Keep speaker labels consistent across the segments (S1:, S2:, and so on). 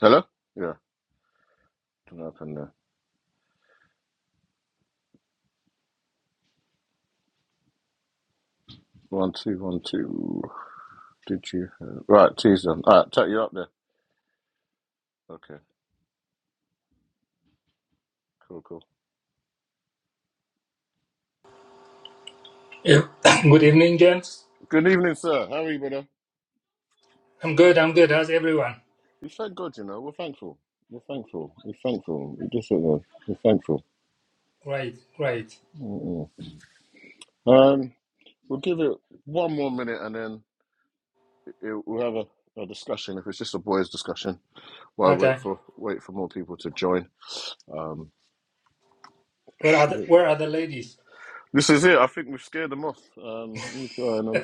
S1: Hello? Yeah, don't know what happened there. One, two, one, two. Did you? Have... Right, two's done. All right, take you up there. Okay, cool, cool.
S2: Yeah. Good evening, gents.
S1: Good evening, sir. How are you, brother?
S2: I'm good. I'm good. How's everyone?
S1: We thank God, you know. We're thankful. We're thankful. We're thankful. We just don't know. We're thankful.
S2: Great. Great.
S1: Mm-mm. Um, we'll give it one more minute and then it, we'll have a, a discussion. If it's just a boys' discussion, while we wait
S2: Okay.
S1: for wait for more people to join. Um,
S2: Where are
S1: should
S2: the
S1: it...
S2: Where are the ladies?
S1: this is it. I think we've scared them off. Um, let me try and um,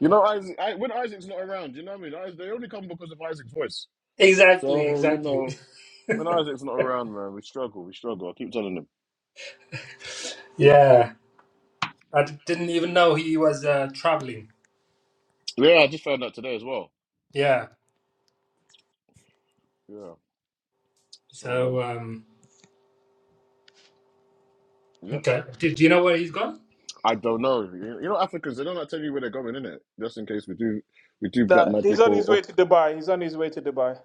S1: You know, Isaac. I, when Isaac's not around, you know what I mean. Isaac, they only come because of Isaac's voice.
S2: Exactly.
S1: So you
S2: Exactly.
S1: know, when Isaac's not around, man, we struggle. We struggle. I keep telling them.
S2: Yeah. I d- didn't even know he was uh, traveling.
S1: Yeah, I just found out today as well.
S2: Yeah.
S1: Yeah. So um,
S2: So um.
S1: yeah,
S2: Okay. Do, do you know where he's gone?
S1: I don't know. You you know, Africans they don't like tell you where they're going, innit? Just in case we do, we do black
S3: No, he's
S1: magic
S3: on
S1: or,
S3: his way
S1: or
S3: to Dubai. He's on his way to Dubai.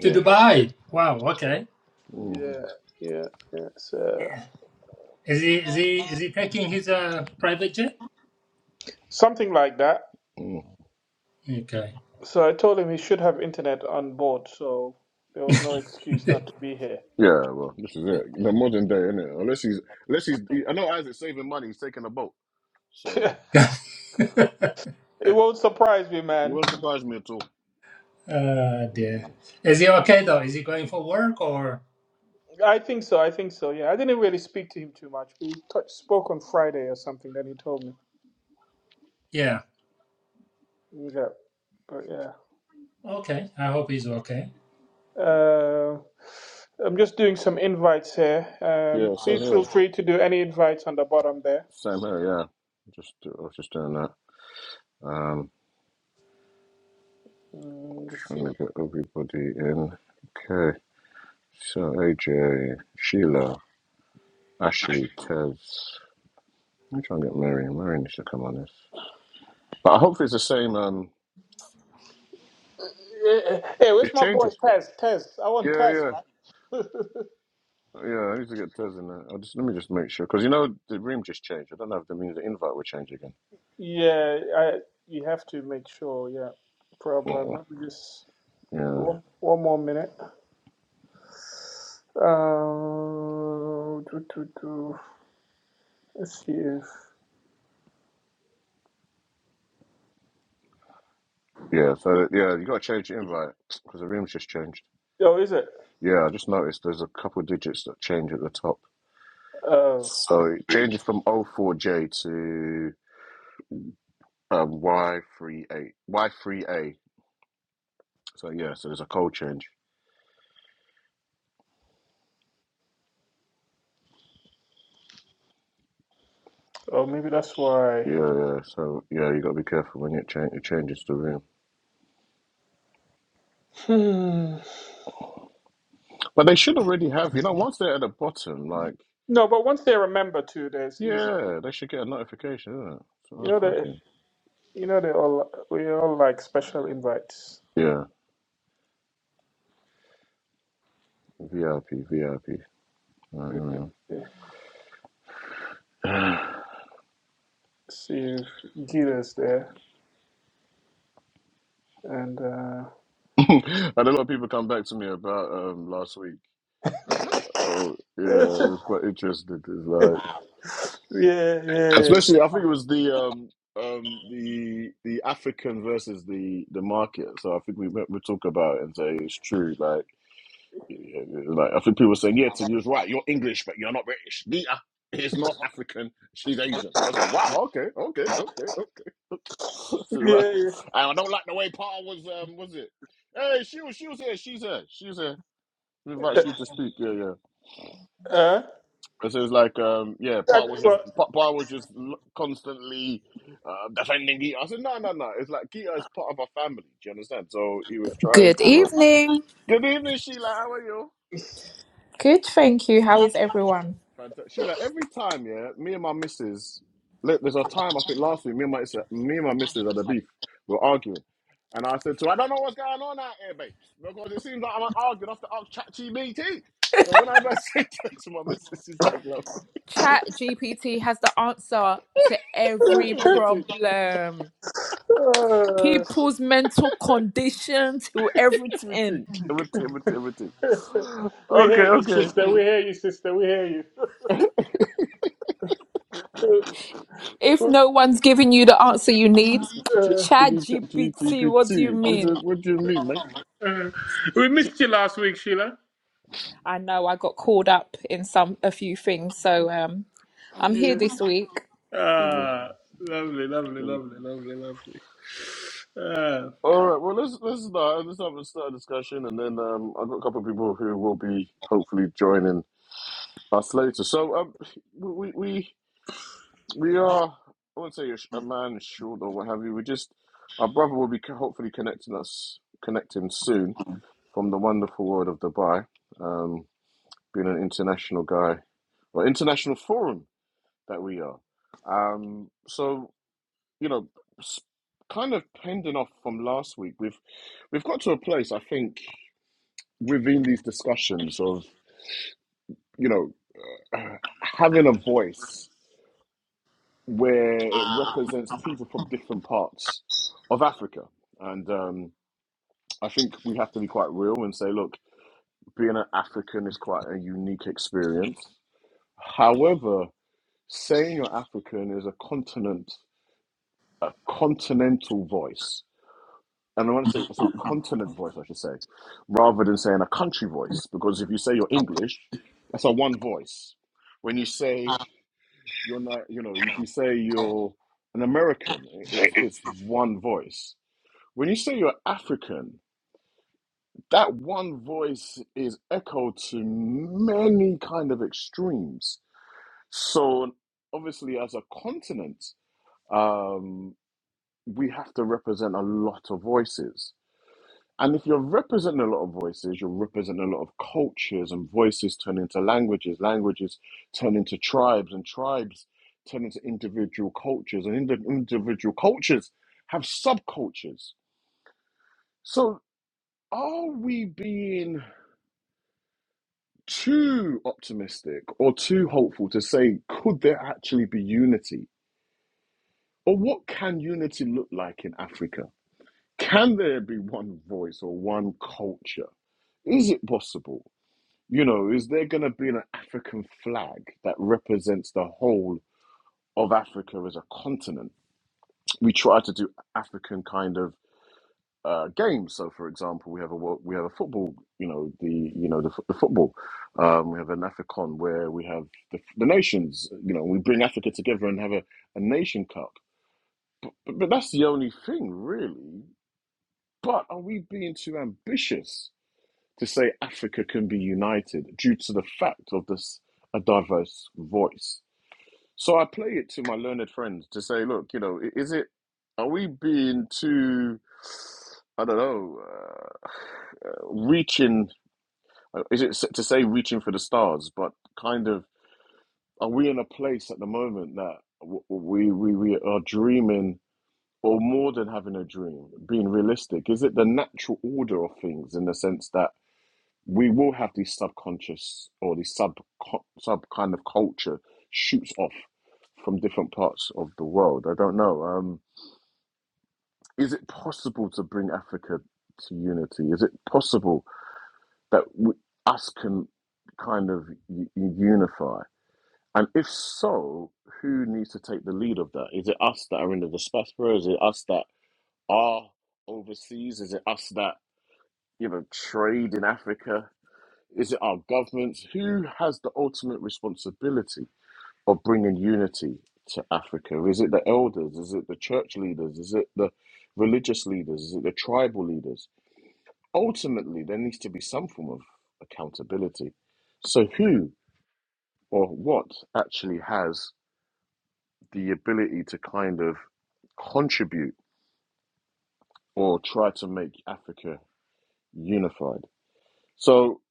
S2: To Dubai. Wow. Okay.
S1: Mm,
S3: Yeah, yeah, yeah. So
S2: Is he Is he Is he taking his uh private jet?
S3: something like that.
S1: mm.
S2: Okay.
S3: So I told him he should have internet on board, so there was no excuse not to be here.
S1: Yeah, well, this is it. The modern day, innit? Unless he's, unless he's, he, I know Isaac's saving money. He's taking a boat, so
S3: it won't surprise me,
S1: he
S3: man.
S1: won't surprise me at all.
S2: Uh dear. Is he
S1: Mm-mm.
S2: okay though? Is he going for work or?
S3: I think so. I think so. Yeah, I didn't really speak to him too much. We touch, spoke on Friday or something. Then he told me.
S2: Yeah.
S3: Yeah, but yeah.
S2: Okay. I hope he's okay.
S3: Uh, I'm just doing some invites here. Um,
S1: Yeah, so
S3: please
S1: yeah.
S3: feel free to do any invites on the bottom there.
S1: Same here, yeah. Just I was just doing that. Um, trying
S3: Mm,
S1: to get everybody in. Okay, so AJ, Sheila, Ashley, Tez. Let me try and get Marion. Marion needs to come on this. But I hope it's the same. Um,
S3: Hey, hey, where's
S1: it
S3: my boy
S1: changes.
S3: Tess? Tess, I want
S1: Yeah,
S3: Tess,
S1: yeah,
S3: man.
S1: yeah. I need to get Tez in there. I'll just let me just make sure because you know the room just changed. I don't know if the means the invite will change again.
S3: Yeah, I, you have to make sure. Yeah, problem.
S1: Oh,
S3: Let me just
S1: yeah,
S3: one, one more minute. Uh, do, do, do. Let's see if.
S1: yeah. So yeah, you got to change the invite because the room's just changed.
S3: Oh, is it?
S1: Yeah, I just noticed there's a couple digits that change at the top.
S3: Oh,
S1: So it changes from O four j to um, y three A Y3A. So yeah, so there's a code change.
S3: oh, maybe that's why.
S1: Yeah, yeah. So yeah, you got to be careful when it, change, it changes the room.
S3: Hmm.
S1: But they should already have, you know, once they're at the bottom, like,
S3: No, but once they remember to, there's easy.
S1: yeah, they should get a notification, isn't it? That's what I
S3: You
S1: was
S3: know that.
S1: thinking.
S3: You know they all. We all like special invites.
S1: Yeah, VIP, VIP.
S3: Uh,
S1: Right,
S3: Let's
S1: anyway.
S3: see if Gita's there and.
S1: and a lot of people come back to me about um last week. Oh yeah,
S3: uh
S1: it was quite interesting. It's
S3: Yeah,
S1: like
S3: yeah,
S1: Especially, I think it was the um, um, the the African versus the the market. So I think we we talk about it and say it's true. Like yeah, like I think people were saying, yeah, so you was right. You're English, but you're not British. Nita is not African. She's Asian. I was like, wow, okay, okay, okay, okay, okay. This is right.
S3: yeah, yeah.
S1: And I don't like the way Paul was. Um, was it? Hey, she was. She was here. She's here. She's here. We invite you to speak. Yeah, yeah.
S3: Huh?
S1: Because it was like, um, yeah, Park
S3: That,
S1: was just Pa Pa was just l- constantly uh, defending Geeta. I said, no, no, no. It's like Geeta is part of our family. Do you understand? So he was trying
S4: Good
S1: to. Uh,
S4: evening.
S1: Good evening, Sheila. How are you?
S4: Good, thank you. How is everyone?
S1: Fantastic. Sheila, every time, yeah, me and my missus. Look, there's a time I think last week, me and my me and my missus had a beef. We were arguing, and I said to her, I don't know what's going on out here, babes, because it seems like I'm arguing off the chat GBT. So when I say that to my missus, she's like, "What
S4: Chat GPT has the answer to every problem.
S3: well, uh,
S4: People's mental condition to everything.
S1: critique, critique, critique.
S3: we
S1: Okay,
S3: hear you,
S1: okay.
S3: sister. We hear you, sister. We hear you.
S4: If
S3: Uh,
S4: no one's giving you the answer you need,
S1: Ch-
S3: uh,
S4: Chat GPT, what do you
S1: GPT. This is
S4: mean?
S1: what do you mean, man.
S3: uh, we
S1: Shit.
S3: missed you last week, Sheila.
S4: I know I got called up in some a few things, so um I'm here
S3: Yeah.
S4: this week.
S1: Mhm,
S3: Ah, lovely, lovely,
S1: mhm.
S3: lovely, lovely, lovely. Uh,
S1: All right. Well, let's let's start. Let's have a start discussion, and then um, I've got a couple of people who will be hopefully joining us later. So um, we we we are. I won't say a, sh- a man short or what have you. We just our brother will be co- hopefully connecting us, connecting soon from the wonderful world of Dubai. Um, being an international guy or international forum that we are. Um, so you know, kind of pending off from last week, we've we've got to a place I think within these discussions of you know having a voice where it represents people from different parts of Africa, and um, I think we have to be quite real and say, look, being an African is quite a unique experience. However, saying you're African is a continent, a continental voice. And I want to say, I say continent voice, I should say, rather than saying a country voice, because if you say you're English, that's a one voice. When you say you're not, you know, if you say you're an American, it's it's one voice. When you say you're African, that one voice is echoed to many kind of extremes. So obviously, as a continent. um. we have to represent a lot of voices. And if you're representing a lot of voices, you're representing a lot of cultures, and voices turn into languages, languages turn into tribes, and tribes turn into individual cultures, and indi- individual cultures have subcultures. So, are we being too optimistic or too hopeful to say, could there actually be unity? Or what can unity look like in Africa? Can there be one voice or one culture? Is it possible? You know, is there going to be an African flag that represents the whole of Africa as a continent? We try to do African kind of uh, games. So, for example, we have a wo- we have a football. You know, the you know the, f- the football. Um, we have an Africon where we have the, the nations. You know, we bring Africa together and have a, a nation cup. But but that's the only thing really. But are we being too ambitious? to say Africa can be united due to the fact of this a diverse voice. So I play it to my learned friends to say, look, you know, is it are we being too I don't know uh, uh, reaching? uh, Is it to say reaching for the stars? But kind of are we in a place at the moment that w- we we we are dreaming? Or more than having a dream, being realistic, is it the natural order of things in the sense that we will have this subconscious or this sub sub kind of culture shoots off from different parts of the world. I don't know. Um, is it possible to bring Africa to unity? Is it possible that we, us can kind of u- unify? And if so, who needs to take the lead of that? Is it us that are in the diaspora? Is it us that are overseas? Is it us that you know trade in Africa? Is it our governments? Who has the ultimate responsibility of bringing unity to Africa? Is it the elders? Is it the church leaders? Is it the religious leaders? Is it the tribal leaders? Ultimately, there needs to be some form of accountability. So, who or what actually has the ability to kind of contribute or try to make Africa unified? So,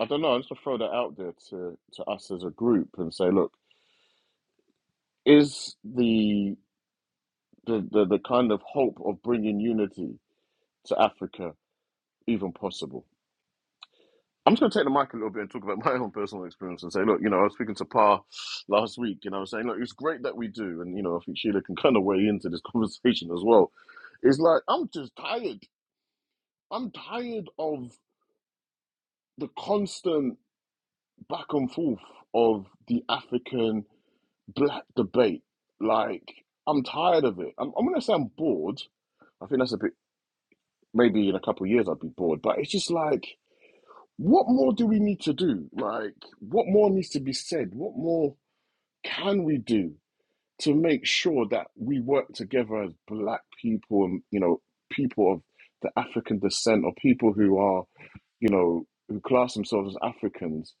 S1: I don't know. I just throw that out there to, to us as a group and say, look, is the the, the the kind of hope of bringing unity to Africa even possible? I'm just going to take the mic a little bit and talk about my own personal experience and say, look, you know, I was speaking to Pa last week, and I was saying, look, it's great that we do, and you know, I think Sheila can kind of weigh into this conversation as well. It's like I'm just tired. I'm tired of the constant back and forth of the African black debate. Like, I'm tired of it. I'm, I'm going to say I'm bored. I think that's a bit maybe in a couple of years I'd be bored. But it's just like, what more do we need to do? Like, what more needs to be said? What more can we do to make sure that we work together as black people and, you know, people of the African descent or people who are, you know, who class themselves as Africans?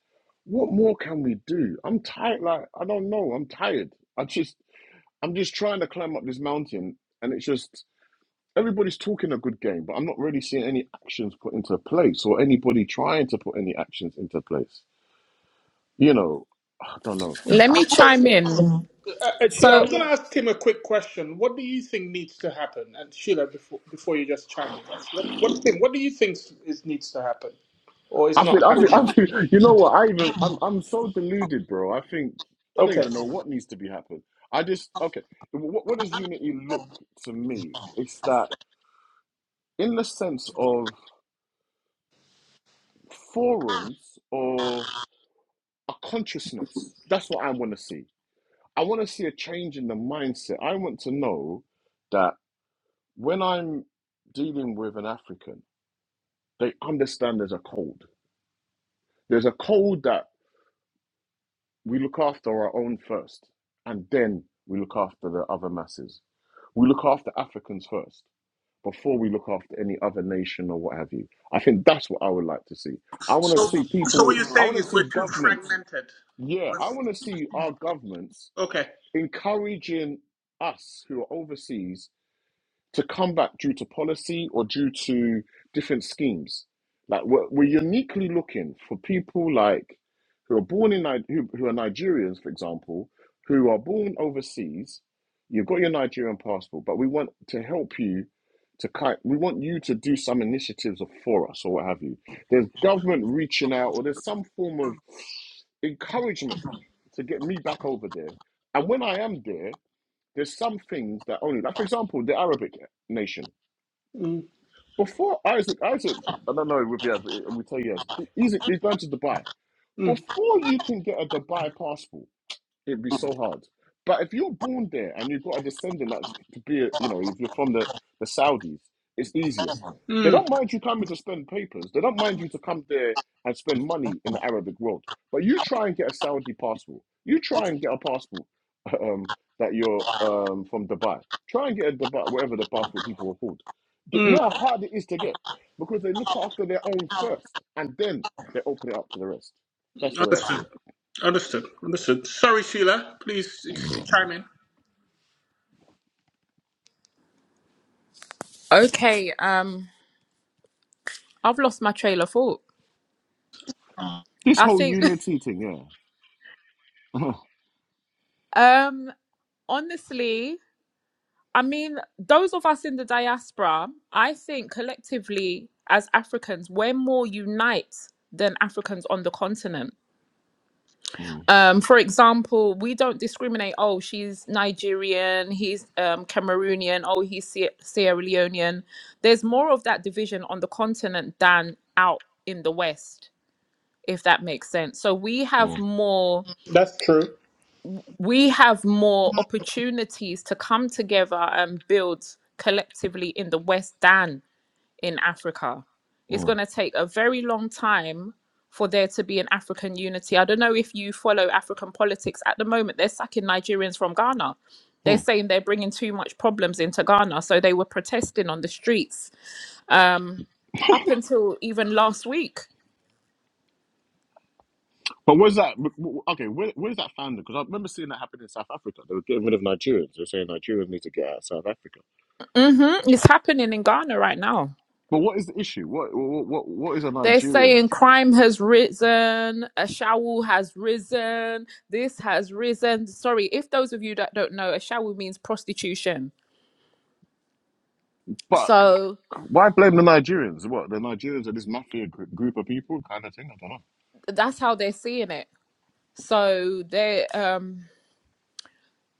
S1: What more can we do? I'm tired. Like, I don't know. I'm tired. I just, I'm just trying to climb up this mountain and it's just, everybody's talking a good game, but I'm not really seeing any actions put into place or anybody trying to put any actions into place. You know, I don't know.
S4: Let me
S3: so,
S4: chime in.
S3: uh, uh, Sheila, I
S4: So
S3: was going to ask him a quick question. What do you think needs to happen? And Sheila, before before you just chime in, what what, thing, what do you think is needs to happen, or is
S1: I feel,
S3: not
S1: I feel,
S3: happening?
S1: I feel. You know what? I even, I'm, I'm so deluded, bro. I think I don't
S3: Okay.
S1: even know what needs to be happened. I just okay. What, what does unity look to me? It's that in the sense of forums or a consciousness. That's what I want to see. I want to see a change in the mindset. I want to know that. when I'm dealing with an African, they understand there's a code. There's a code that we look after our own first, and then we look after the other masses. We look after Africans first before we look after any other nation or what have you. I think that's what I would like to see. I want to
S3: So,
S1: see
S3: so
S1: people,
S3: what you're
S1: I
S3: saying
S1: want to
S3: is we're
S1: see
S3: too
S1: governments.
S3: fragmented.
S1: Yeah, I want to see our governments
S3: Okay.
S1: encouraging us who are overseas to come back due to policy or due to different schemes. Like we're, we're uniquely looking for people like who are born in Ni- who, who are Nigerians, for example, who are born overseas. You've got your Nigerian passport, but we want to help you to kind. We want you to do some initiatives for us or what have you. There's government reaching out, or there's some form of encouragement to get me back over there. And when I am there, there's some things that only, like for example, the Arabic nation.
S3: Mm,
S1: Before Isaac, Isaac, I don't know if he has, but we tell you he has. He's, he's going to Dubai.
S3: mm,
S1: Before you can get a Dubai passport. It'd be so hard. But if you're born there and you've got a descendant that's to be, a, you know, if you're from the, the Saudis, it's easier. They
S3: mm,
S1: don't mind you coming to spend papers. They don't mind you to come there and spend money in the Arabic world. But you try and get a Saudi passport. You try and get a passport um, that you're um, from Dubai. Try and get a Dubai, whatever the passport people are called. You
S3: mm.
S1: know how hard it is to get because they look after their own first and then they open it up to the rest. That's the way I see
S3: Understood.
S1: it.
S3: Understood. Understood. Sorry, Sheila. Please just chime in.
S4: okay, um I've lost my trail of thought.
S1: This
S4: I
S1: whole
S4: think
S1: unity thing, yeah. Mm,
S4: um honestly, I mean, those of us in the diaspora, I think collectively as Africans, we're more unite than Africans on the continent.
S1: mm,
S4: Um, for example, we don't discriminate. Oh, she's Nigerian. He's um, Cameroonian. Oh, he's Sie- Sierra Leonean. There's more of that division on the continent than out in the West, if that makes sense. So we have
S1: mm,
S4: more.
S3: That's true.
S4: we have more opportunities to come together and build collectively in the West than in Africa. It's
S1: mm,
S4: going to take a very long time for there to be an African unity. I don't know if you follow African politics at the moment. They're sacking Nigerians from Ghana. They're
S1: mm.
S4: saying they're bringing too much problems into Ghana. So they were protesting on the streets um, up until even last week.
S1: But where's that? w- w- Okay, where, where's that founded? Because I remember seeing that happen in South Africa. They were getting rid of Nigerians. They're saying Nigerians need to get out of South Africa.
S4: hmm It's happening in Ghana right now.
S1: But what is the issue? What what what, what is a
S4: They're
S1: Nigerian?
S4: saying crime has risen, a shawl has risen, this has risen. Sorry, if those of you that don't know, a shawl means prostitution.
S1: But
S4: So
S1: why blame the Nigerians? What the Nigerians are this mafia gr- group of people, kind of thing. I don't
S4: that's how they're seeing it. So they're um,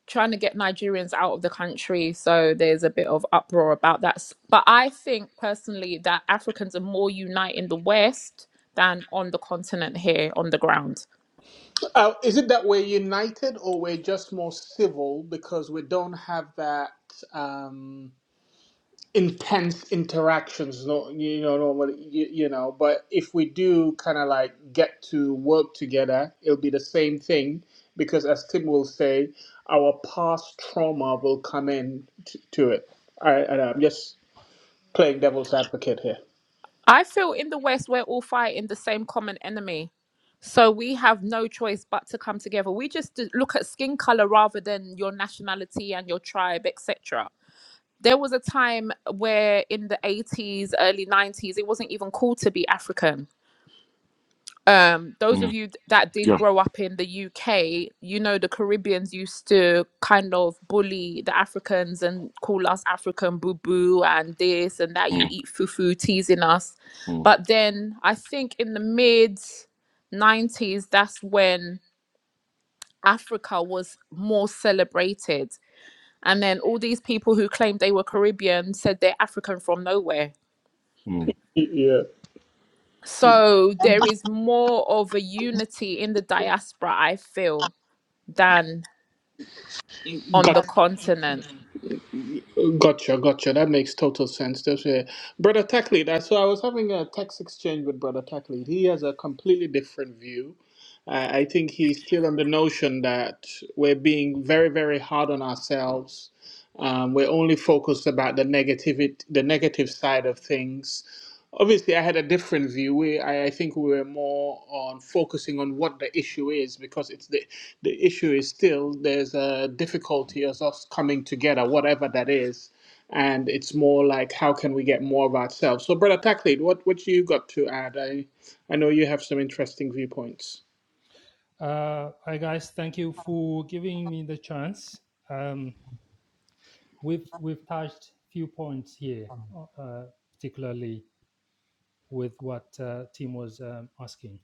S4: trying to get Nigerians out of the country. So there's a bit of uproar about that. S- But I think personally that Africans are more united in the West than on the continent here on the ground.
S3: Uh, is it that we're united or we're just more civil because we don't have that? Um, intense interactions no you know normally you, you know but if we do kind of like get to work together it'll be the same thing because as tim will say our past trauma will come in t- to it i and i'm just playing devil's advocate here
S4: I feel in the West, we're all fighting the same common enemy. So we have no choice but to come together. We just d- look at skin color rather than your nationality and your tribe, etc. There was a time where in the 80s, early 90s, it wasn't even cool to be African um those
S1: know.
S4: of
S1: Mm.
S4: you that did
S1: Yeah.
S4: grow up in the UK you know the Caribbeans used to kind of bully the Africans and call us African boo boo and this and that you
S1: Mm,
S4: eat fufu teasing us
S1: mm,
S4: but then I think in the mid 90s that's when Africa was more celebrated and then all these people who claimed they were Caribbean said they're African from nowhere
S1: mm.
S3: Y- yeah
S4: so there is more of a unity in the diaspora I feel than on the
S3: got
S4: continent.
S3: Gotcha, gotcha. That makes total sense. That's it. Brother Tackley, I- so I was having a text exchange with Brother Tackley. He has a completely different view. I I think he's still on the notion that we're being very, very hard on ourselves. Um, we're only focused about the negative, the negative side of things. Obviously, I had a different view. We, I, I think we were more on focusing on what the issue is because it's the the issue is still there's a difficulty of us coming together, whatever that is. And it's more like how can we get more of ourselves? So, brother Tackley, what what you got to add? I I know you have some interesting viewpoints.
S2: Uh, hi guys, thank you for giving me the chance. Um, we've we've touched few points here, uh, particularly with what uh, Tim was um, asking.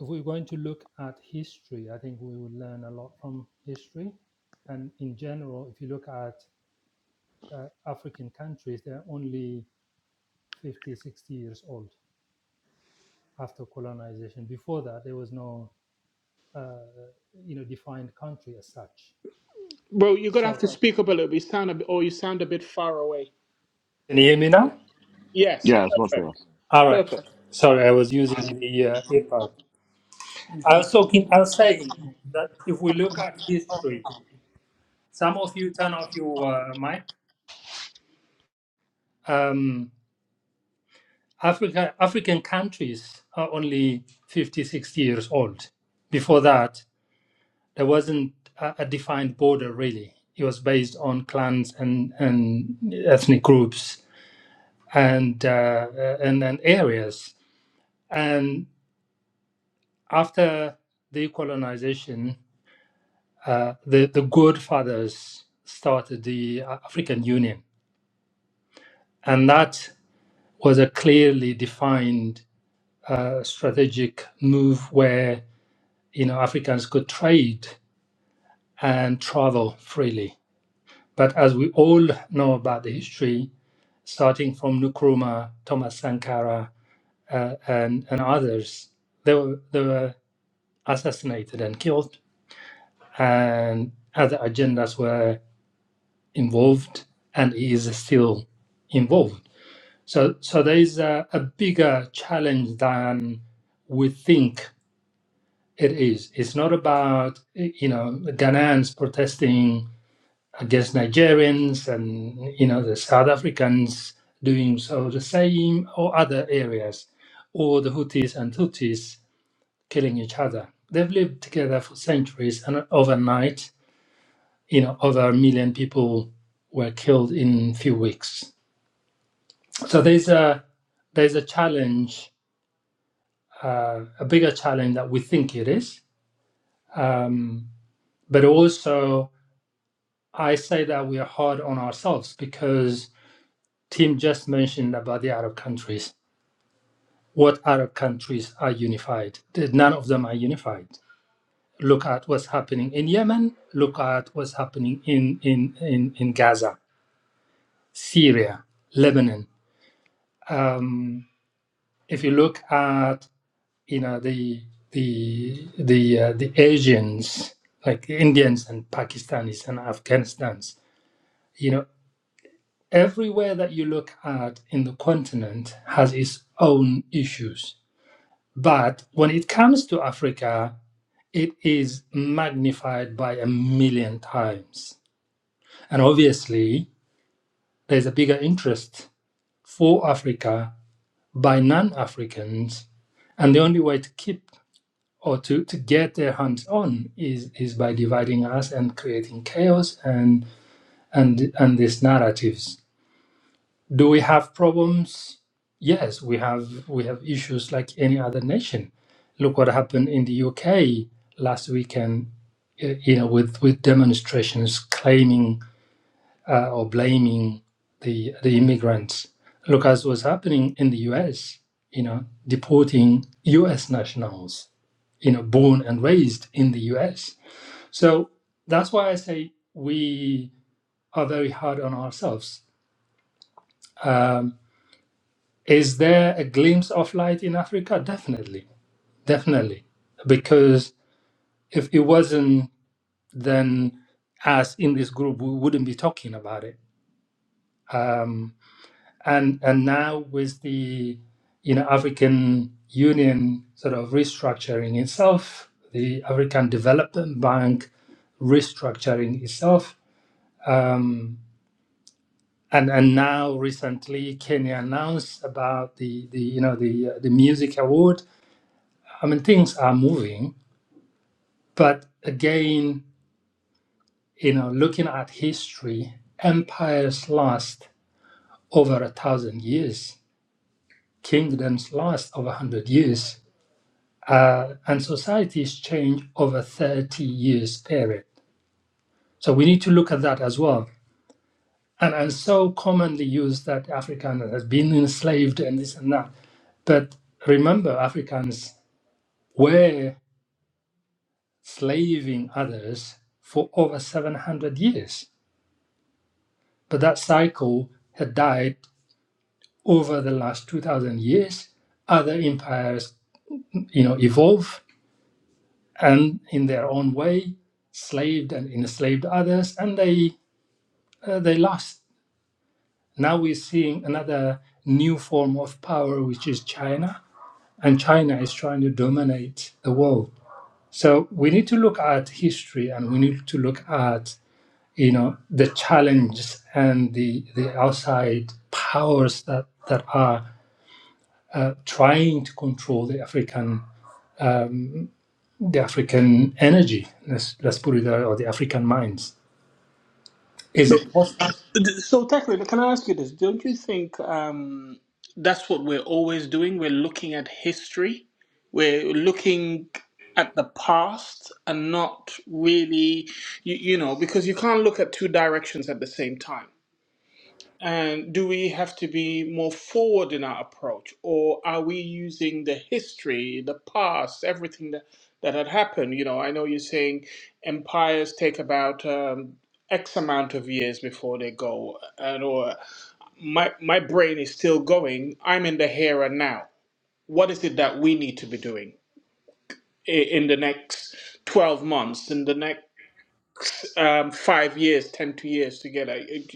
S2: If we're going to look at history, I think we will learn a lot from history. And in general, if you look at uh, African countries, they're only 50, 60 years old after colonization. Before that, there was no, uh, you know, defined country as such.
S3: bro. you're gonna have to
S2: So,
S3: speak up a little. You sound a bit, or you sound a bit far away.
S2: can you hear me now?
S3: Yes,
S1: Yeah, it's much better.
S3: perfect,
S2: All right.
S3: perfect.
S2: Sorry, I was using the uh, earbud. I was talking. I was saying that if we look at history, some of you turn off your uh, mic. Um, Africa, African countries are only 50, sixty years old. Before that, there wasn't a, a defined border really. It was based on clans and, and ethnic groups and, uh, and and areas. And after decolonization, uh, the, the good fathers started the uh, African Union. And that was a clearly defined uh, strategic move where you know Africans could trade and travel freely. But as we all know about the history, starting from Nkrumah, Thomas Sankara, uh, and, and others, they were, they were assassinated and killed, and other agendas were involved, and is still involved So, so there is a, a bigger challenge than we think it is. It's not about you know Ghanaians protesting against Nigerians and you know the South Africans doing so the same or other areas, or the Houthis and Tutsis killing each other. They've lived together for centuries, and overnight, you know, over a million people were killed in a few weeks. So there's a there's a challenge uh, a bigger challenge that we think it is. Um, but also, I say that we are hard on ourselves because Tim just mentioned about the Arab countries. What Arab countries are unified? None of them are unified. Look at what's happening in Yemen. Look at what's happening in in in, in Gaza, Syria, Lebanon. Um, if you look at you know the the the uh, the Asians like the Indians and Pakistanis and Afghanistans you know everywhere that you look at in the continent has its own issues but when it comes to Africa it is magnified by a million times and obviously there's a bigger interest for Africa by non-Africans and the only way to keep or to, to get their hands on is, is by dividing us and creating chaos and and and these narratives. Do we have problems? Yes, we have we have issues like any other nation. Look what happened in the UK last weekend, y- you know, with, with demonstrations claiming uh, or blaming the the immigrants. Look at what's happening in the US, you know, deporting US nationals you know born and raised in the US. So that's why I say we are very hard on ourselves. Um, is there a glimpse of light in Africa? Definitely, definitely, because if it wasn't, then us in this group we wouldn't be talking about it. Um, and and now with the you know African Union sort of restructuring itself, the African Development Bank restructuring itself, um, and and now recently Kenya announced about the the you know the uh, the music award. I mean things are moving, but again, you know, looking at history, empires last over a thousand years, kingdoms last over a hundred years, uh, and societies change over thirty years period. So we need to look at that as well. and, and so commonly used that Afrikaans has been enslaved and this and that. But remember, Africans were slaving others for over 700 years. But that cycle had died over the last 2,000 years. Other empires, you know, evolved and in their own way, slaved and enslaved others, and they uh, they lost. Now we're seeing another new form of power, which is China and China is trying to dominate the world. So we need to look at history and we need to look at you know the challenges and the the outside powers that that are uh, trying to control the African um, the African energy. Let's let's put it there, or the African minds. Is
S3: No,
S2: it possible?
S3: So technically, can I ask you this? Don't you think um, that's what we're always doing? We're looking at history, we're looking at the past, and not really, you, you know, because you can't look at two directions at the same time. And do we have to be more forward in our approach, or are we using the history, the past, everything that, that had happened? You know, I know you're saying empires take about um, X amount of years before they go, uh, and or my my brain is still going. I'm in the here and now. What is it that we need to be doing i- in the next 12 months, in the next um, five years, ten two years together. It-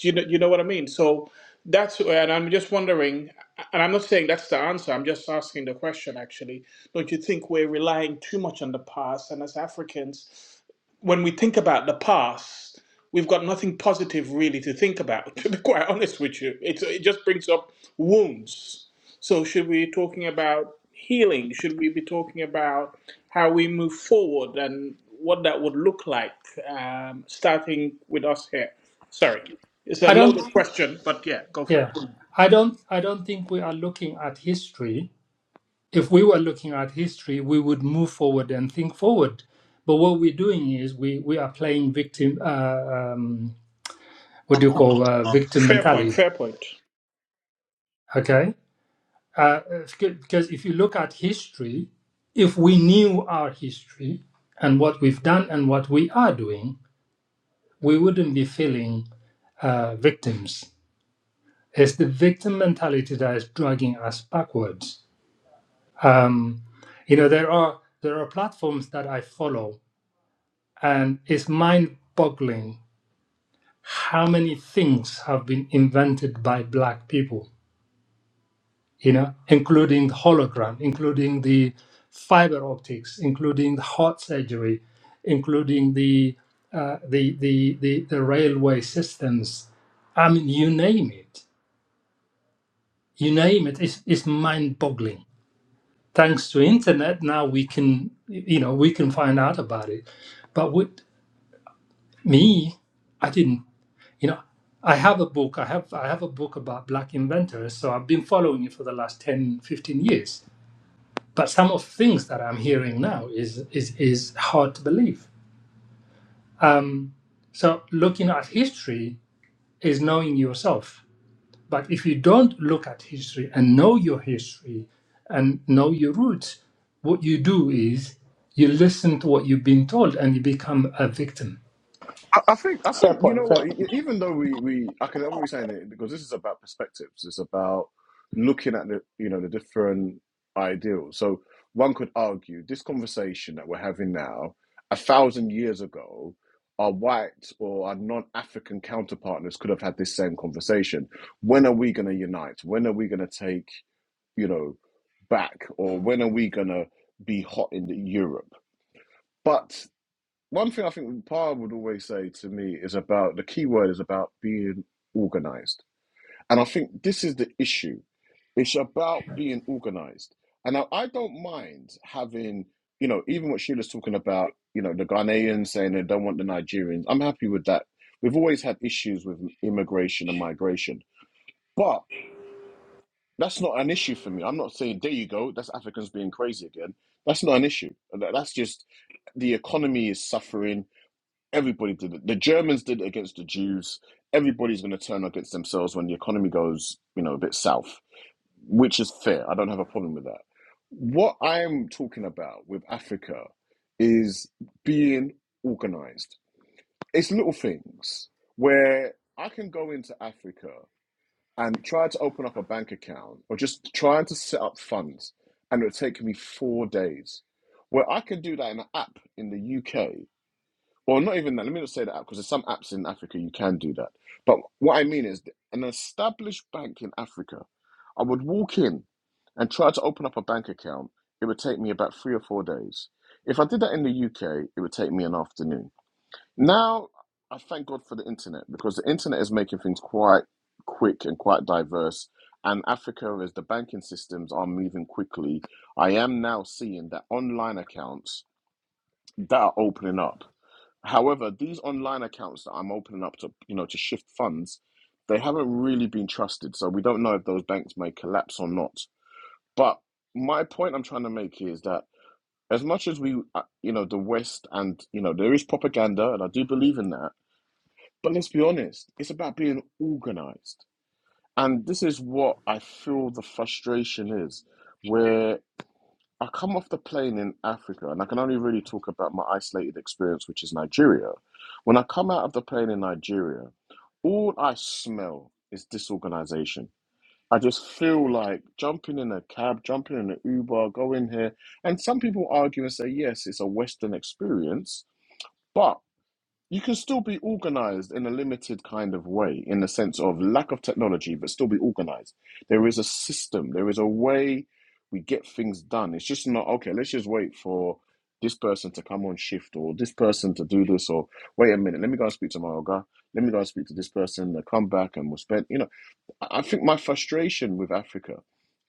S3: You know, you know what I mean. So that's and I'm just wondering, and I'm not saying that's the answer. I'm just asking the question. Actually, don't you think we're relying too much on the past? And as Africans, when we think about the past, we've got nothing positive really to think about. To be quite honest with you, it it just brings up wounds. So should we be talking about healing? Should we be talking about how we move forward and what that would look like, um, starting with us here. Sorry, it's a
S2: I don't.
S3: loaded question, but yeah, go for
S2: Yeah,
S3: it.
S2: I don't. I don't think we are looking at history if we were looking at history, we would move forward and think forward. But what we're doing is we, we are playing victim, uh, um, what do you call uh,
S3: Um,
S2: victim
S3: Fair point,
S2: mentality?
S3: fair point.
S2: Okay. Uh, because if you look at history, if we knew our history and what we've done and what we are doing, we wouldn't be feeling uh, victims. It's the victim mentality that is dragging us backwards. Um, you know, there are there are platforms that I follow And it's mind boggling how many things have been invented by black people, you know, including the hologram, including the fiber optics, including the heart surgery, including the uh, the, the, the the railway systems. I mean, you name it, you name it. It's, it's mind boggling. Thanks to internet, now we can, you know, we can find out about it. But with me, I didn't. you know i have a book i have i have a book about black inventors so i've been following it for the last 10, 15 years but some of the things that i'm hearing now is is is hard to believe um, so looking at history is knowing yourself but if you don't look at history and know your history and know your roots what you do is you listen to what you've been told and you become a victim
S1: I I think I
S3: Fair
S1: think you know
S3: point, fair
S1: what. e- e,
S3: point.
S1: Even though we we I can I'm always saying it because this is about perspectives. It's about looking at the you know the different ideals. So one could argue this conversation that we're having now, a thousand years ago, our white or our non-African counterpartners could have had this same conversation. When are we going to unite? When are we going to take you know back? Or when are we going to be hot in the Europe? But one thing I think Pa would always say to me is about the key word is about being organized. And I think this is the issue. It's about being organized. And I, I don't mind having, you know, even what Sheila's talking about, you know, the Ghanaians saying they don't want the Nigerians. I'm happy with that. We've always had issues with immigration and migration, but that's not an issue for me. I'm not saying, there you go, that's Africans being crazy again. That's not an issue. That's just the economy is suffering Everybody did it. The Germans did it against the Jews. Everybody's going to turn against themselves when the economy goes, you know, a bit south, which is fair. I don't have a problem with that. What I'm talking about with Africa is being organized. It's little things where I can go into Africa and try to open up a bank account or just trying to set up funds, and it'll take me four days. Where I can do that in an app in the UK well, not even that. Let me not say that because there's some apps in Africa you can do that. But what I mean is, an established bank in Africa, I would walk in and try to open up a bank account. It would take me about three or four days. If I did that in the UK, it would take me an afternoon. Now, I thank God for the internet because the internet is making things quite quick and quite diverse. And Africa, as the banking systems are moving quickly, I am now seeing that online accounts that are opening up. However, these online accounts that I'm opening up to, you know, to shift funds, they haven't really been trusted. So we don't know if those banks may collapse or not. But my point I'm trying to make is that as much as we, uh, you know, the West and, you know, there is propaganda and I do believe in that. But let's be honest, it's about being organized. And this is what I feel the frustration is, where I come off the plane in Africa, and I can only really talk about my isolated experience, which is Nigeria. When I come out of the plane in Nigeria, all I smell is disorganization. I just feel like jumping in a cab, jumping in an Uber, going here. And some people argue and say, yes, it's a Western experience, but you can still be organized in a limited kind of way in the sense of lack of technology but still be organized there is a system there is a way we get things done it's just not okay let's just wait for this person to come on shift or this person to do this or wait a minute let me go and speak to my guy let me go and speak to this person they come back and we'll spend you know i think my frustration with africa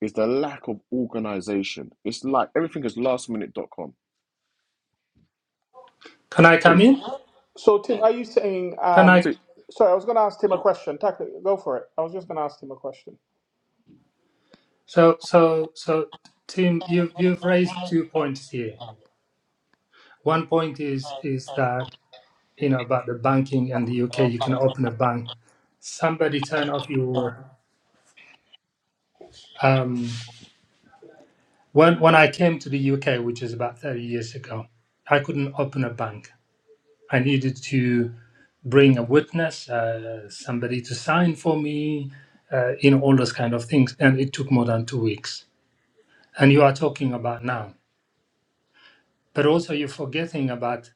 S1: is the lack of organization it's like everything is lastminute.com
S2: can i come
S1: please
S2: in
S3: So, Tim, are you saying,
S2: can
S3: um,
S2: i
S1: t
S3: sorry, I was going to ask Tim a question. Tackle, go for it. I was just going to ask him a question.
S2: So, so, so, Tim, you've you've raised two points here. One point is is that you know about the banking and the UK. You can open a bank. Somebody turn off your. Um, when when I came to the UK, which is about thirty years ago, I couldn't open a bank. I needed to bring a witness, uh, somebody to sign for me, uh, you know, all those kind of things, and it took more than two weeks. And you are talking about now, but also you're forgetting about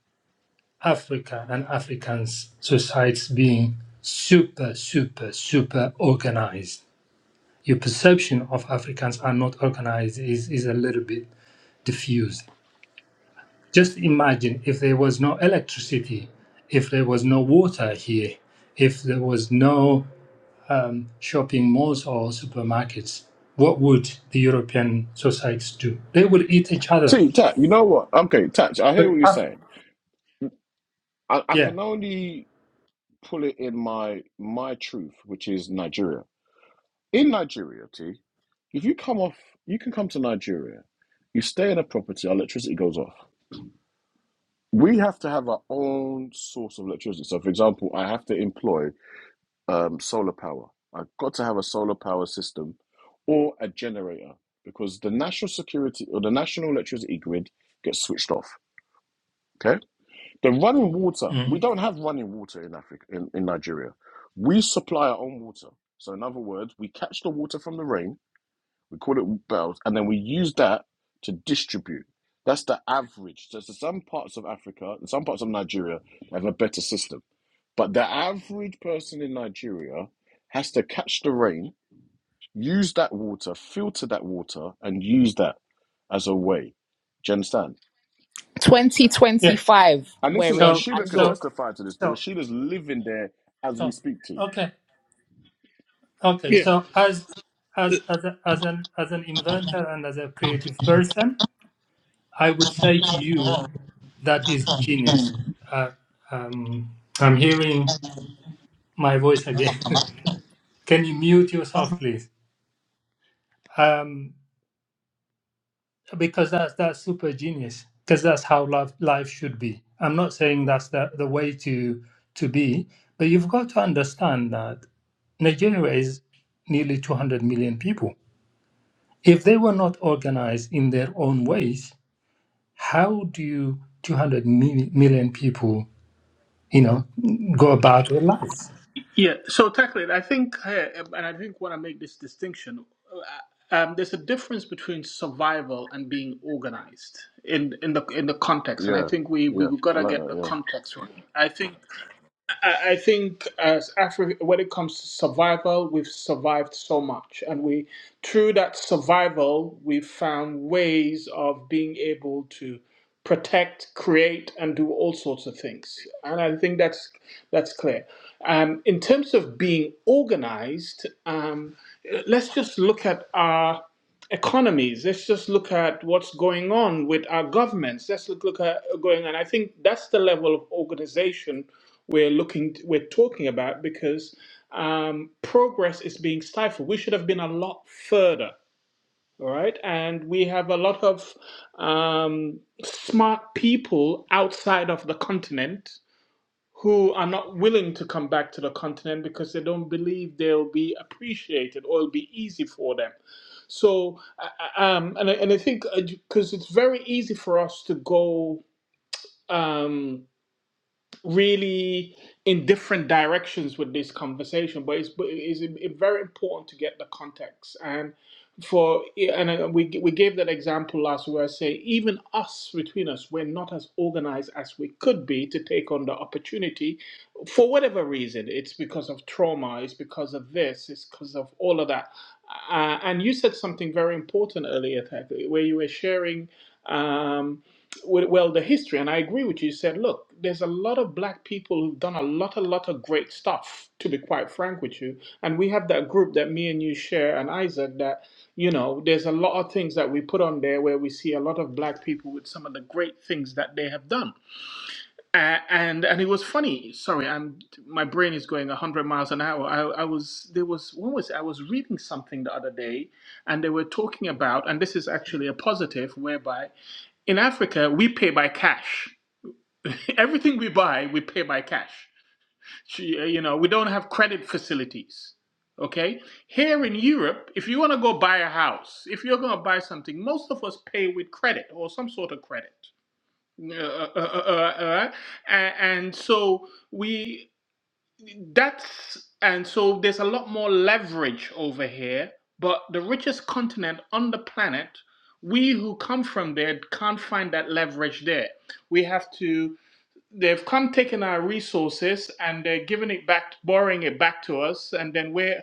S2: Africa and Africans' societies being super, super, super organized. Your perception of Africans are not organized is, is a little bit diffused. Just imagine if there was no electricity, if there was no water here, if there was no um, shopping malls or supermarkets, what would the European societies do? They would eat each other.
S1: t Tat, you know what okay Tat, i hear
S2: But
S1: what you're
S2: Af-
S1: saying I, I
S2: yeah,
S1: can only pull it in my my truth, which is Nigeria. In Nigeria, T, if you come off, you can come to Nigeria. You stay in a property, our electricity goes off. We have to have our own source of electricity. So, for example, I have to employ um, solar power. I've got to have a solar power system or a generator because the national security or the national electricity grid gets switched off. Okay The running water, we
S2: Mhm.
S1: don't have running water in Africa, in, in Nigeria. We supply our own water. So, in other words, we catch the water from the rain, we call it wells, and then we use that to distribute. That's the average. So, so some parts of Africa, and some parts of Nigeria have a better system. But the average person in Nigeria has to catch the rain, use that water, filter that water, and use that as a way. Do you understand?
S2: yeah.
S4: 2025
S1: And this is,
S4: we're
S1: and
S2: So
S4: in
S1: Sheila
S4: and
S1: could
S2: so
S4: look
S1: testify to this But
S2: so
S1: Rashida's living there as we
S2: so
S1: speak to. you.
S2: okay. Okay, so as as as a, as an as an inventor and as a creative person, I would say to you that is genius. Uh, um, I'm hearing my voice again. Can you mute yourself, please? Um, because that's that's super genius. Because that's how life life should be. I'm not saying that's the, the way to to be, but you've got to understand that Nigeria is nearly 200 million people If they were not organized in their own ways, how do you 200 mil- million people, you know, go about their lives?
S3: Yeah, so technically, I think, uh, and I think when I make this distinction, uh, um, there's a difference between survival and being organized in in the in the context, and I
S1: Yeah,
S3: think we we
S1: yeah, I
S3: gotta
S1: like
S3: get the
S1: that.
S3: context right. I think I I think as Africa, when it comes to survival, we've survived so much, and we through that survival, we've found ways of being able to protect, create, and do all sorts of things. And I think that's that's clear. Um, in terms of being organized, um, let's just look at our economies. Let's just look at what's going on with our governments. Let's look, look at going on. I think that's the level of organization we're looking we're talking about because um, progress is being stifled. We should have been a lot further, all right? And we have a lot of um, smart people outside of the continent who are not willing to come back to the continent because they don't believe they'll be appreciated or it'll be easy for them. So, uh, uh, um, and I, and I think because it's very easy for us to go. Um, really in different directions with this conversation, but it's but it is very important to get the context and for and uh, we we gave that example last where I say even us between us we're not as organized as we could be to take on the opportunity for whatever reason it's because of trauma it's because of this it's because of all of that uh, and you said something very important earlier Ted, where you were sharing. Um, well, well, the history, and I agree with you, you said, look, there's a lot of black people who've done a lot, a lot of great stuff, to be quite frank with you. And we have that group that me and you share and Isaac that, you know, there's a lot of things that we put on there where we see a lot of black people with some of the great things that they have done. Uh, and and it was funny. Sorry, I'm my brain is going 100 miles an hour. I, I was there was what was it? I was reading something the other day, and they were talking about, and this is actually a positive, whereby in Africa, we pay by cash. Everything we buy, we pay by cash. uh, You know, we don't have credit facilities. Okay? Here in Europe, if you want to go buy a house, if you're going to buy something, most of us pay with credit or some sort of credit. Uh, uh, uh, uh, uh, uh, and so we that's and so there's a lot more leverage over here, but the richest continent on the planet, we who come from there can't find that leverage there. We have to they've come taking our resources and they're giving it back borrowing it back to us and then we're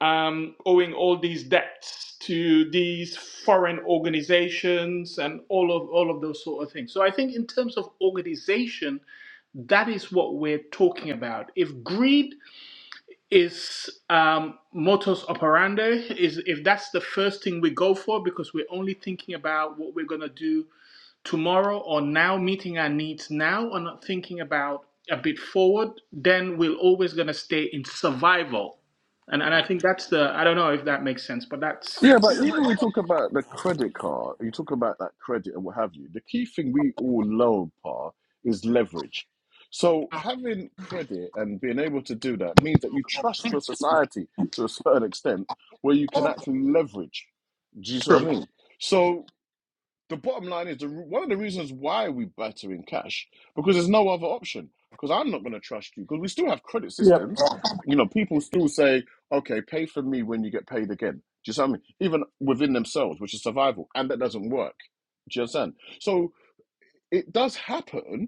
S3: um, owing all these debts to these foreign organizations and all of all of those sort of things. So I think in terms of organization, that is what we're talking about. If greed is um, modus operandi is if that's the first thing we go for because we're only thinking about what we're going to do tomorrow or now meeting our needs now or not thinking about a bit forward then we're always going to stay in survival and, and i think that's the i don't know if that makes sense but that's
S1: Yeah, yeah. But even we talk about the credit card, you talk about that credit and what have you. The key thing we all love, Pa, is leverage. So having credit and being able to do that means that you trust your society to a certain extent, where you can actually leverage. Do you see what
S3: true
S1: I mean? So the bottom line is the, one of the reasons why we better in cash because there's no other option. Because I'm not going to trust you because we still have credit
S3: Yep.
S1: systems. You know, people still say, "Okay, pay for me when you get paid again." Do you see what I mean? Even within themselves, which is survival, and that doesn't work. Do you understand? So it does happen,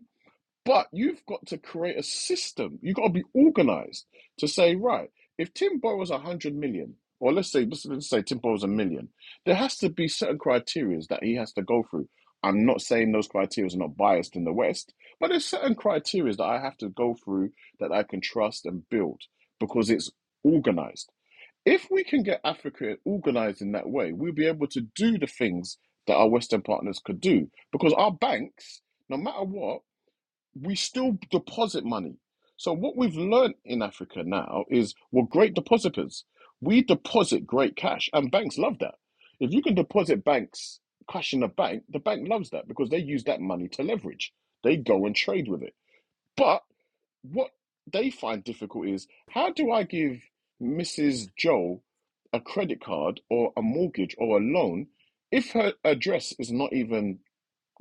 S1: but you've got to create a system. You've got to be organized to say, right, if Tim borrows a hundred million, or let's say let's, let's say Tim borrows a million, there has to be certain criteria that he has to go through. I'm not saying those criteria are not biased in the West, but there's certain criteria that I have to go through that I can trust and build because it's organized. If we can get Africa organized in that way, we'll be able to do the things that our Western partners could do because our banks, no matter what we still deposit money. So what we've learned in Africa now is we're great depositors. We deposit great cash, and banks love that. If you can deposit banks cash in a bank, the bank loves that because they use that money to leverage. They go and trade with it. But what they find difficult is how do I give Mrs. Joe a credit card or a mortgage or a loan if her address is not even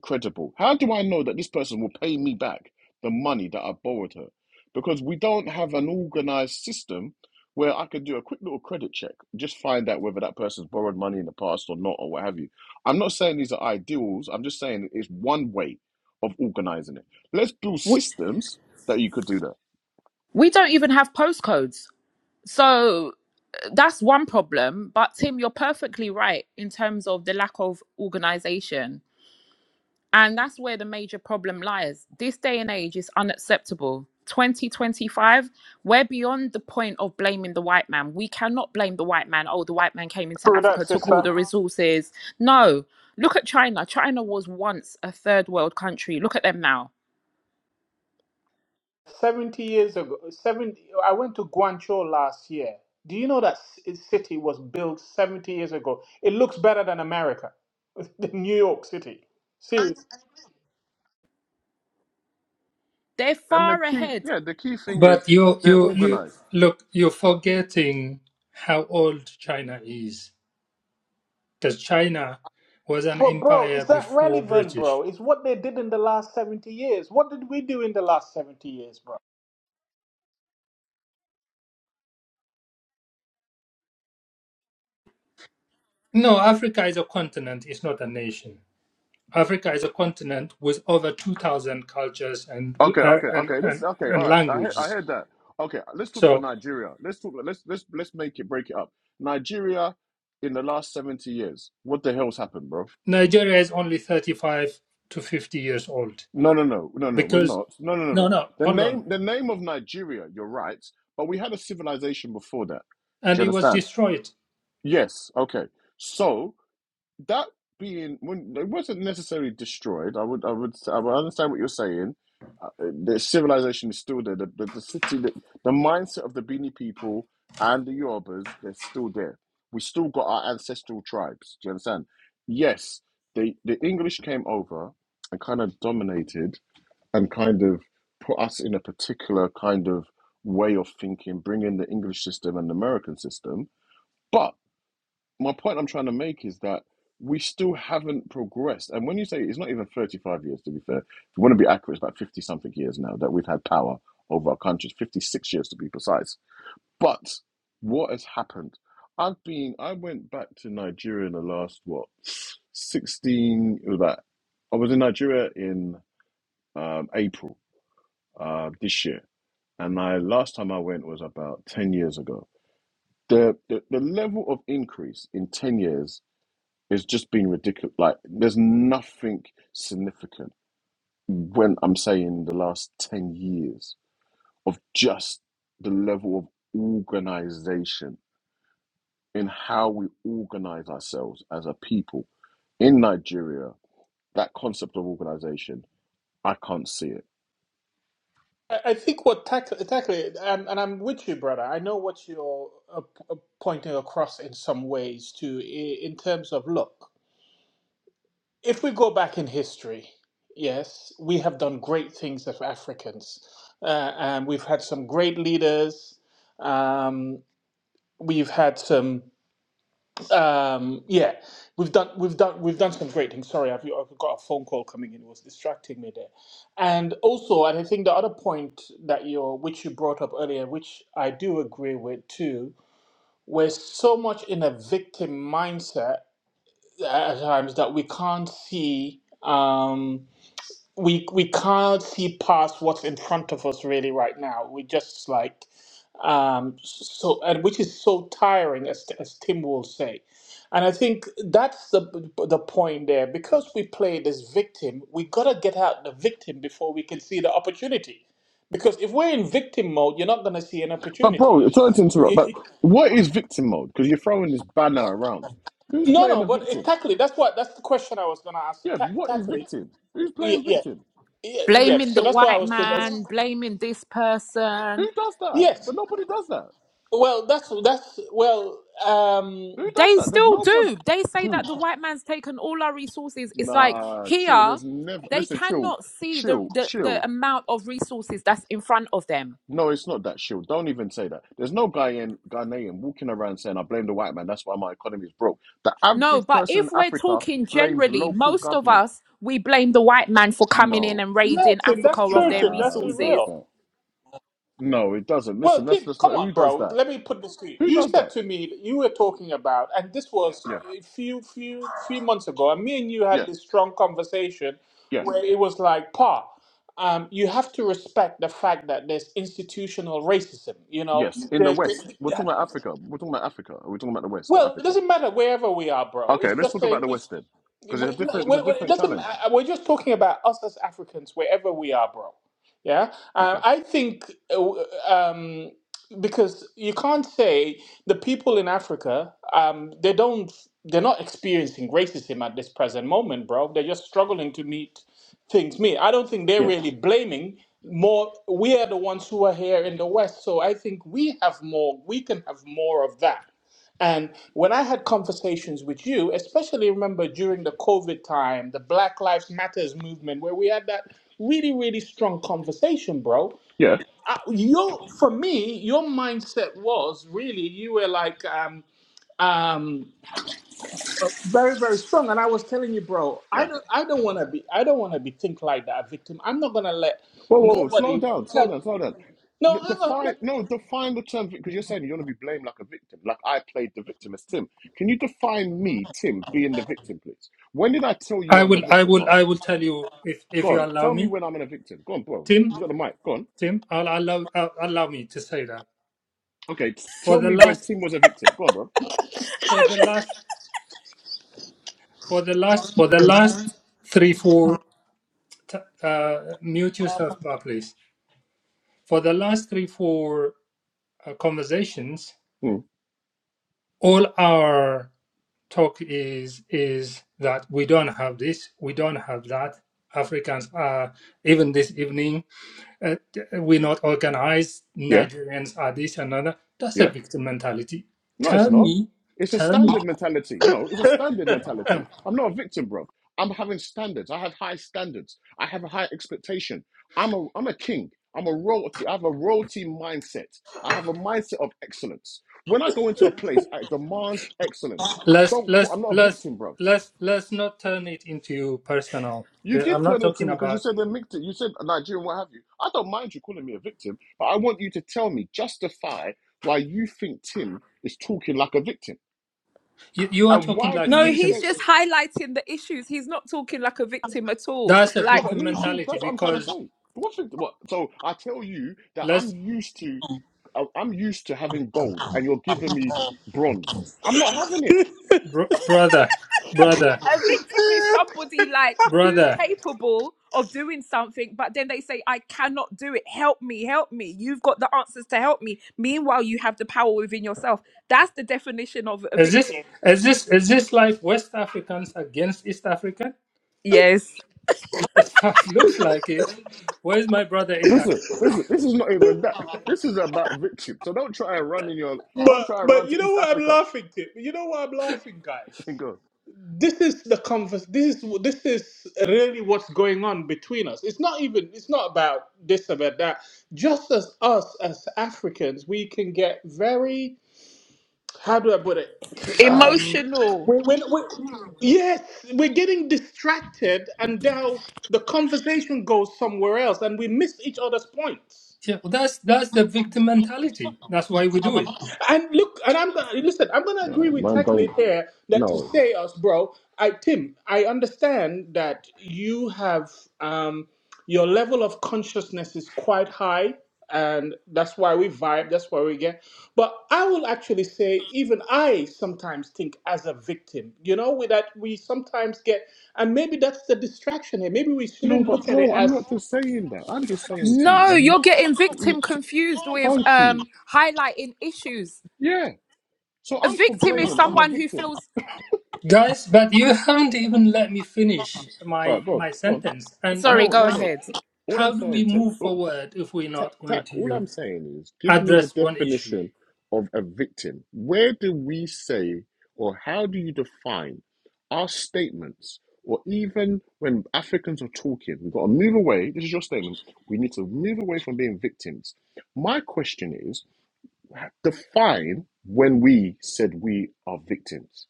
S1: credible. How do I know that this person will pay me back the money that I borrowed her? Because we don't have an organized system where I could do a quick little credit check, just find out whether that person's borrowed money in the past or not, or what have you. I'm not saying these are ideals, I'm just saying it's one way of organizing it. Let's build
S4: we,
S1: systems that you could do that.
S4: we don't even have postcodes so that's one problem but tim you're perfectly right in terms of the lack of organization And that's where the major problem lies. This day and age is unacceptable. 2025, we're beyond the point of blaming the white man. We cannot blame the white man. Oh, the white man came into
S3: True that,
S4: Africa, took all
S3: sister.
S4: the resources. No, look at China. China was once a third world country. Look at them now.
S3: 70 years ago 70 i went to guangzhou last year do you know that ci- city was built 70 years ago it looks better than america than new york city seriously
S4: They're
S1: And the
S4: far
S1: key,
S4: ahead.
S1: yeah, the key thing is
S2: But you,
S1: they're
S2: you, you
S1: organized.
S2: look, you're forgetting how old China is, because China was an
S3: but bro is
S2: empire
S3: that
S2: before
S3: relevant bro
S2: British.
S3: it's what they did in the last 70 years what did we do in the last 70 years bro
S2: No, Africa is a continent. It's not a nation. Africa is a continent with over 2,000 cultures and,
S1: Okay,
S2: uh,
S1: okay,
S2: and,
S1: okay. Let's
S2: and,
S1: okay.
S2: and
S1: All right. I heard, I
S2: languages.
S1: heard that. Okay, let's talk for
S2: So
S1: Nigeria. Let's talk. Let's let's let's make it break it up. Nigeria, in the last seventy years, what the hell's happened, bro?
S2: Nigeria is only 35 to 50 years old
S1: No, no, no, no, no. We're
S2: because
S1: not. No, no, no,
S2: no
S1: no.
S2: no
S1: The
S2: hold
S1: name,
S2: on
S1: the name of Nigeria. You're right, but we had a civilization before that. Do
S2: and
S1: you
S2: it was
S1: understand?
S2: destroyed
S1: Yes. Okay. So that being when it wasn't necessarily destroyed, I would, I would, I would understand what you're saying. Uh, The civilization is still there. The, the, the city, the, the mindset of the Bini people and the Yorubas, they're still there. We still got our ancestral tribes. Do you understand? Yes, they, the English came over and kind of dominated and kind of put us in a particular kind of way of thinking, bringing the English system and the American system. but my point I'm trying to make is that we still haven't progressed. And when you say it's not even 35 years, to be fair, if you want to be accurate, it's about 50 something years now that we've had power over our countries, 56 years to be precise. But what has happened? I've been, I went back to Nigeria in the last, what, 16, it was about, I was in Nigeria in um, April uh, this year. And I last time I went was about 10 years ago. The, the, the level of increase in 10 years it's just been ridiculous. Like, there's nothing significant when I'm saying the last 10 years of just the level of organization in how we organize ourselves as a people in Nigeria. That concept of organization, I can't see it.
S3: i, I think what tackle tackle and, and i'm with you brother i know what you're uh, p- uh, pointing across in some ways too i- in terms of look if we go back in history, yes, we have done great things as Africans. Uh, and we've had some great leaders. Um, we've had some, um, yeah, we've done, we've done, we've done some great things. Sorry, I've, I've got a phone call coming in; it was distracting me there. And also, and I think the other point that you, which you brought up earlier, which I do agree with too, we're so much in a victim mindset at times that we can't see. Um, we we can't see past what's in front of us really right now. We just like um so and which is so tiring as as Tim will say. And I think that's the the point there because we play this victim, we got to get out the victim before we can see the opportunity. Because if we're in victim mode, you're not going to see an
S1: But,
S3: opportunity.
S1: bro, sorry to interrupt,
S3: It-
S1: but
S3: it-
S1: what is victim mode? Because you're throwing this banner around. Who's
S3: no,
S1: playing
S3: no,
S1: a
S3: but
S1: victim?
S3: exactly. That's what that's the question I was going to ask. So
S1: Yeah,
S3: Ta-
S1: what is
S3: tackle it.
S1: victim? Who's
S3: Yeah,
S1: playing
S3: yeah,
S1: victim?
S3: yeah, yeah.
S4: Blaming
S3: So
S4: the
S3: that's why I
S4: white
S3: was saying. that's-
S4: man, blaming this
S1: Who
S4: person.
S1: does that?
S3: Yes,
S1: But nobody does that.
S3: Well, that's that's well, um,
S1: Who does
S4: They
S1: that? There's
S4: still
S1: nobody.
S4: do. They say
S1: Who?
S4: that the white man's taken all our resources. It's like
S1: Nah, chill.
S4: here,
S1: There's never.
S4: they
S1: Listen, chill,
S4: cannot see the,
S1: chill,
S4: the, the
S1: chill.
S4: amount of resources that's in front of them.
S1: No, it's not that chill. Don't even say that. There's no guy in Ghanaian walking around saying, "I blame the white man. That's why my economy is broke." The
S4: No,
S1: average
S4: but
S1: person
S4: if
S1: in
S4: we're
S1: Africa
S4: talking
S1: blames
S4: generally,
S1: local
S4: most of
S1: government.
S4: us, we blame the white man for coming in
S1: No,
S4: and
S3: yeah,
S4: raiding
S3: Tim,
S4: Africa
S3: that's
S4: of
S3: true,
S4: their
S3: Tim. That's
S1: nah, who does
S4: resources.
S3: real.
S1: that? No, it doesn't.
S3: Well,
S1: Listen, that's
S3: Tim,
S1: just
S3: come
S1: not. Who
S3: on,
S1: does
S3: bro.
S1: that?
S3: Let me put this to you.
S1: Who
S3: You
S1: does
S3: said
S1: that?
S3: to me that you were talking about, and this was
S1: Yeah,
S3: a few few few months ago, and me and you
S1: yeah,
S3: had this strong conversation
S1: yeah.
S3: where it was like, Pa, um, you have to respect the fact that there's institutional racism. You know,
S1: Yes, in the
S3: there,
S1: West. We're
S3: there-
S1: talking about Africa. We're talking about Africa. Are we talking about the West or
S3: Well, it
S1: Africa?
S3: doesn't matter wherever we are, bro.
S1: Okay,
S3: It's
S1: let's
S3: just
S1: talk about
S3: saying
S1: the
S3: we.
S1: West End
S3: we-
S1: because it's a different it's a
S3: we- It
S1: different
S3: doesn't. ma-
S1: challenge.
S3: uh, We're just talking about us as Africans, wherever we are, bro. Yeah, um,
S1: Okay.
S3: I think uh, um, because you can't say the people in Africa, um, they don't, they're not experiencing racism at this present moment, bro. They're just struggling to meet things. Me, I don't think they're
S1: Yeah.
S3: really blaming. More, we are the ones who are here in the West, so I think we have more. We can have more of that and when I had conversations with you, especially remember during the COVID time, the Black Lives Matters movement, where we had that really, really strong conversation, bro.
S1: Yeah.
S3: Uh, your, for me, your mindset was really you were like um, um, very, very strong, and I was telling you, bro, I
S1: Yeah.
S3: don't, I don't want to be, I don't want to be think like that, a victim. I'm not gonna let
S1: Whoa, whoa, whoa! Slow
S3: nobody
S1: down, slow
S3: tell.
S1: down, slow down. D-
S3: No, hang on.
S1: define no, define the term because you're saying you want to be blamed like a victim, like I played the victim as Tim. Can you define me, Tim, being the victim, please? When did I tell you
S2: I
S1: I was a
S2: will I
S1: victim,
S2: will
S1: Paul?
S2: I will tell you if
S1: Go
S2: if you
S1: on,
S2: allow
S1: tell me
S2: me
S1: when I'm in a victim. Go on, bro.
S2: Tim
S1: You got the mic. Go on.
S2: Tim I'll allow I'll, allow me to say that
S1: Okay, t-
S2: for
S1: tell
S2: the
S1: me when
S2: last
S1: Tim was a victim. Go on, bro.
S2: for the last for the last for the last 3 4 t- uh mute yourself uh, please for the last 3 4 uh, conversations
S1: Hmm.
S2: all our talk is is that we don't have this, we don't have that. Africans are even this evening, uh, we're not organized.
S1: Yeah.
S2: Nigerians are this and another. That's a
S1: Yeah.
S2: victim mentality.
S1: No, it's
S2: Tell
S1: not.
S2: me,
S1: It's a
S2: tell me.
S1: standard mentality. No, it's a standard
S2: No,
S1: mentality. I'm not a victim, bro. I'm having standards. I have high standards. I have a high expectation. I'm a I'm a king. I'm a royalty. I have a royalty mindset. I have a mindset of excellence. When I go into a place, I demand excellence.
S2: let's
S1: Don't call,
S2: let's
S1: I'm not a
S2: let's
S1: victim, bro.
S2: let's let's not turn it into personal.
S1: You
S2: Uh,
S1: did
S2: I'm not
S1: turn into
S2: talking
S1: me because you
S2: about
S1: said a victim. You said a Nigerian, what have you? I don't mind you calling me a victim, but I want you to tell me, justify why you think Tim is talking like a victim.
S2: you. You are
S1: And
S2: talking
S1: why do
S2: like a
S4: No,
S1: you
S4: he's
S2: victim.
S1: say?
S4: just highlighting the issues. He's not talking like a victim at all.
S2: That's a
S4: Like
S1: No, but
S2: victim
S1: who's who?
S2: mentality
S1: That's what I'm trying to
S2: because
S1: say. What's it? what? So I tell you that I'm
S2: let's
S1: used to, I- I'm used to having gold, and you're giving me bronze. I'm not having it.
S2: br- brother, brother,
S4: A victim is somebody like who's
S2: brother.
S4: capable of doing something, but then they say, I cannot do it. Help me, help me. You've got the answers to help me. Meanwhile, you have the power within yourself. That's the definition of a
S2: Is this
S4: victim.
S2: is this is this like West Africans against East African?
S4: Yes.
S2: That's That looks like it. Where's my brother Isaac?
S1: Listen, listen. This is not even that. This is about victim. So don't try and run in your. Don't
S3: but
S1: try and run
S3: but you
S1: to
S3: know
S1: East
S3: what I'm
S1: Africa.
S3: laughing to? You know what I'm laughing, guys?
S1: Go.
S3: this is the converse this is this is really what's going on between us it's not even it's not about this about that just as us as africans we can get very how do i put it um
S4: Emotional.
S3: we we we yes we're getting distracted and now the conversation goes somewhere else and we miss each other's points
S2: Yeah, well, that's that's the victim mentality. That's why we do it,
S3: And look, and I'm gonna listen. I'm gonna agree
S1: No,
S3: with
S1: man,
S3: Tacklid
S1: don't.
S3: here that to
S1: No.
S3: say us, bro. I Tim, I understand that you have um, your level of consciousness is quite high, and that's why we vibe. That's why we get. But I will actually say, even I sometimes think as a victim. You know, with that we sometimes get, and maybe that's the distraction here. Maybe we
S1: No,
S3: shouldn't
S1: but
S3: look at it
S1: bro, I'm
S3: as
S1: not just saying that. I'm just saying to
S4: No,
S1: you, w-
S4: you're getting
S1: w-
S4: victim
S1: t-
S4: confused with
S1: thank you.
S4: um highlighting issues.
S1: Yeah. So
S4: A
S1: I'm
S4: victim is
S1: complaining. I'm a
S4: someone who
S1: victim.
S4: feels
S2: guys. But you haven't even let me finish
S1: All
S2: my
S1: right, go on,
S2: my
S1: go on.
S2: sentence. And
S1: I
S4: sorry,
S1: know,
S2: and
S4: go
S1: no,
S2: how
S1: no.
S4: ahead.
S1: All
S2: how
S1: I'm
S2: do we
S1: saying, Tech,
S2: move
S1: oh, Ta-
S2: forward if we're
S1: Ta-
S2: not
S1: Tack,
S2: going
S1: all
S2: to
S1: I'm saying is give me the
S2: address one issue?
S1: definition of a victim. Where do we say, or how do you define our statements, or even when Africans are talking, we've got to move away. This is your statement. We need to move away from being victims. My question is define when we said we are victims.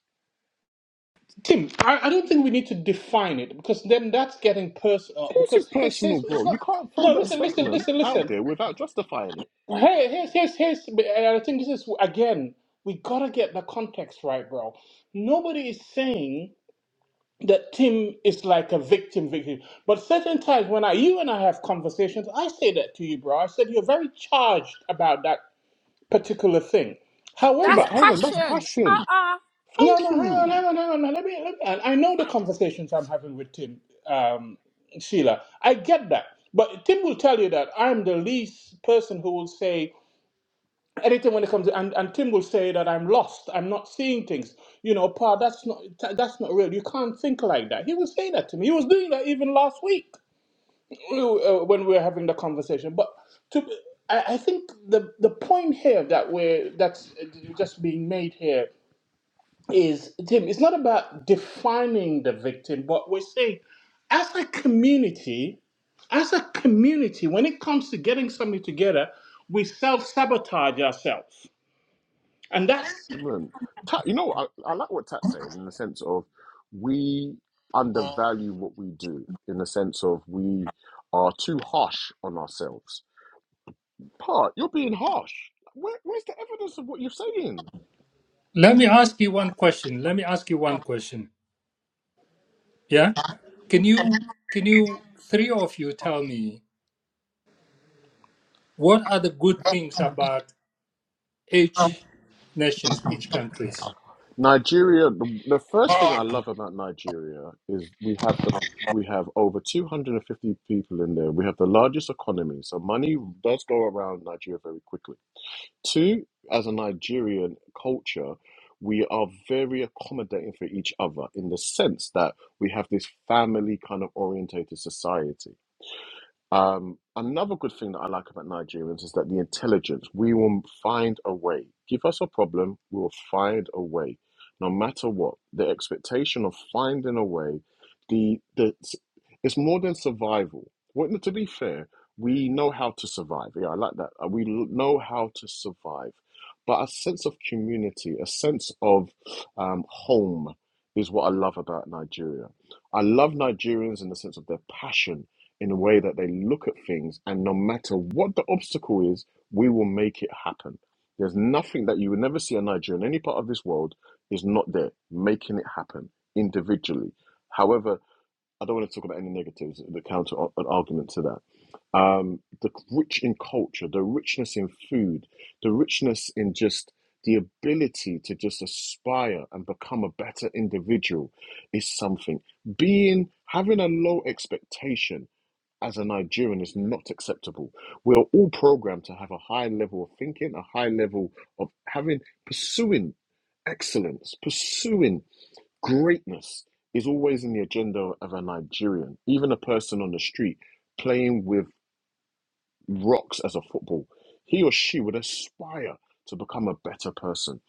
S3: Tim, I, I don't think we need to define it because then that's getting personal.
S1: Of course, it's
S3: Because here's
S1: personal,
S3: here's
S1: bro.
S3: it's
S1: You
S3: not.
S1: can't throw
S3: No,
S1: that
S3: listen, listen,
S1: statement
S3: listen,
S1: out
S3: listen.
S1: there without justifying it.
S3: Hey, here's here's here's. And I think this is again. We gotta get the context right, bro. Nobody is saying that Tim is like a victim, victim. But certain times when I, you and I have conversations, I say that to you, bro. I said you're very charged about that particular thing.
S1: Yeah,
S4: That's
S3: However,
S1: but hold on, that's
S4: passion. Uh
S1: passion.
S4: uh
S3: No,
S1: Thank
S3: no, hang
S1: you.
S3: on, hang on, hang on. Now, Let me, let me, I I know the conversations I'm having with Tim, um, Sheila. I get that. But Tim will tell you that I'm the least person who will say anything when it comes to, and, and Tim will say that I'm lost. I'm not seeing things. You know, Pa, that's not, that's not real. You can't think like that. He will say that to me. He was doing that even last week uh, when we were having the conversation. But to, I, I think the, the point here that we're, that's uh, just being made here is Tim, it's not about defining the victim, but we're saying as a community, as a community, when it comes to getting something together, we self sabotage ourselves. And that's
S1: Man. Tat, you know, I, I like what Tat's saying in the sense of we undervalue what we do, in the sense of we are too harsh on ourselves. Part, you're being harsh. Where, where's the evidence of what you're saying?
S2: Let me ask you one question. Let me ask you one question. Yeah, can you can you three of you tell me what are the good things about each nations, each countries.
S1: Nigeria, the, the first thing I love about Nigeria is we have the we have over 250 people in there. We have the largest economy, so money does go around Nigeria very quickly Two, as a Nigerian culture, we are very accommodating for each other in the sense that we have this family kind of orientated society. Um, another good thing that I like about Nigerians is that the intelligence, we will find a way. Give us a problem, we will find a way. No matter what, the expectation of finding a way, the, the it's more than survival. Well, no, to be fair, we know how to survive. Yeah, I like that. Uh, We l- know how to survive. But a sense of community, a sense of um, home is what I love about Nigeria. I love Nigerians in the sense of their passion in a way that they look at things, and no matter what the obstacle is, we will make it happen. There's nothing that you will never see a Nigerian in any part of this world is not there making it happen individually. However, I don't want to talk about any negatives, the counter ar- an argument to that. Um, the rich in culture, the richness in food, the richness in just the ability to just aspire and become a better individual is something. Being having a low expectation as a Nigerian is not acceptable. We are all programmed to have a high level of thinking, a high level of having, pursuing excellence, pursuing greatness is always in the agenda of a Nigerian, even a person on the street playing with rocks as a football. He or she would aspire to become a better person.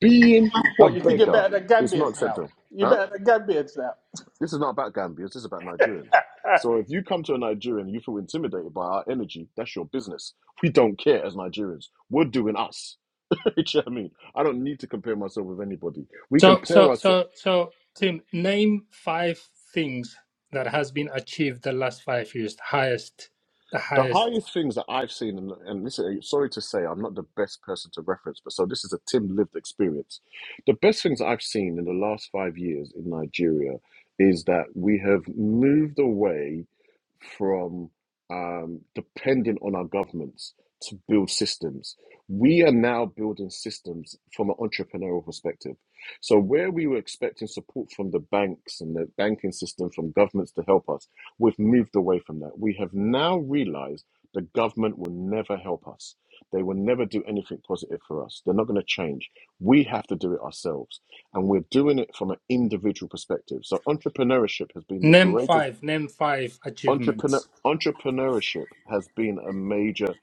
S1: Being a
S3: what you think you're
S1: beggar
S3: better than
S1: is not
S3: Gambians now.
S1: acceptable.
S3: You're
S1: huh?
S3: better than Gambians now.
S1: This is not about Gambians, this is about Nigerians. So if you come to a Nigerian and you feel intimidated by our energy, that's your business. We don't care as Nigerians. We're doing us. Do you know what I mean? I don't need to compare myself with anybody. We
S2: So
S1: compare
S2: so
S1: us.
S2: so so Tim, name five things that has been achieved the last five years. The highest, the
S1: The
S2: highest.
S1: highest things that I've seen, and, and this is, sorry to say, I'm not the best person to reference, but so this is a Tim lived experience. The best things I've seen in the last five years in Nigeria is that we have moved away from um, depending on our governments to build systems. We are now building systems from an entrepreneurial perspective. So, where we were expecting support from the banks and the banking system, from governments to help us, we've moved away from that. We have now realized the government will never help us. They will never do anything positive for us. They're not going to change. We have to do it ourselves. And we're doing it from an individual perspective. So, entrepreneurship has been the
S2: Name
S1: greatest
S2: five. Name five
S1: entrepreneur
S2: achievements.
S1: entrepreneurship has been a major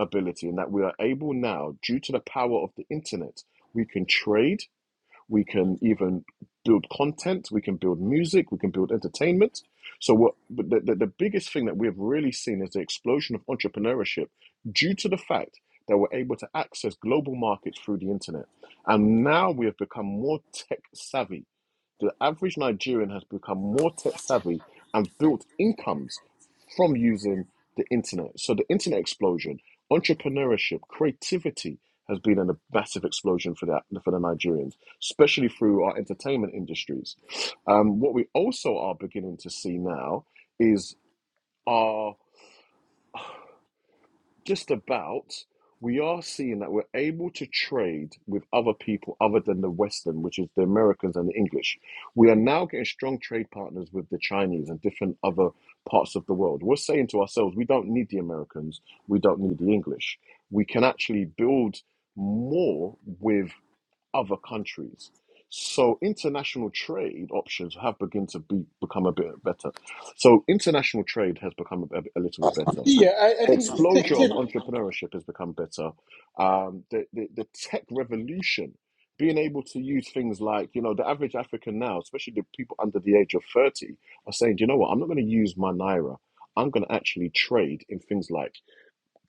S1: ability in that we are able now due to the power of the internet we can trade we can even build content we can build music we can build entertainment so what but the, the, the biggest thing that we have really seen is the explosion of entrepreneurship due to the fact that we're able to access global markets through the internet and now we have become more tech savvy the average Nigerian has become more tech savvy and built incomes from using the internet. So the internet explosion, entrepreneurship, creativity has been a massive explosion for the for the Nigerians, especially through our entertainment industries. Um, what we also are beginning to see now is our just about, we are seeing that we're able to trade with other people other than the Western, which is the Americans and the English. We are now getting strong trade partners with the Chinese and different other parts of the world. We're saying to ourselves, we don't need the Americans, we don't need the English. We can actually build more with other countries. So international trade options have begun to be, become a bit better. So international trade has become a, a little bit better
S3: Yeah, I, I
S1: the
S3: think
S1: explosion
S3: Tim,
S1: of entrepreneurship has become better. Um, the, the the tech revolution, being able to use things like you know the average African now, especially the people under the age of thirty, are saying, "Do you know what? I'm not going to use my naira. I'm going to actually trade in things like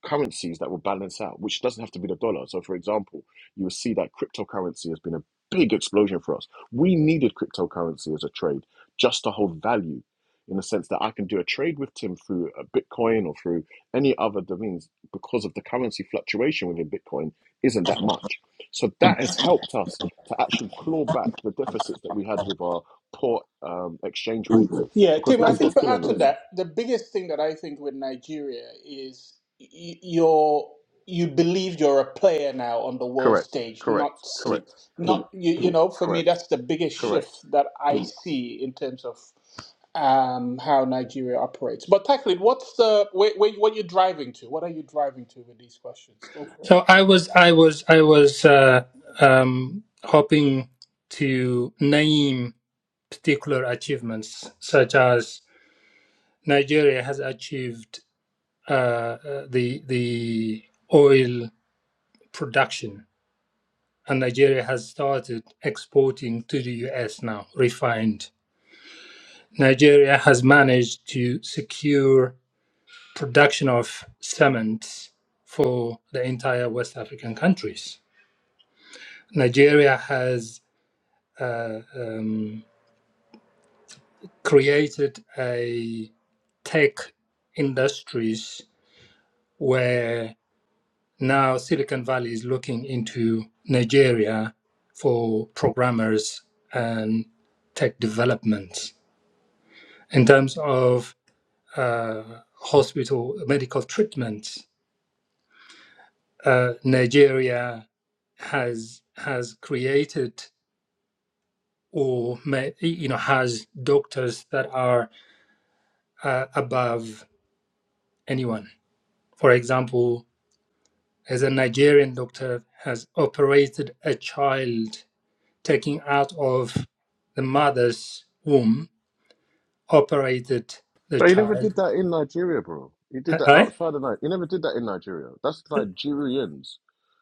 S1: currencies that will balance out, which doesn't have to be the dollar. So, for example, you will see that cryptocurrency has been a big explosion for us. We needed cryptocurrency as a trade just to hold value in the sense that I can do a trade with Tim through a Bitcoin or through any other domains because of the currency fluctuation within Bitcoin isn't that much. So, that has helped us to actually claw back the deficits that we had with our poor um, exchange rates
S3: Yeah,
S1: because
S3: Tim, I
S1: that's
S3: think
S1: what's
S3: to add
S1: killing
S3: to
S1: us.
S3: that, the biggest thing that I think with Nigeria is y- you're you believe you're a player now on the world
S1: Correct,
S3: stage,
S1: correct,
S3: not
S1: correct,
S3: not you, you know, for me
S1: correct,
S3: that's the biggest
S1: correct.
S3: shift that I see in terms of um, how Nigeria operates. But Taklid, what's the where, where, what you're driving to? What are you driving to with these questions? Go for it.
S2: So I was I was I was uh, um, hoping to name particular achievements such as Nigeria has achieved uh, uh, the the oil production and Nigeria has started exporting to the US now, refined. Nigeria has managed to secure production of cement for the entire West African countries. Nigeria has uh, um, created a tech industries where now Silicon Valley is looking into Nigeria for programmers and tech development in terms of uh, hospital medical treatment, uh, Nigeria has has created or may, you know has doctors that are uh, above anyone. For example, as a Nigerian doctor has operated a child taking out of the mother's womb, operated the
S1: But he never
S2: child.
S1: did that in Nigeria, bro. He
S2: Uh,
S1: did that
S2: I eh?
S1: outside of Nigeria. He never did that in Nigeria. That's Nigerians.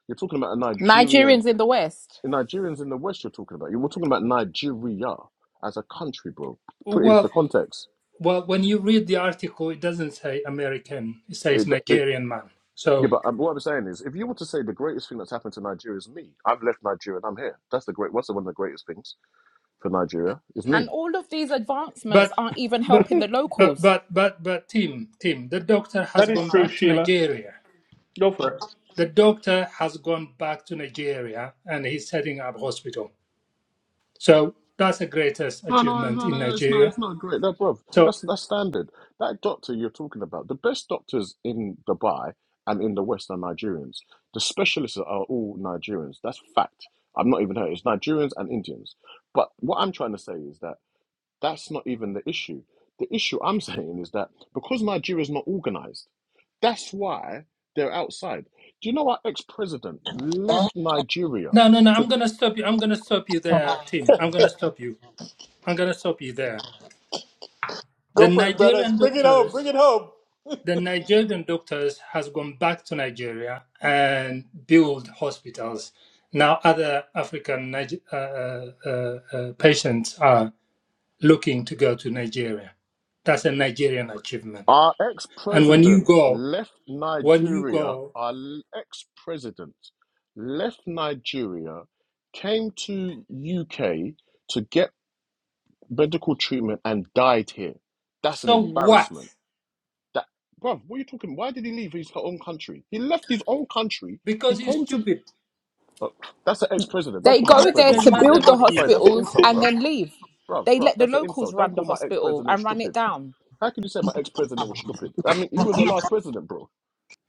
S1: You're talking about a Nigerian.
S4: Nigerians in the West.
S1: The Nigerians in the West, you're talking about. You were talking about Nigeria as a country, bro. Put it into
S2: Well,
S1: context.
S2: Well, when you read the article, it doesn't say American; it says
S1: It, it,
S2: Nigerian man.
S1: yeah,
S2: So,
S1: but um, what I'm saying is, if you were to say the greatest thing that's happened to Nigeria is me, I've left Nigeria and I'm here. That's the great. What's the one of the greatest things for Nigeria? Is me.
S4: And all of these advancements
S2: but,
S4: aren't even
S2: but,
S4: helping the
S2: but,
S4: locals.
S2: but, but, but, Tim, Tim, the doctor has
S3: That is
S2: gone
S3: true,
S2: back to
S3: Sheila.
S2: Nigeria.
S3: Go for it.
S2: The doctor has gone back to Nigeria, and he's setting up hospital. So that's the greatest
S1: No, no,
S2: achievement
S1: no,
S2: in
S1: no, no, it's not,
S2: Nigeria.
S1: it's not great. That, bruv,
S2: So
S1: that's that's standard. That doctor you're talking about, the best doctors in Dubai and in the West are Nigerians. The specialists are all Nigerians. That's fact. I'm not even hurt. It's Nigerians and Indians. But what I'm trying to say is that that's not even the issue. The issue I'm saying is that because Nigeria is not organized, that's why they're outside. Do you know our ex-president left Nigeria?
S2: no, no, no.
S1: to?
S2: I'm gonna stop you. I'm gonna stop you there, Tim. I'm gonna stop you. I'm gonna stop you there. The Nigerian doctors. The Nigerian doctors has gone back to Nigeria and build hospitals. Now other African uh, uh, uh, uh, patients are looking to go to Nigeria. That's a Nigerian achievement.
S1: Our ex
S2: And when you
S1: president
S2: go,
S1: left
S2: when you
S1: Nigeria.
S2: go,
S1: Our ex president left Nigeria, came to UK to get medical treatment and died here. That's an
S2: so what?
S1: embarrassment. That, bruv, what are you talking? Why did he leave his own country? He left his own country. He
S2: Because he's
S1: came to.
S2: stupid.
S1: Uh, that's an ex president. Don't
S4: They
S1: call my ex
S4: go
S2: Exactly.
S4: there
S1: president
S4: to
S2: Doesn't matter
S1: stupid.
S4: build the
S2: what he
S1: All right,
S2: is.
S1: that's an
S4: hospitals
S1: insult,
S4: and
S1: bruv.
S4: then leave.
S1: Bruv,
S4: They
S1: bruv,
S4: let the
S1: that's an
S4: locals
S1: insult. Don't
S4: run
S1: call
S4: the
S1: my ex
S4: hospital
S1: president
S4: and run it
S1: stupid.
S4: down.
S1: How can you say my ex president was stupid? I mean, he was the last president, bro.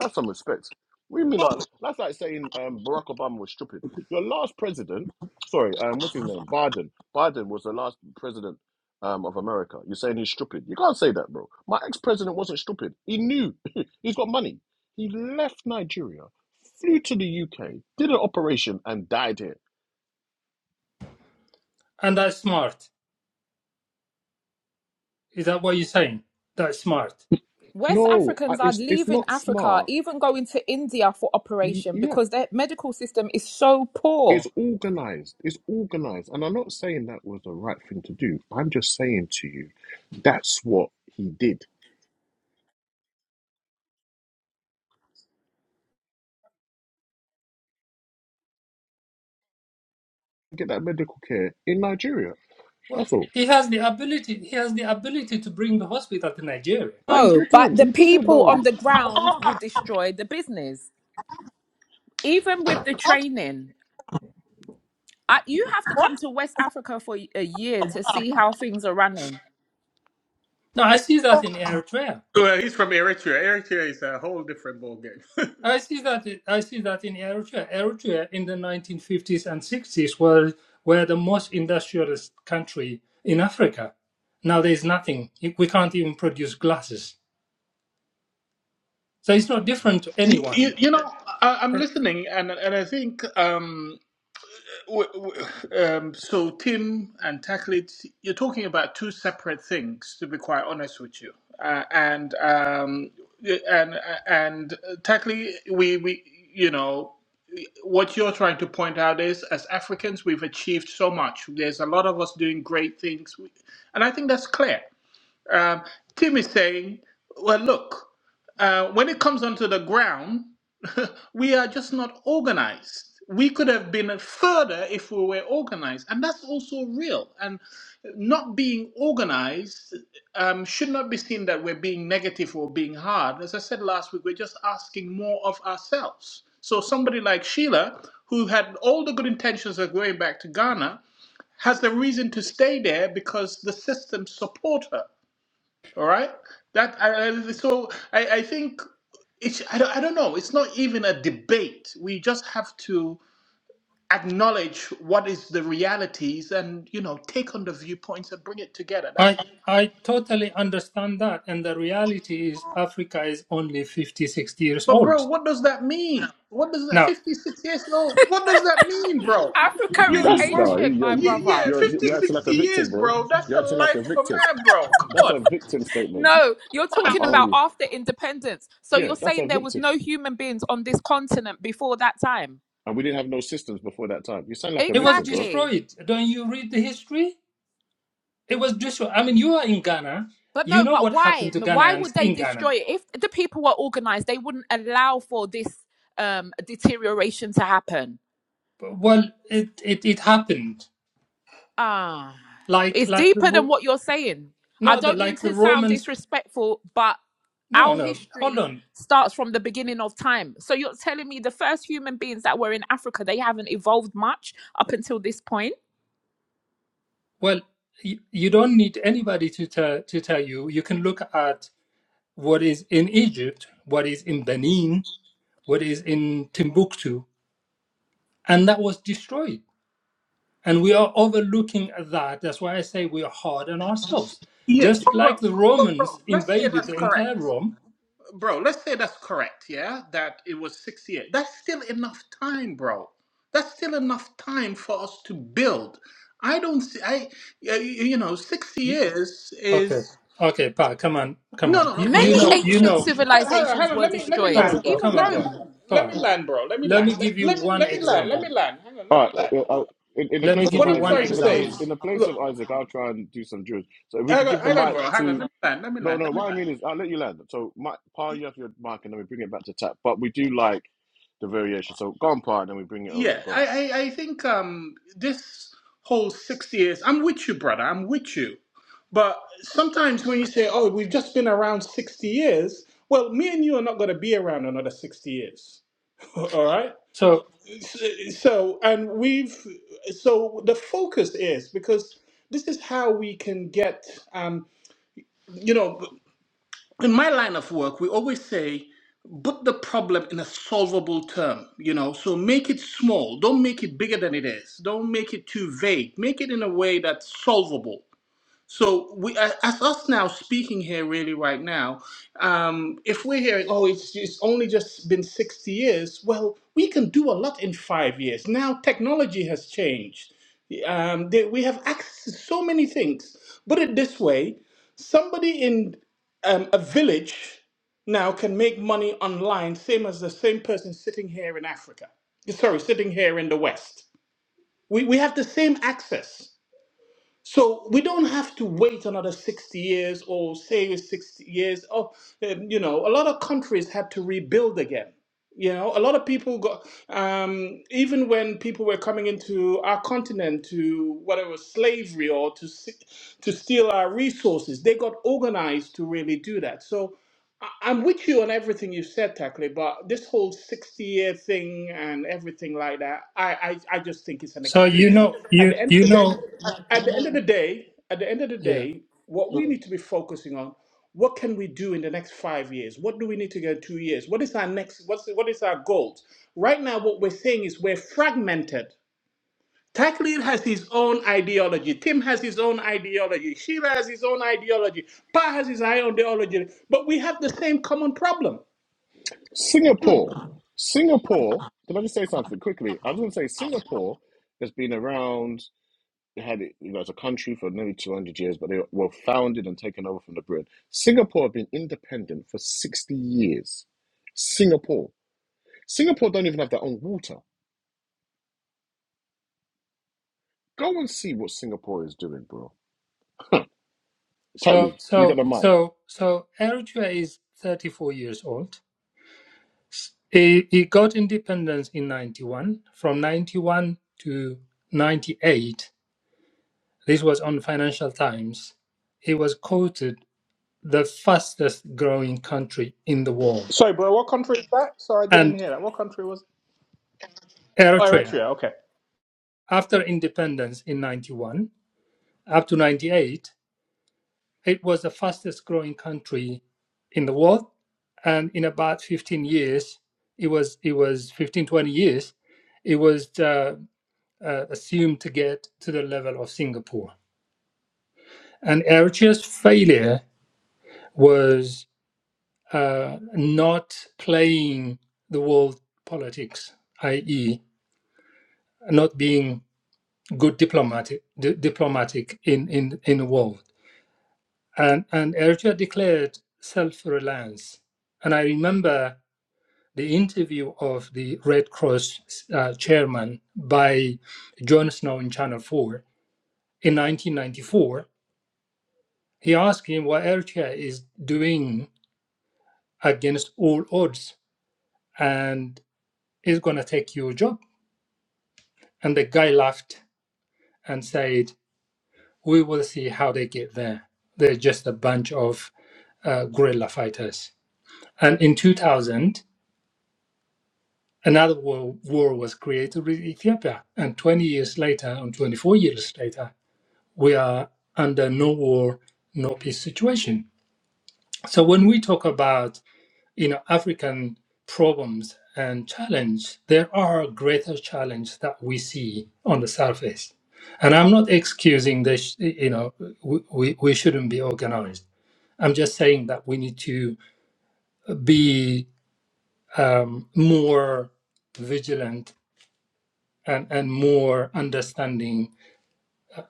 S1: Have some respect. We mean not. That's like saying um, Barack Obama was stupid. Your last president, sorry, um, what's his name? Biden. Biden was the last president um, of America. You're saying he's stupid. You can't say that, bro. My ex-president wasn't stupid. He knew. he's got money. He left Nigeria, flew to the UK, did an operation, and died here.
S2: And that's smart. Is that what you're saying? That's smart.
S4: West
S1: No, I-
S4: Africans are
S1: it's it's
S4: leaving
S1: not
S4: Africa,
S1: smart.
S4: even going to India for
S1: Y-
S4: operation
S1: yeah,
S4: because their medical system is so
S1: It's
S4: poor.
S1: organized. It's organized. And I'm not saying that was the right thing to do. I'm just saying to you, that's what he did. Get that medical care in Nigeria.
S2: Well,
S1: That's all.
S2: he has the ability. He has the ability to bring the hospital to Nigeria.
S1: But he
S4: No, but
S1: didn't.
S4: the
S1: He didn't
S4: people on
S1: know.
S4: the ground will destroy the business. Even with the training, I, you have to come to West Africa for a year to see how things are running.
S2: No, I see that in Eritrea.
S3: Well, he's from Eritrea. Eritrea is a whole different ballgame.
S2: I see that I see that in Eritrea. Eritrea in the 1950s and 60s were were the most industrialist country in Africa. Now there's nothing. We can't even produce glasses. So it's not different to
S3: You, you,
S2: anyone.
S3: you know, I, I'm listening, and and I think um, w- w- um, so. Tim and Taklit, you're talking about two separate things. To be quite honest with you, uh, and um, and and Taklit, we we you know what you're trying to point out is as Africans, we've achieved so much. There's a lot of us doing great things. And I think that's clear. Um, Tim is saying, well, look, uh, when it comes onto the ground, we are just not organized. We could have been further if we were organized, and that's also real. And not being organized um, should not be seen that we're being negative or being hard. As I said last week, we're just asking more of ourselves. So somebody like Sheila, who had all the good intentions of going back to Ghana, has the reason to stay there because the systems support her. All right. That I, I- so I, I think it's I don't, I don't know. It's not even a debate. We just have to acknowledge what is the realities and you know take on the viewpoints and bring it together. That's
S2: I I totally understand that and the reality is Africa is only 50 sixty years
S3: but bro,
S2: old.
S3: what does that mean? What does that
S2: Now,
S3: 56 years old? What does that mean, bro?
S4: Africa
S3: You
S4: is
S3: you
S1: That's
S3: bro
S1: no.
S4: ancient,
S1: You're
S4: my
S3: yeah, yeah
S4: brother.
S1: you're you're
S3: Fifty-sixty
S1: acting like a victim,
S3: years,
S1: bro.
S3: bro. That's
S1: You're
S3: the
S1: acting like a
S3: life of a
S1: victim.
S3: man, bro. Come
S1: That's a
S3: on.
S1: victim statement.
S4: No, you're
S1: I'm
S4: talking
S2: but
S4: about
S1: only.
S4: after independence. So
S1: Yeah,
S4: you're
S1: that's a
S4: saying there was
S1: victim.
S4: no human beings on this continent before that time.
S1: And we didn't have no systems before that time. You sound like a
S2: it was
S1: victim, bro.
S4: Exactly.
S2: destroyed. Don't you read the history? It was Joshua. I mean, you are in Ghana.
S4: But
S2: You
S4: no,
S2: know
S4: but
S2: what
S4: why?
S2: happened to
S4: Why
S2: Ghanaians
S4: would they
S2: in Ghana.
S4: destroy it? If the people were organized, they wouldn't allow for this um deterioration to happen.
S2: Well, it it, it happened
S4: Ah,
S2: like
S4: it's
S2: like the
S4: deeper than
S2: Ro-
S4: what you're saying. I
S2: no, the
S4: don't mean
S2: like the
S4: to sound
S2: Romans.
S4: disrespectful, but
S2: No,
S4: our
S2: no. Hold
S4: history
S2: on.
S4: starts from the beginning of time. So you're telling me the first human beings that were in Africa, they haven't evolved much up until this point?
S2: Well, you, you don't need anybody to tell to tell you. You can look at what is in Egypt, what is in Benin, what is in Timbuktu, and that was destroyed. And we are overlooking at that. That's why I say we are hard on ourselves.
S3: Yeah,
S2: Just
S3: but
S2: like
S3: bro,
S2: the
S3: but
S2: Romans
S3: bro, let's say
S2: invaded
S3: that's
S2: the
S3: correct.
S2: entire Rome,
S3: bro, let's say that's correct, yeah, that it was 68. That's still enough time, bro. That's still enough time for us to build. I don't see, I, y- y- you know, six
S2: You,
S3: years
S2: okay,
S3: is,
S2: okay, Pa, come on, come
S3: no,
S2: on.
S3: no, no.
S2: You,
S3: But,
S2: you
S4: Many
S3: hold
S2: know, you
S4: ancient
S2: know,
S3: on, hold on, hold
S4: civilizations
S3: on,
S4: were
S3: let me, let me
S4: destroyed,
S2: come on,
S3: land, bro.
S4: even
S2: come
S3: Let
S2: on,
S3: me,
S2: Pa.
S4: Rome.
S3: let
S2: Pa,
S3: me land, bro. Let me
S2: let me
S3: land. Let,
S2: give you
S3: let me,
S2: one
S3: let me land. Let
S2: example.
S3: me land. Hang on,
S1: All
S3: let me
S1: right.
S3: land.
S1: uh, uh, uh, in, in the
S2: Let me
S1: place of
S2: give
S3: What
S2: you
S3: I'm
S2: one
S1: Isaac,
S3: trying to
S1: in the
S3: say
S1: place
S2: example.
S1: in
S3: is,
S1: the place
S3: look,
S1: of Isaac, I'll try and do some Jewish. So if we can
S3: hang
S1: give
S3: on,
S1: the
S3: hang on
S1: mic
S3: bro. Hang
S1: to
S3: on, let me land. Let me
S1: No,
S3: land.
S1: no.
S3: Let me
S1: What I
S3: land.
S1: mean is, I'll let you land. So, my, Pa, you have your mic, and then we bring it back to tap. But we do like the variation. So, go on, Pa, and then we bring it
S3: Yeah,
S1: over. Go on.
S3: I, I, I think um, this whole six years, I'm with you, brother. I'm with you. But sometimes when you say, oh, we've just been around 60 years, well, me and you are not going to be around another 60 years. All right.
S2: So,
S3: S- So, and we've, so the focus is because this is how we can get, um, you know, in my line of work, we always say, put the problem in a solvable term, you know, so make it small. Don't make it bigger than it is. Don't make it too vague. Make it in a way that's solvable. So we, a- as us now speaking here, really right now, um, if we're hearing, oh, it's, it's only just been 60 years, well, we can do a lot in five years. Now technology has changed. Um, they, we have access to so many things. Put it this way, somebody in um, a village now can make money online, same as the same person sitting here in Africa. Sorry, sitting here in the West. We, we have the same access. So we don't have to wait another 60 years or say 60 years. Oh, um, you know, a lot of countries had to rebuild again. You know, a lot of people got, um, even when people were coming into our continent to whatever slavery or to, s- to steal our resources, they got organized to really do that. So I- I'm with you on everything you said, Tackle, but this whole 60 year thing and everything like that, I, I, I just think it's an
S2: so you
S3: excuse.
S2: know,
S3: At the
S2: you,
S3: end of
S2: you
S3: the day,
S2: know,
S3: Mhm. at the end of the day, at the end of the
S2: yeah.
S3: day, what we need to be focusing on, what can we do in the next five years? What do we need to get in two years? What is our next? What's what is our goals? Right now, what we're saying is we're fragmented. Tech has his own ideology. Tim has his own ideology. Sheila has his own ideology. Pa has his own ideology. But we have the same common problem.
S1: Singapore. Singapore. Can I just say something quickly? I just want to say Singapore has been around. It had it, you know, as a country for nearly 200 years, but they were founded and taken over from the Britain. Singapore have been independent for 60 years. Singapore. Singapore don't even have their own water. Go and see what Singapore is doing, bro.
S2: So,
S1: Totally. You got
S2: so,
S1: the mic.
S2: so, so Eritrea is 34 years old. He, he got independence in 91. From 91 to 98, this was on Financial Times. He was quoted. the fastest growing country in the world.
S3: Sorry, bro. What country is that? Sorry, I didn't
S2: And
S3: hear that. What country was? it? Oh,
S2: Eritrea,
S3: Eritrea. Okay.
S2: after independence in 91 up to 98, it was the fastest growing country in the world. And in about 15 years, it was, it was 15 20 years, it was uh, uh, assumed to get to the level of Singapore. And Eritrea's failure was uh, not playing the world politics, i.e., not being good diplomatic di- diplomatic in, in, in the world. And and Eritrea declared self-reliance. And I remember the interview of the Red Cross uh, chairman by John Snow in Channel 4 in 1994. He asked him what Eritrea is doing against all odds and is going to take your job. And the guy laughed and said, We will see how they get there. They're just a bunch of uh, guerrilla fighters. And in 2000, another war, war was created with Ethiopia. And 20 years later, and 24 years later, we are under no war, no peace situation. So when we talk about you know African problems and challenge, there are greater challenges that we see on the surface. And I'm not excusing this, you know, we, we, we shouldn't be organized. I'm just saying that we need to be um, more vigilant and, and more understanding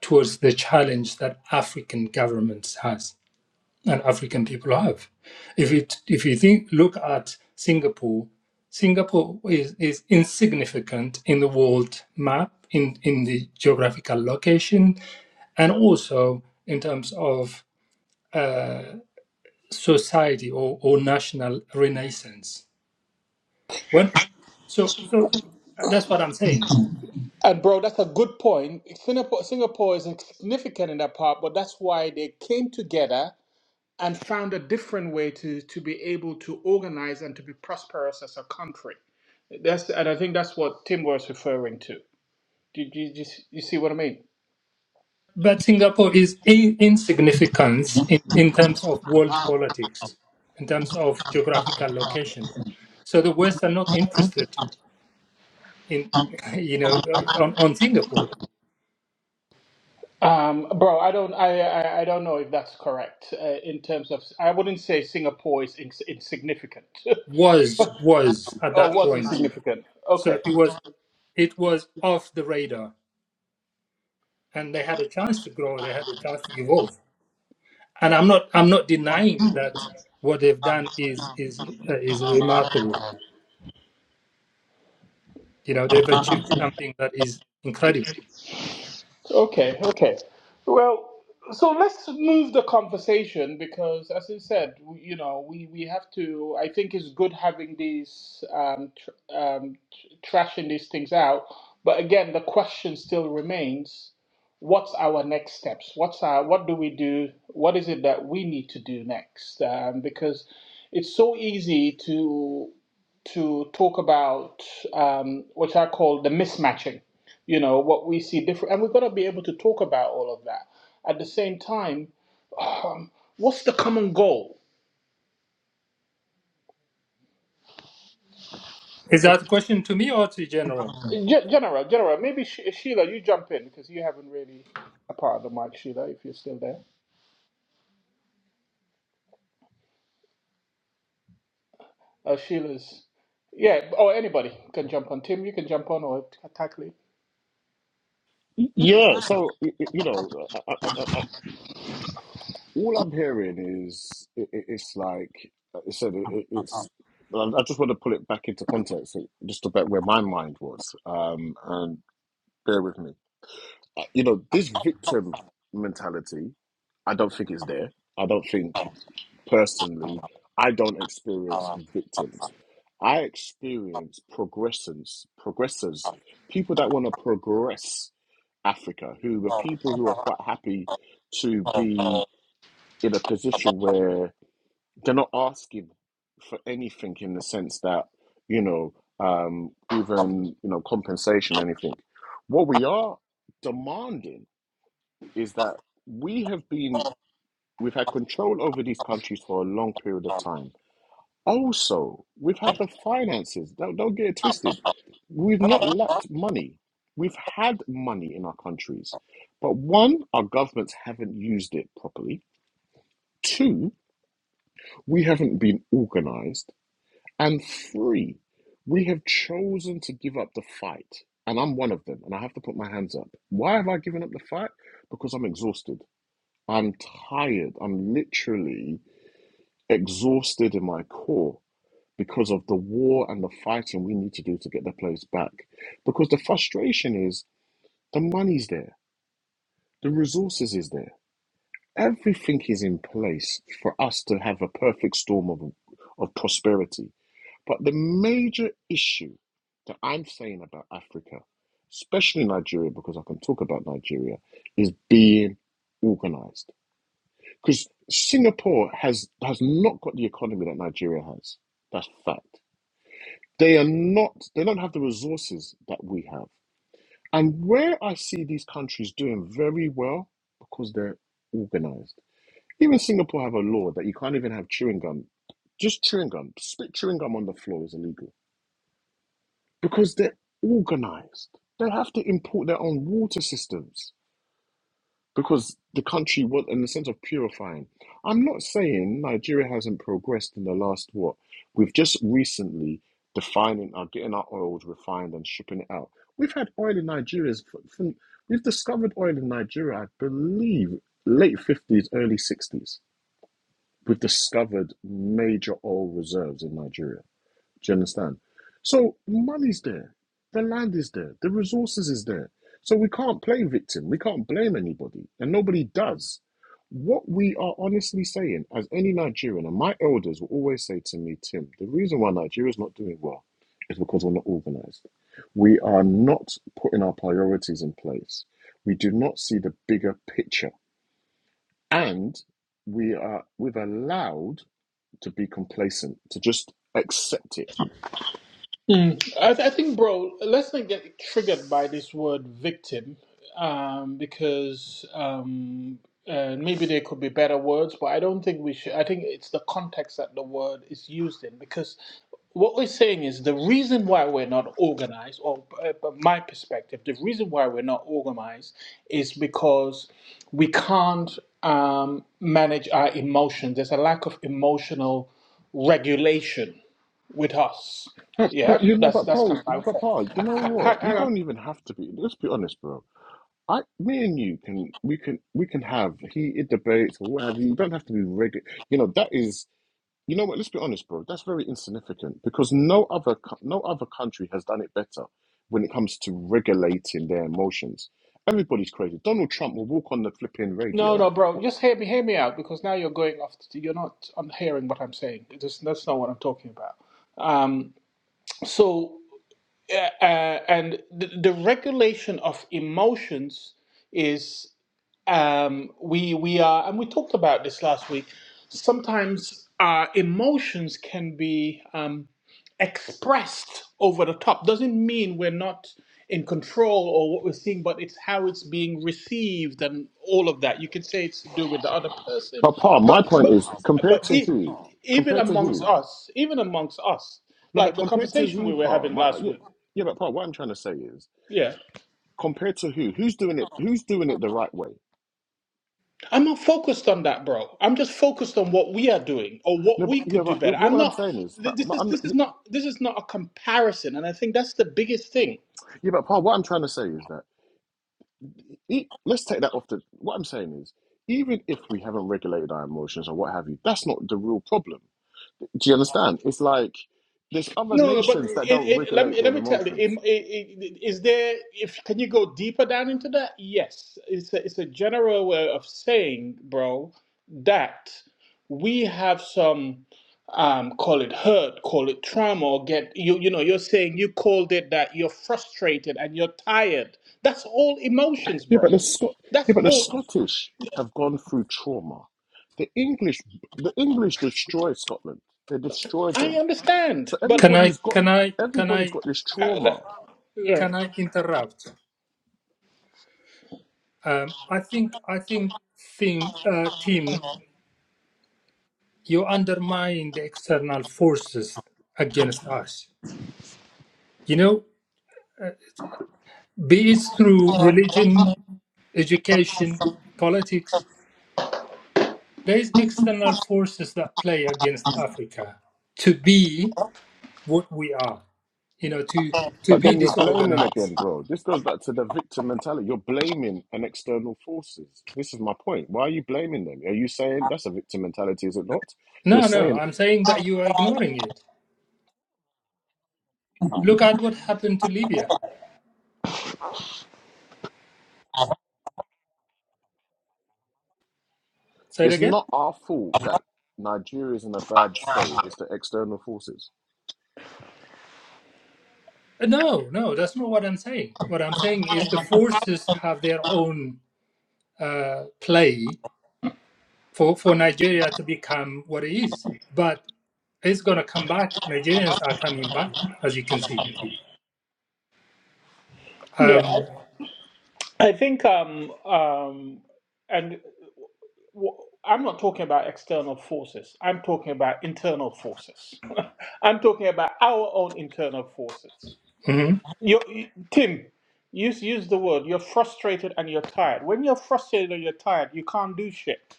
S2: towards the challenge that African governments has and African people have. If you if you think look at Singapore, Singapore is, is insignificant in the world map, in, in the geographical location, and also in terms of society or, or national renaissance. When so so that's what I'm saying
S3: And bro, that's a good point. Singapore, Singapore is significant in that part, but that's why they came together and found a different way to to be able to organize and to be prosperous as a country. That's and I think that's what Tim was referring to. Do do you, you see what I mean?
S2: But Singapore is i- insignificant in, in terms of world politics, in terms of geographical location. So the West are not interested in, you know, on, on Singapore.
S3: Um, bro, I don't, I, I, I don't know if that's correct uh, in terms of. I wouldn't say Singapore is ins- insignificant
S2: Was was at
S3: or
S2: that
S3: was
S2: point.
S3: insignificant.
S2: So
S3: Okay,
S2: it was it was off the radar, and they had a chance to grow. They had a chance to evolve. And I'm not I'm not denying that what they've done is is uh, is remarkable. You know, they've achieved something that is incredible
S3: okay, okay. Well, so let's move the conversation because, as I said, we, you know, we we have to. I think it's good having these um, tr- um, tr- trashing these things out, but again, the question still remains. what's our next steps? What's our, what do we do? What is it that we need to do next? Um, because it's so easy to to talk about um, what I call the mismatching. You know what we see different, and we've got to be able to talk about all of that. At the same time, what's the common goal?
S2: Is that a question to me or to general?
S3: Ge- General, General, maybe Sh- Sheila, you jump in because you haven't really a part of the mic, Sheila, if you're still there. Uh, Sheila's yeah, or anybody can jump on. Tim, you can jump on or tackle
S1: Yeah, so y- y- you know, I, I, I, I- all I'm hearing is it, it- it's like I said, it, it- it's. I I just want to pull it back into context, it- just about where my mind was. Um, and bear with me. Uh, You know, this victim mentality, I don't think it's there. I don't think personally. I don't experience victims. I experience progressors, progressors, people that want to progress Africa, who are people who are quite happy to be in a position where they're not asking for anything in the sense that, you know, um, even, you know, compensation, anything. What we are demanding is that we have been, we've had control over these countries for a long period of time also, we've had the finances. Don't, don't get it
S3: Oh,
S1: twisted. We've not lacked money. We've had money in our countries. But one, our governments haven't used it properly. Two, we haven't been organized. And three, we have chosen to give up the fight. And I'm one of them, and I have to put my hands up. Why have I given up the fight? Because I'm exhausted. I'm tired. I'm literally exhausted in my core because of the war and the fighting we need to do to get the place back. Because the frustration is the money's there, the resources is there, everything is in place for us to have a perfect storm of, of prosperity. But the major issue that I'm saying about Africa, especially Nigeria, because I can talk about Nigeria, is being organized. Because Singapore has has not got the economy that Nigeria has. That's fact. They are not, they don't have the resources that we have. And where I see these countries doing very well, because they're organized. Even Singapore have a law that you can't even have chewing gum, just chewing gum, spit chewing gum on the floor is illegal because they're organized. They have to import their own water systems. because the country was in the sense of purifying. I'm not saying Nigeria hasn't progressed in the last what we've just recently defining our getting our oil refined and shipping it out. We've had oil in Nigeria. From, we've discovered oil in Nigeria, I believe, late fifties, early sixties. We've discovered major oil reserves in Nigeria. Do you understand? So money's there, the land is there, the resources is there. So we can't play victim. We can't blame anybody, and nobody does. What we are honestly saying, as any Nigerian, and my elders will always say to me, Tim, the reason why Nigeria is not doing well is because we're not organized. We are not putting our priorities in place. We do not see the bigger picture. And we are we've allowed to be complacent, to just accept it
S3: Mm. I, I think, bro, let's not get triggered by this word victim um, because um, uh, maybe there could be better words, but I don't think we should. I think it's the context that the word is used in because what we're saying is the reason why we're not organized, or uh, from my perspective, the reason why we're not organized is because we can't um, manage our emotions. There's a lack of emotional regulation with us.
S1: But,
S3: Yeah,
S1: but you
S3: but
S1: know,
S3: that's
S1: but
S3: that's
S1: Paul,
S3: kind of how.
S1: but Paul, you know
S3: Ha-
S1: what?
S3: ha-
S1: You
S3: Hang on.
S1: don't even have to be. Let's be honest, bro. I, me and you can, we can, we can have heated debates or what have you. You don't have to be ready. You know that is. You know what? Let's be honest, bro. That's very insignificant because no other, co- no other country has done it better when it comes to regulating their emotions. Everybody's crazy. Donald Trump will walk on the flipping
S3: No,
S1: radio.
S3: no, bro. Just hear me, hear me out, because now you're going off. To, You're not on hearing what I'm saying. That's, that's not what I'm talking about. Um. So, uh, and the, the regulation of emotions is um we we are, and we talked about this last week. Sometimes our emotions can be um expressed over the top doesn't mean we're not in control or what we're seeing, but it's how it's being received and all of that. You can say it's to do with the other person,
S1: But Paul,
S3: but
S1: my point is,
S3: but
S1: compared
S3: but
S1: to
S3: e-
S1: who?
S3: even
S1: Compared to
S3: amongst
S1: who?
S3: us, even amongst us,
S1: No,
S3: like
S1: but
S3: the
S1: compared to
S3: conversation we
S1: who,
S3: were
S1: Paul?
S3: having
S1: My,
S3: last
S1: yeah,
S3: week.
S1: yeah, but Paul, what I'm trying to say is.
S3: Yeah,
S1: Compared to who? Who's doing it? Who's doing it the right way?
S3: I'm not focused on that, bro. I'm just focused on what we are doing or what
S1: No, but,
S3: we
S1: yeah,
S3: could do
S1: but
S3: better.
S1: what,
S3: I'm
S1: what I'm
S3: not.
S1: saying is,
S3: th-
S1: but,
S3: This
S1: but
S3: is
S1: I'm,
S3: this is
S1: yeah,
S3: not this is not a comparison, and I think that's the biggest thing
S1: but Paul, what I'm trying to say is that e- let's take that off the. What I'm saying is, even if we haven't regulated our emotions or what have you, that's not the real problem. Do you understand? It's like there's other
S3: No, no, but
S1: nations that
S3: it,
S1: don't
S3: it, let
S1: regulate
S3: me
S1: their
S3: let me tell you. It,
S1: emotions.
S3: it, it, is there? If can you go deeper down into that? Yes, it's a, it's a general way of saying, bro, that we have some um call it hurt, call it trauma, or get you you know you're saying you called it that you're frustrated and you're tired. That's all emotions,
S1: Yeah, but
S3: bro.
S1: the Scot,
S3: That's
S1: yeah, but the
S3: all.
S1: Scottish have gone through trauma. The English, the English destroyed Scotland. They destroyed
S3: I
S1: them.
S3: understand,
S1: So
S3: but
S2: Can I
S1: everybody's got
S2: can I can
S1: everybody's
S2: I
S1: got this
S3: uh,
S1: trauma.
S3: yeah,
S2: can I interrupt? Um, I think I think thing, uh, Tim, you undermine the external forces against us. You know, be it through religion, education, politics, there is external forces that play against Africa to be what we are. You know, to to
S1: But
S2: be
S1: then you're blaming
S2: disorganized.
S1: again, bro. This goes back to the victim mentality. You're blaming an external forces. This is my point. Why are you blaming them? Are you saying that's a victim mentality, is it not? You're
S2: No, no,
S1: saying
S2: I'm saying that you are ignoring it Look at what happened to Libya. Say it
S1: it's
S2: again?
S1: not our fault that Nigeria's in a bad state. It's the external forces.
S2: Uh, No, no, that's not what I'm saying. What I'm saying is the forces have their own uh, play for, for Nigeria to become what it is. But it's going to come back. Nigerians are coming back, as you can see.
S3: yeah.
S2: Um,
S3: I think, um, um, and w- I'm not talking about external forces. I'm talking about internal forces. I'm talking about our own internal forces.
S2: mhm.
S3: You, you- Tim, use use the word. You're frustrated and you're tired. When you're frustrated and you're tired, you can't do shit.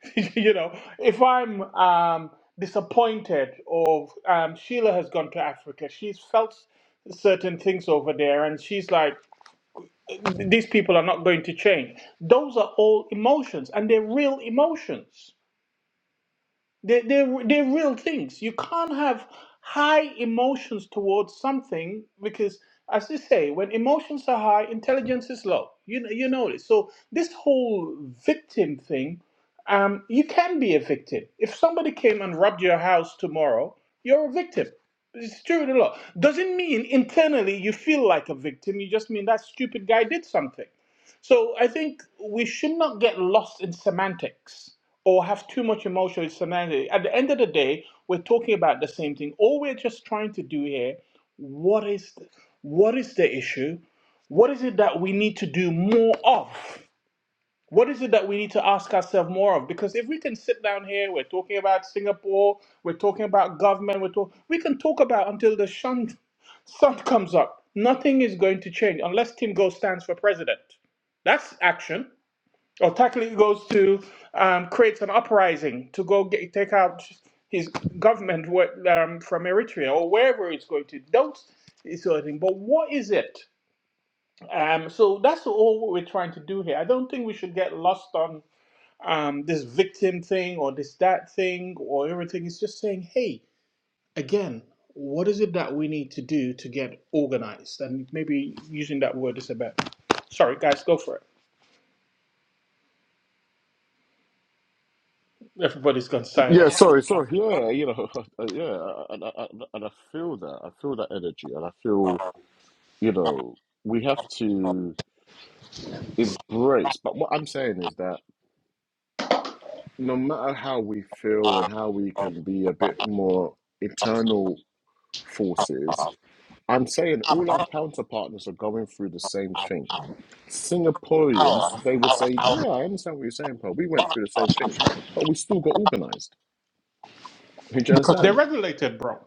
S3: you know, if I'm um, disappointed, or um, Sheila has gone to Africa, she's felt certain things over there, and she's like. mm-hmm. these people are not going to change. Those are all emotions, and they're real emotions. They're, they're, they're real things. You can't have high emotions towards something because, as they say, when emotions are high, intelligence is low. You, know- you know this. So, this whole victim thing, um, you can be a victim. If somebody came and robbed your house tomorrow, you're a victim. It's true in the law. Doesn't mean internally you feel like a victim. You just mean that stupid guy did something. So I think we should not get lost in semantics or have too much emotional semantics. At the end of the day, we're talking about the same thing. All we're just trying to do here, what is what is the issue? What is it that we need to do more of? What is it that we need to ask ourselves more of? Because if we can sit down here, we're talking about Singapore, we're talking about government, we're talk- we can talk about until the sun, sun comes up. Nothing is going to change unless Tim Go stands for president. That's action. Or Takli goes to um, creates an uprising to go get, take out his government what, um, from Eritrea or wherever it's going to. Those is sort of thing. But what is it? Um, so that's all what we're trying to do here. I don't think we should get lost on um, this victim thing or this that thing or everything. It's just saying, hey, again, what is it that we need to do to get organized? And maybe using that word is a bit. Sorry, guys, go for it. Everybody's gone silent.
S1: Yeah, sorry, sorry. Yeah, you know, uh, yeah, and I, I, and I feel that. I feel that energy, and I feel, you know, we have to embrace. But what I'm saying is that no matter how we feel and how we can be a bit more internal forces, I'm saying all our counterpartners are going through the same thing. Singaporeans, they will say, Yeah, I understand what you're saying, Paul. We went through the same thing, but we still got organized. Do you
S3: because they're
S1: understand?
S3: regulated, bro.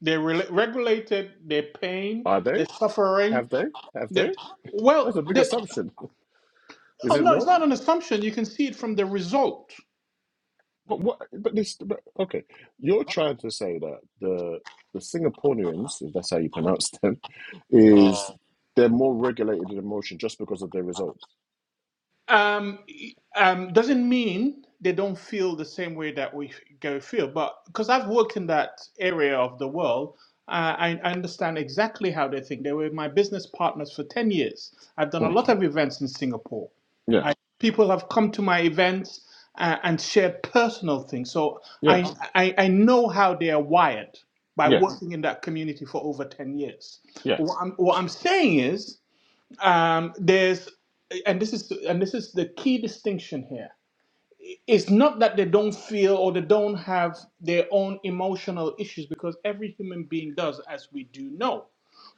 S3: They re- regulated their pain,
S1: Are they?
S3: their suffering.
S1: Have they? Have they?
S3: That well,
S1: That's a big
S3: that
S1: assumption, is
S3: no,
S1: it
S3: no, it's
S1: not?
S3: not an assumption. You can see it from the result.
S1: But what? But this. But, okay, you're trying to say that the the Singaporeans, if that's how you pronounce them, is they're more regulated in emotion just because of their results.
S3: um, um, doesn't mean they don't feel the same way that we f- go feel. But because I've worked in that area of the world, uh, I, I understand exactly how they think. They were my business partners for ten years. I've done a
S1: Mm,
S3: lot of events in Singapore.
S1: yeah,
S3: I, people have come to my events uh, and shared personal things, so
S1: yeah,
S3: I, I I know how they are wired by
S1: yeah,
S3: working in that community for over ten years.
S1: yeah.
S3: What I'm what I'm saying is um, there's and this is and this is the key distinction here it's not that they don't feel or they don't have their own emotional issues because every human being does as we do know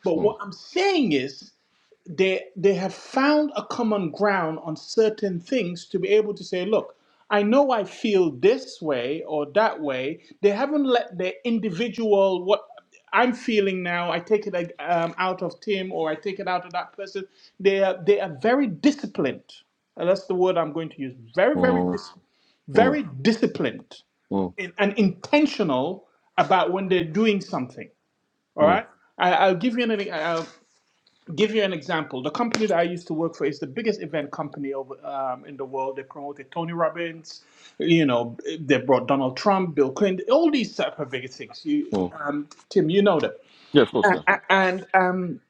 S3: but
S1: Mm,
S3: what i'm saying is they they have found a common ground on certain things to be able to say look i know i feel this way or that way they haven't let their individual what i'm feeling now i take it like, um, out of tim or i take it out of that person they are they are very disciplined and that's the word i'm going to use very very
S1: mm,
S3: dis-
S1: mm,
S3: very disciplined
S1: mm,
S3: in- and intentional about when they're doing something all
S1: mm,
S3: right I, i'll give you an give you an example. The company that I used to work for is the biggest event company over um, in the world. They promoted Tony Robbins. You know, they brought Donald Trump, Bill Clinton, all these type of big things. You,
S1: mm.
S3: um, Tim, you know them.
S1: Yeah, of course, yeah.
S3: A- And um,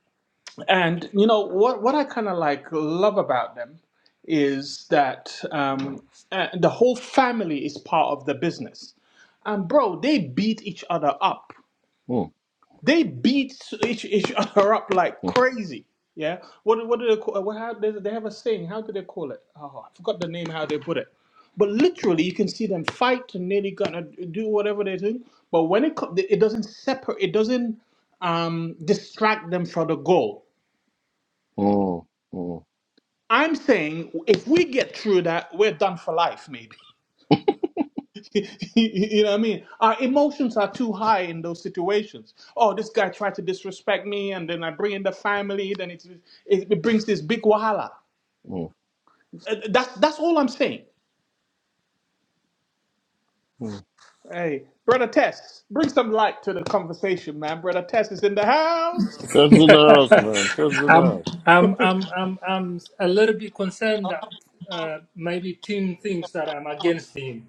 S3: and you know what? What I kind of like love about them is that um, uh, the whole family is part of the business. And bro, they beat each other up.
S1: Mm,
S3: They beat each, each other up like
S1: mm,
S3: crazy. Yeah. What what do they call? What, how, they, they have a saying. How do they call it? Oh, I forgot the name. How they put it. But literally, you can see them fight and nearly gonna do whatever they do. But when it co- it doesn't separate. It doesn't um, distract them from the goal.
S1: mm, mm,
S3: I'm saying if we get through that, we're done for life, you know what I mean? Our emotions are too high in those situations. Oh, this guy tried to disrespect me, and then I bring in the family, then it, it, it brings this big wahala.
S1: mm,
S3: Uh, That's, that's all I'm saying.
S1: mm.
S3: Hey, Brother Tess, bring some light to the conversation, man. Brother Tess is in the house.
S1: Ted's in the house, man. Ted's in the
S2: I'm,
S1: house.
S2: I'm, I'm, I'm, I'm a little bit concerned that uh, maybe Tim thinks that I'm against him.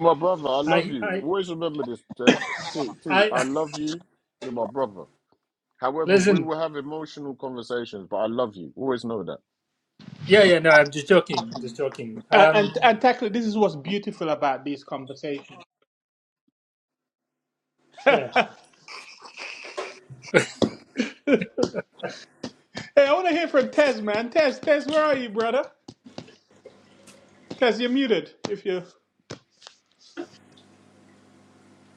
S1: My brother, I love
S2: I,
S1: you.
S2: I,
S1: Always remember this, Ted. T, T, I
S2: I
S1: love you. You're my brother. However, we
S2: listen.
S1: will have emotional conversations, but I love you. Always know that.
S2: Yeah, yeah, no, I'm just joking, just joking.
S3: And,
S2: Um,
S3: and, and technically, this is what's beautiful about these conversations.
S2: yeah,
S3: Hey, I want to hear from Tez, man. Tez, Tez, where are you, brother? Tez, you're muted. If you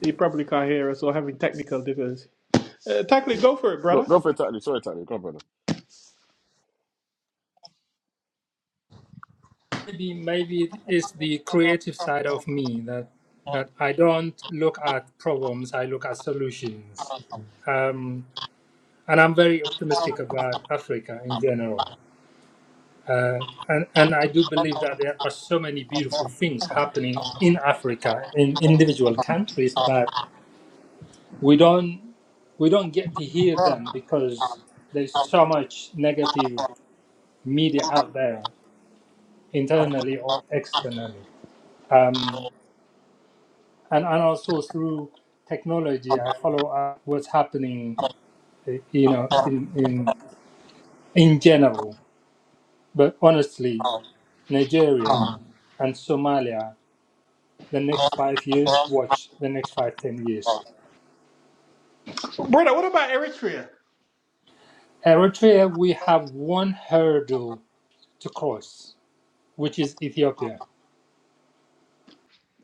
S3: you probably can't hear us or having technical difficulties. Uh, technically, go for it,
S1: Go,
S3: brother.
S1: go for it, Tatley. Sorry, Tatley. Go brother.
S2: maybe maybe it's the creative side of me that that I don't look at problems, I look at solutions. Um, and I'm very optimistic about Africa in general. And, and I do believe that there are so many beautiful things happening in Africa, in individual countries, but we don't we don't get to hear them because there's so much negative media out there internally or externally. Um, and, and also through technology, I follow up what's happening, eh, you know, in, in, in general. But honestly, Nigeria and Somalia, the next five years, watch the next five, ten years.
S3: Brother, what about Eritrea?
S2: Eritrea, we have one hurdle to cross, which is Ethiopia.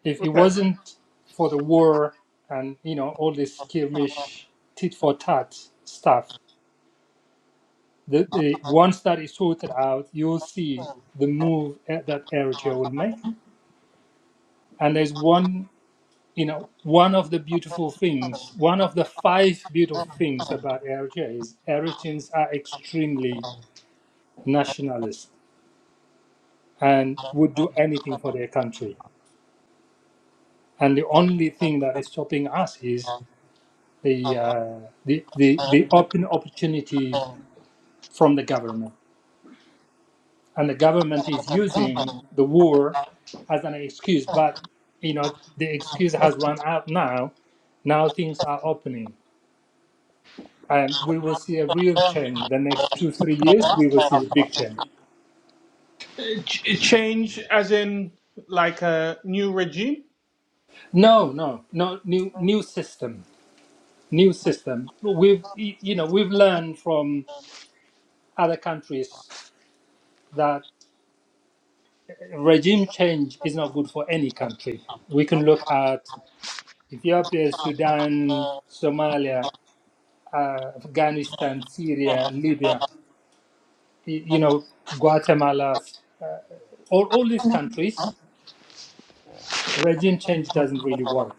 S2: If it
S3: Okay.
S2: wasn't for the war and, you know, all this skirmish, tit for tat stuff, the, the once that is sorted out, you'll see the move that AirGeo will make. And there's one, you know, one of the beautiful things, one of the five beautiful things about AirGeo is Eritreans are extremely nationalist and would do anything for their country. And the only thing that is stopping us is the uh, the, the the open opportunity from the government and the government is using the war as an excuse but you know the excuse has run out now now things are opening and we will see a real change the next two three years we will see a big change
S3: Ch- change as in like a new regime?
S2: no no no new new system new system we've y- you know we've learned from other countries that regime change is not good for any country we can look at ethiopia sudan somalia uh, Afghanistan, Syria, Libya, you know, Guatemala, all, all these countries, regime change doesn't really work.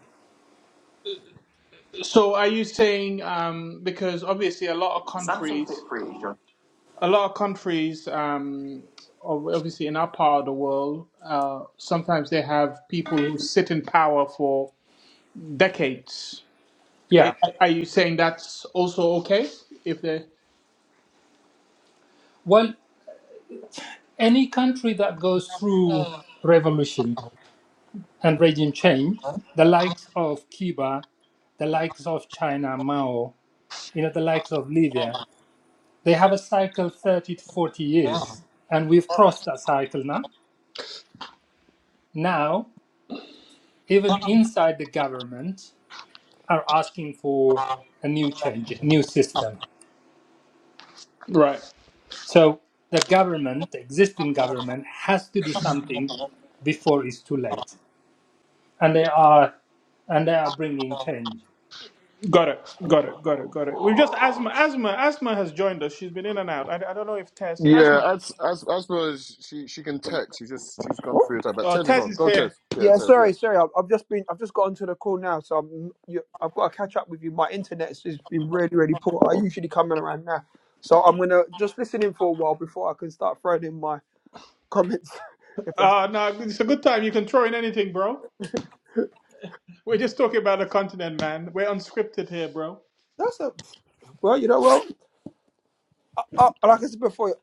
S3: So are you saying um, because obviously a lot of countries a lot of countries, um, obviously in our part of the world, uh, sometimes they have people who sit in power for decades. I-
S2: Yeah.
S3: Are you saying that's also okay? If they
S2: Well, any country that goes through revolution and regime change, the likes of Cuba, the likes of China, Mao, you know, the likes of Libya, they have a cycle 30 to 40 years. And we've crossed that cycle now. Now, even inside the government, are asking for a new change, new system.
S3: right,
S2: So the government, the existing government, has to do something before it's too late, and they are, and they are bringing change.
S3: got it, got it, got it, got it. We've just asthma, asthma, asthma has joined us. She's been in and out. I, I don't know if Tess, asthma,
S1: Yeah, as as as well as she she can text. She's just she's gone through her time. But
S3: uh,
S1: Tez is
S3: Tess
S1: on.
S3: is
S1: Go
S3: here.
S1: Tez. Yeah,
S5: Yeah,
S1: Tez. Yeah.
S5: sorry, sorry. I've, I've just been, I've just got onto the call now, so I'm, you, I've got to catch up with you. My internet's has has been really, really poor. I usually come in around now, so I'm gonna just listen in for a while before I can start throwing in my comments. If that's
S3: Uh, no, it's a good time. You can throw in anything, bro. We're just talking about the continent, man. We're unscripted here, bro.
S5: that's a, well, you know, well, I, I- like I said before,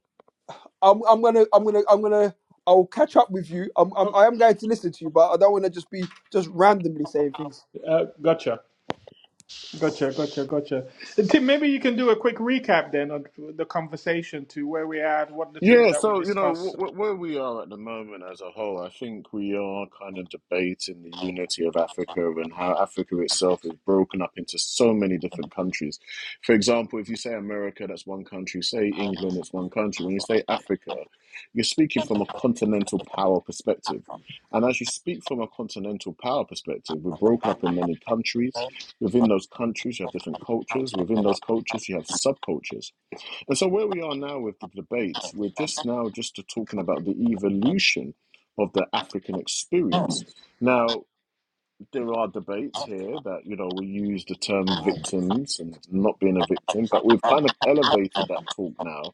S5: I'm, I'm gonna, I'm gonna, I'm gonna, I'll catch up with you. I'm, I'm, I am going to listen to you, but I don't want to just be just randomly saying things.
S3: Uh, gotcha. Gotcha, gotcha, gotcha. And Tim, maybe you can do a quick recap then of the conversation to where we are, what the things
S1: Yeah,
S3: that we
S1: so you know
S3: discussed.
S1: wh- wh- where we are at the moment as a whole, I think we are kind of debating the unity of Africa and how Africa itself is broken up into so many different countries. For example, if you say America, that's one country. Say England, it's one country. When you say Africa, you're speaking from a continental power perspective. And as you speak from a continental power perspective, we're broken up in many countries. Within those countries, you have different cultures. Within those cultures, you have subcultures. And so where we are now with the debates, we're just now just talking about the evolution of the African experience. Now, there are debates here that, you know, we use the term victims and not being a victim, but we've kind of elevated that talk now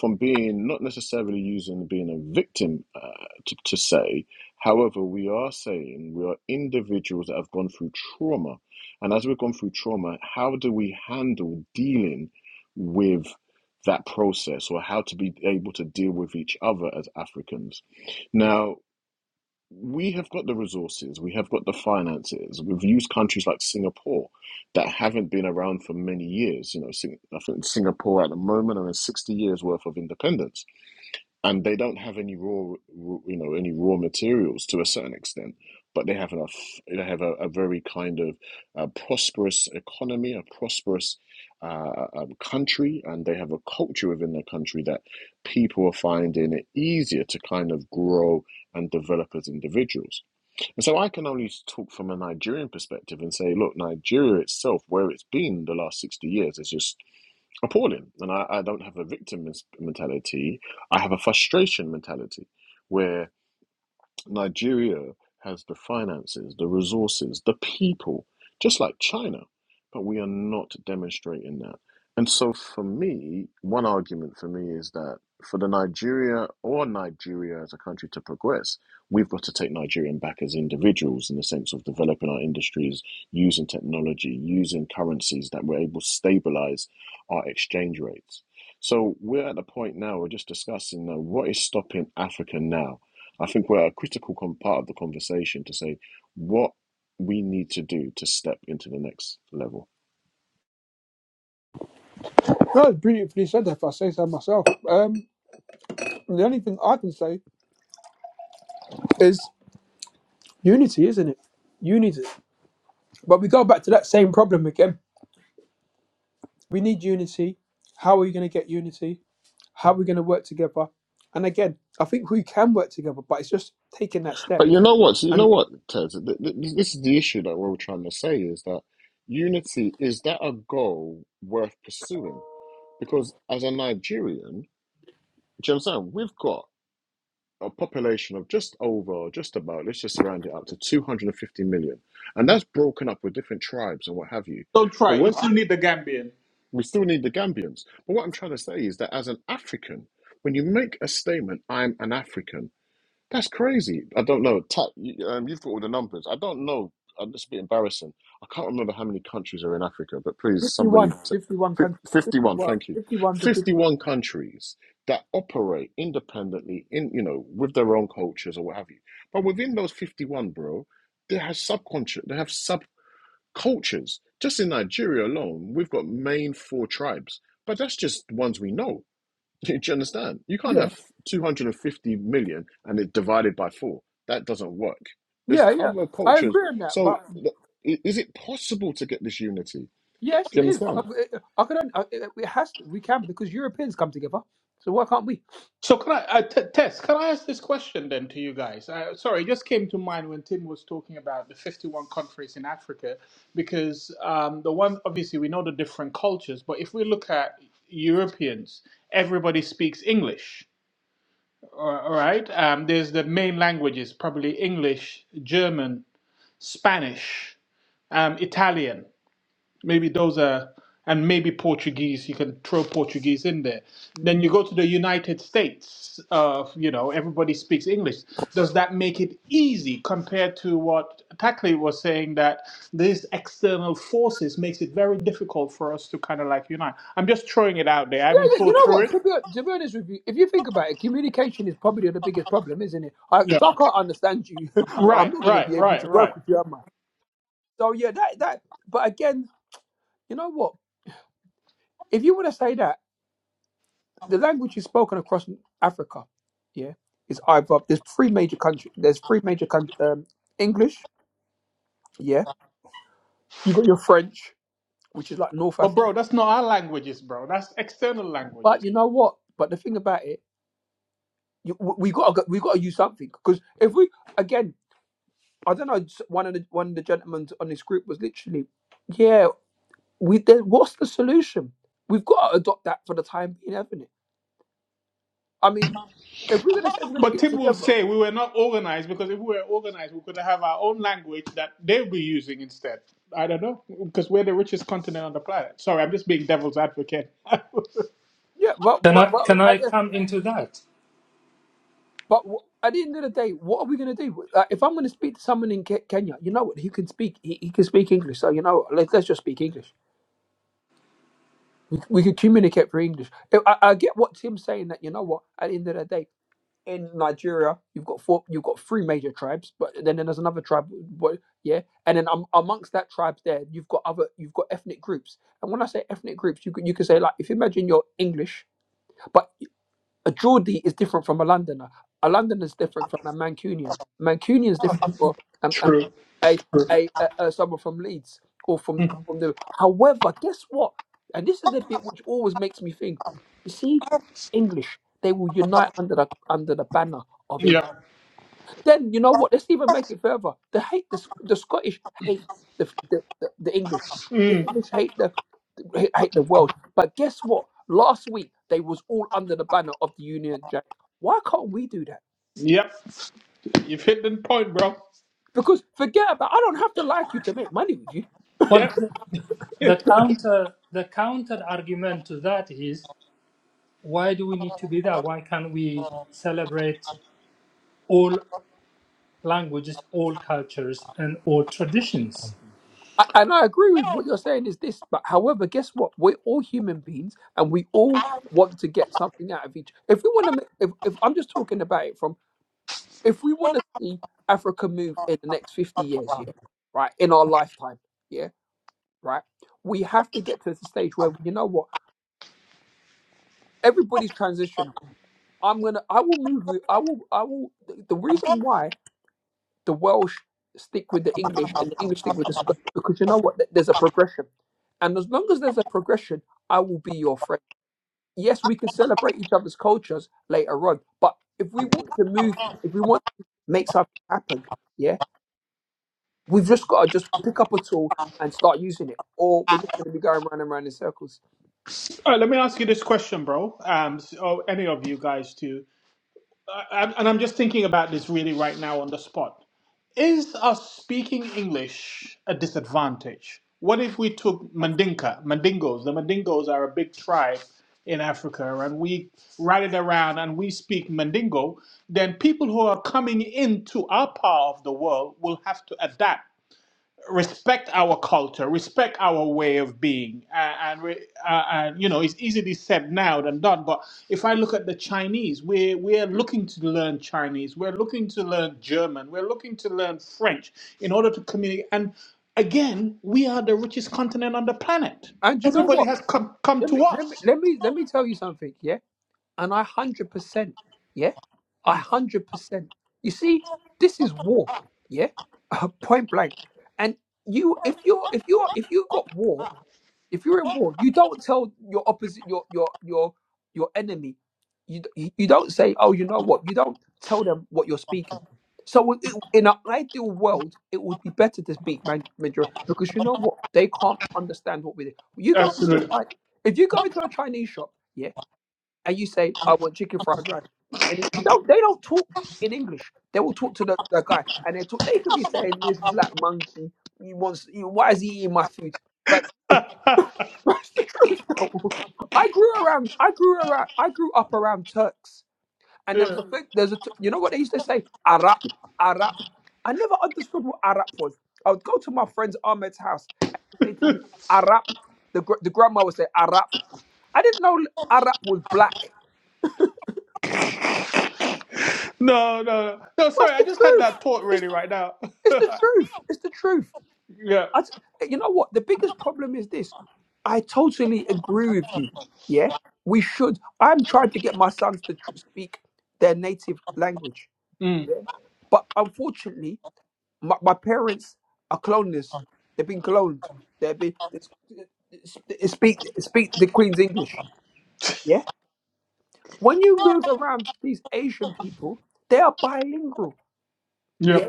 S1: from being not necessarily using being a victim uh, to, to say. However, we are saying we are individuals that have gone through trauma. And as we've gone through trauma, how do we handle dealing with that process or how to be able to deal with each other as Africans? Now, we have got the resources, we have got the finances. We've used countries like Singapore that haven't been around for many years. You know, I think Singapore at the moment are in 60 years worth of independence and they don't have any raw, you know, any raw materials to a certain extent, but they have enough. They have a, a very kind of uh, prosperous economy, a prosperous uh, um, country, and they have a culture within their country that people are finding it easier to kind of grow and develop as individuals. And so I can only talk from a Nigerian perspective and say, look, Nigeria itself, where it's been the last 60 years, is just appalling. And I, I don't have a victim mentality. I have a frustration mentality where Nigeria has the finances, the resources, the people, just like China, but we are not demonstrating that. And so, for me, one argument for me is that for the Nigeria or Nigeria as a country to progress, we've got to take Nigerian back as individuals in the sense of developing our industries, using technology, using currencies that we're able to stabilize our exchange rates. So, we're at the point now, we're just discussing uh, what is stopping Africa now I think we're a critical com- part of the conversation to say what we need to do to step into the next level.
S5: No, it's beautifully said. If I say so myself, um, the only thing I can say is unity, isn't it? Unity. But we go back to that same problem again. We need unity. How are we going to get unity? How are we going to work together? And again, I think we can work together, but it's just taking that step.
S1: But you know what? You know
S5: And
S1: what, Ted? Th- th- This is the issue that we're trying to say is that unity is that a goal worth pursuing? Because as a Nigerian, do you understand? We've got a population of just over, just about, let's just round it up to 250 million. And that's broken up with different tribes and what have you.
S3: Don't
S1: But
S3: try. You
S1: when
S3: still need the Gambian.
S1: We still need the Gambians. But what I'm trying to say is that as an African, when you make a statement, I'm an African, that's crazy. I don't know. Ta- you- um, you've got all the numbers. I don't know. I'm just a bit embarrassing. I can't remember how many countries are in Africa, but please,
S5: 51,
S1: somebody. T-
S5: 51 countries,
S1: fif- 51,
S5: 51,
S1: thank you.
S5: fifty-one to 50.
S1: 51 countries that operate independently in, you know, with their own cultures or what have you. But within those 51, bro, they have subconscious, they have subcultures cultures. Just in Nigeria alone, we've got main four tribes, but that's just ones we know. Do you understand? You can't
S5: Yeah,
S1: have 250 million and it divided by four. That doesn't work. There's
S5: yeah, yeah.
S1: other
S5: I
S1: cultures.
S5: agree on that.
S1: So
S5: But
S1: th- i- is it possible to get this unity? Do
S5: yes,
S1: you
S5: it is. I,
S1: understand?
S5: I I could. I, it has. We can because Europeans come together. So why can't we?
S3: So can I, uh, t- Tess? Can I ask this question then to you guys? Uh, sorry, it just came to mind when Tim was talking about the 51 countries in Africa, because um, the one obviously we know the different cultures, but if we look at Europeans, everybody speaks English. All all right. Um, there's the main languages, probably English, German, Spanish. um, Italian. Maybe those are, and maybe Portuguese. You can throw Portuguese in there. Then you go to the United States. Of you know, everybody speaks English. Does that make it easy compared to what Tackley was saying that these external forces makes it very difficult for us to kind of like unite? I'm just throwing it out there. I
S5: Yeah,
S3: haven't
S5: yeah. You
S3: thought
S5: know
S3: through
S5: what? To
S3: it.
S5: be, to be honest with you, if you think about it, communication is probably the biggest problem, isn't it? I,
S3: Yeah.
S5: if I can't understand you, I'm
S3: Right.
S5: not going to be
S3: Right.
S5: able to
S3: Right. Right.
S5: work with you, am I? So yeah, that that. But again, you know what? If you want to say that, the language is spoken across Africa, yeah, is either there's three major countries. There's three major countries. Um, English, yeah. You got your French, which is like North
S3: But
S5: Africa.
S3: bro, that's not our languages, bro. That's external languages.
S5: But you know what? But the thing about it, you, we got we got to use something because if we again I don't know. One of the one of the gentlemen on this group was literally, yeah. We then what's the solution? We've got to adopt that for the time being, haven't it? I mean, if we're gonna say we're gonna
S3: But
S5: get
S3: Tim will
S5: together,
S3: say we were not organized because if we were organized, we could have our own language that they'll be using instead. I don't know because we're the richest continent on the planet. Sorry, I'm just being devil's advocate.
S5: yeah. But
S2: Can
S5: but
S2: I
S5: but
S2: can
S5: at
S2: I
S5: the,
S2: come into that?
S5: but w- at the end of the day, what are we gonna do? Like, if I'm gonna speak to someone in Ke- Kenya, you know what? He can speak. He, he can speak English. So you know, what, let's let's just speak English. We, we could communicate through English. I, I I get what Tim's saying. That you know what? At the end of the day. in Nigeria, you've got four, you've got three major tribes, but then, then there's another tribe, what, yeah, and then um, amongst that tribes there, you've got other, you've got ethnic groups. And when I say ethnic groups, you can you can say like if you imagine you're English, but a Geordie is different from a Londoner. A Londoner is different from a Mancunian. Mancunian is different from um, um,
S3: True.
S5: a,
S3: True.
S5: a, a, a someone from Leeds or from from the. However, guess what? And this is the bit which always makes me think. You see, English they will unite under the under the banner of England.
S3: Yeah.
S5: Then you know what? Let's even make it further. The hate the, Sc- the Scottish hate the, the the the English. The
S3: Mm.
S5: English hate the hate hate the Welsh. But guess what? Last week they was all under the banner of the Union Jack. Why can't we do that?
S3: Yep. You've hit the point, bro.
S5: Because forget about. I don't have to like you to make money with you.
S2: Well,
S3: Yep.
S2: the, the counter the counter argument to that is why do we need to be there? Why can't we celebrate all languages, all cultures, and all traditions?
S5: I, and I agree with what you're saying is this. But however, guess what? We're all human beings, and we all
S3: All
S5: want to get something out of each. If we want to, if, if I'm just talking about it from if we want to see Africa move in the next 50 years, yeah, right, in our lifetime, yeah, right, we have to get to the stage where, you know what, everybody's transitional. I'm going to, I will move, with- I will, I will, the the reason why the Welsh stick with the English and the English stick with the Scots, because you know what, Th- there's a progression. And as long as there's a progression, I will be your friend. Yes, we can celebrate each other's cultures later on, but if we want to move, if we want to make something happen, yeah, We've just got to just pick up a tool and start using it, or we're just going to be going round and round in circles.
S3: right, let me ask you this question, bro. Um, so, or any of you guys too. I, and I'm just thinking about this really right now on the spot. Is us speaking English a disadvantage? What if we took Mandinka, Mandingos? The Mandingos are a big tribe in Africa, and we ride it around and we speak Mandingo. Then people who are coming into our part of the world will have to adapt respect our culture, respect our way of being, uh, and we- uh, and you know it's easily said now than done. But if I look at the Chinese, we're we're looking to learn Chinese, we're looking to learn German, we're looking to learn French in order to communicate. And again, we are the richest continent on the planet.
S5: And you know
S3: Everybody
S5: what?
S3: has come come
S5: Let me
S3: to
S5: let me
S3: us.
S5: let me let me tell you something, yeah. And I hundred percent, yeah, I hundred percent. You see, this is war, yeah, point blank. And you, if you're if you're if you've got war. If you're in war, you don't tell your opposite, your your your your enemy. You d- you don't say, "Oh, you know what?" You don't tell them what you're speaking. So it, in an ideal world, it would be better to speak Man- Mandarin because you know what? They can't understand what we do. You go into a
S3: Absolutely.
S5: Chi- if you go into a Chinese shop, yeah, and you say, "I want chicken fried rice," and you don't they don't talk in English. They will talk to the, the guy, and they talk. They could be saying, "This black monkey, he wants. He, why is he eating my food?"
S3: yeah.
S5: That's the truth, though. I grew around. I grew around. I grew up around Turks, and there was a thing. There's a. t- You know what they used to say? Arab, Arab. I never understood what Arab was. I would go to my friend's Ahmed's house and he would say to me, Arab. The gr- the grandma would say Arab. I didn't know Arab was black.
S3: No, no, no. No,
S5: That's
S3: sorry, I
S5: the
S3: just had
S5: truth.
S3: that thought
S5: It's
S3: really right now.
S5: it's the truth. It's the truth.
S3: yeah.
S5: I t- you know what? The biggest problem is this. I totally agree with you. Yeah, we should. I'm trying to get my sons to tr- speak their native language.
S3: Mm.
S5: Yeah, but unfortunately, my, my parents are colonists. They've been cloned. They've been they s- they speak speak the Queen's English. Yeah, when you move around these Asian people, they are bilingual.
S3: Yep.
S5: Yeah,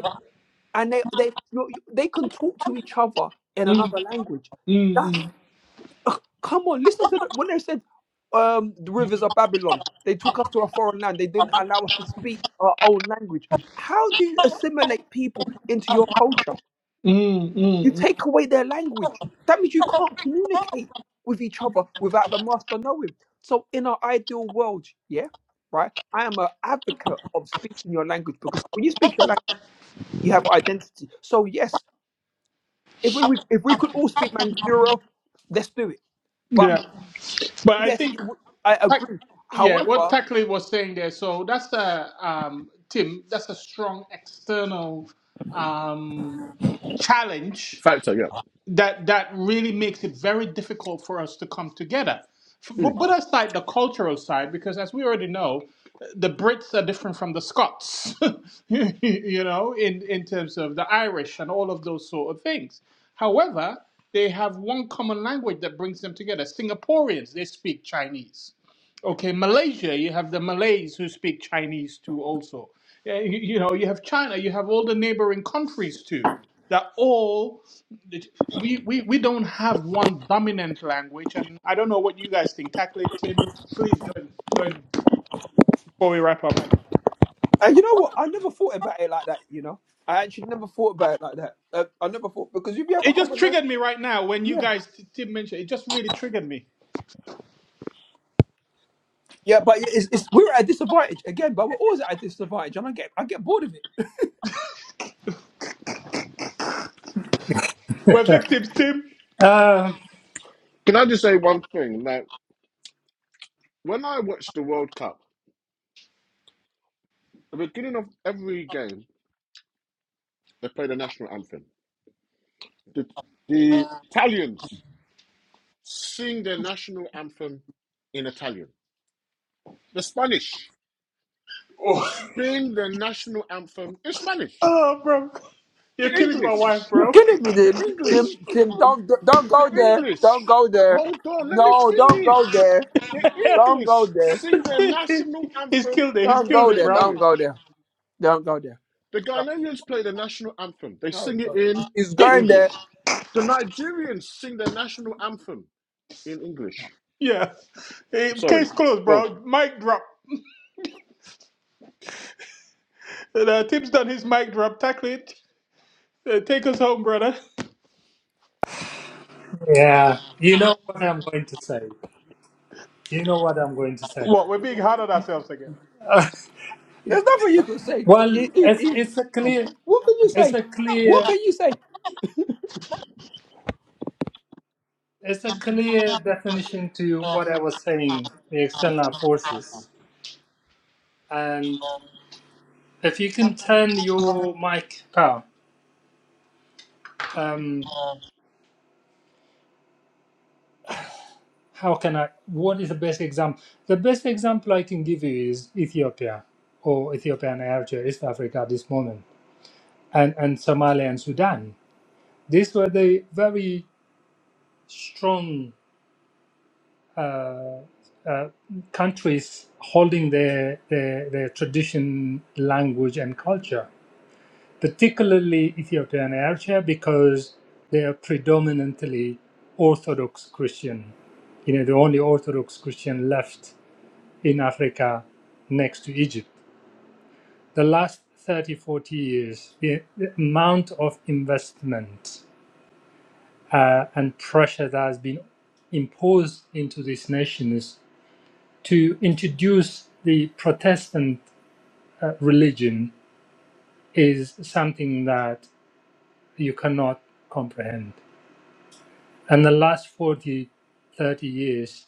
S5: and they they you know, you- they can talk to each other in
S3: Mm. Mm.
S5: another language.
S3: Mm. mm.
S5: Come on, listen to the, when they said um, the rivers of Babylon, they took us to a foreign land. They didn't allow us to speak our own language. How do you assimilate people into your culture?
S3: Mm,
S5: You
S3: mm, mm.
S5: take away their language. That means you can't communicate with each other without the master knowing. So, in our ideal world, yeah, right, I am an advocate of speaking your language because when you speak your language, you have identity. So, yes, if we if we could all speak Manduro, let's do it. But
S3: yeah, but I
S5: Yes, it
S3: think
S5: w- I agree.
S3: yeah, what
S5: However,
S3: Takley was saying there. So that's a um, Tim. That's a strong external um, challenge
S1: Factor, yeah.
S3: that that really makes it very difficult for us to come together. F- But
S1: Mm.
S3: put aside the cultural side, because as we already know, the Brits are different from the Scots, you know, in, in terms of the Irish and all of those sort of things. However, they have one common language that brings them together. Singaporeans, they speak Chinese Okay, Malaysia, you have the Malays who speak Chinese too, also. Yeah, You, you know, you have China, you have all the neighboring countries too. That all, we, we, we don't have one dominant language. And I don't know what you guys think. Tackle it, Tim. Please join, join before we wrap up.
S5: and you know what? I never thought about it like that. You know, I actually never thought about it like that. Uh, I never thought because if you have a
S3: It just
S5: conversation,
S3: triggered me right now when you
S5: yeah,
S3: guys, Tim mentioned it, just really triggered me.
S5: yeah, but it's, it's we're at a disadvantage again. But we're always at a disadvantage, and I get I get bored of it.
S3: We're victims, Tim.
S2: Uh,
S1: Can I just say one thing? Like, when I watched the World Cup, the beginning of every game, they play the national anthem. The, the Italians Sing the national anthem in Italian. The Spanish.
S3: Oh,
S1: Sing the national anthem in Spanish.
S3: oh bro.
S1: The
S3: You're killing my wife,
S1: English.
S5: You're
S3: bro.
S5: killing me,
S1: The
S5: Tim. Tim,
S1: English.
S5: Tim, don't don't
S1: The
S5: go there. Don't
S1: English.
S5: go there.
S1: Hold on, let me
S5: No, don't go
S1: finish.
S5: there.
S1: The
S5: Don't go
S1: English
S5: there.
S1: sing the national
S3: he's
S1: anthem
S3: killed it. He's
S5: Don't
S1: in
S3: killed
S5: go
S3: it,
S5: there.
S3: bro.
S5: Don't
S1: English.
S5: go there. Don't go there.
S1: The Ghanaians play the national anthem. They
S5: Don't,
S1: sing
S5: don't,
S1: it
S5: do
S1: in
S5: It's going there.
S1: English. The Nigerians sing the national anthem in English.
S3: Yeah. Eh,
S1: Sorry.
S3: Case closed,
S1: Go.
S3: bro. Mic drop. Uh, Tim's done his mic drop. Tackle it. Uh, take us home, brother.
S2: yeah, you know what I'm going to say. You know what I'm going to say.
S3: What? We're being hard on ourselves again.
S5: There's nothing you can say.
S2: Well,
S5: It- it-
S2: it's
S5: it-
S2: it's a clear
S5: what can you
S2: it's
S5: say?
S2: a
S5: What
S2: clear
S5: can you say?
S2: it's a clear definition to what I was saying, the external forces. And if you can turn your mic power, um, how can I what is the best example? The best example I can give you is Ethiopia or Ethiopia and Eritrea, East Africa at this moment, and, and Somalia and Sudan. These were the very strong uh, uh, countries holding their, their their tradition, language, and culture, particularly Ethiopia and Eritrea, because they are predominantly Orthodox Christian. You know, the only Orthodox Christian left in Africa next to Egypt. The last 30 forty years, the, the amount of investment uh, and pressure that has been imposed into these nations to introduce the Protestant uh, religion is something that you cannot comprehend. And the last 40, 30 years,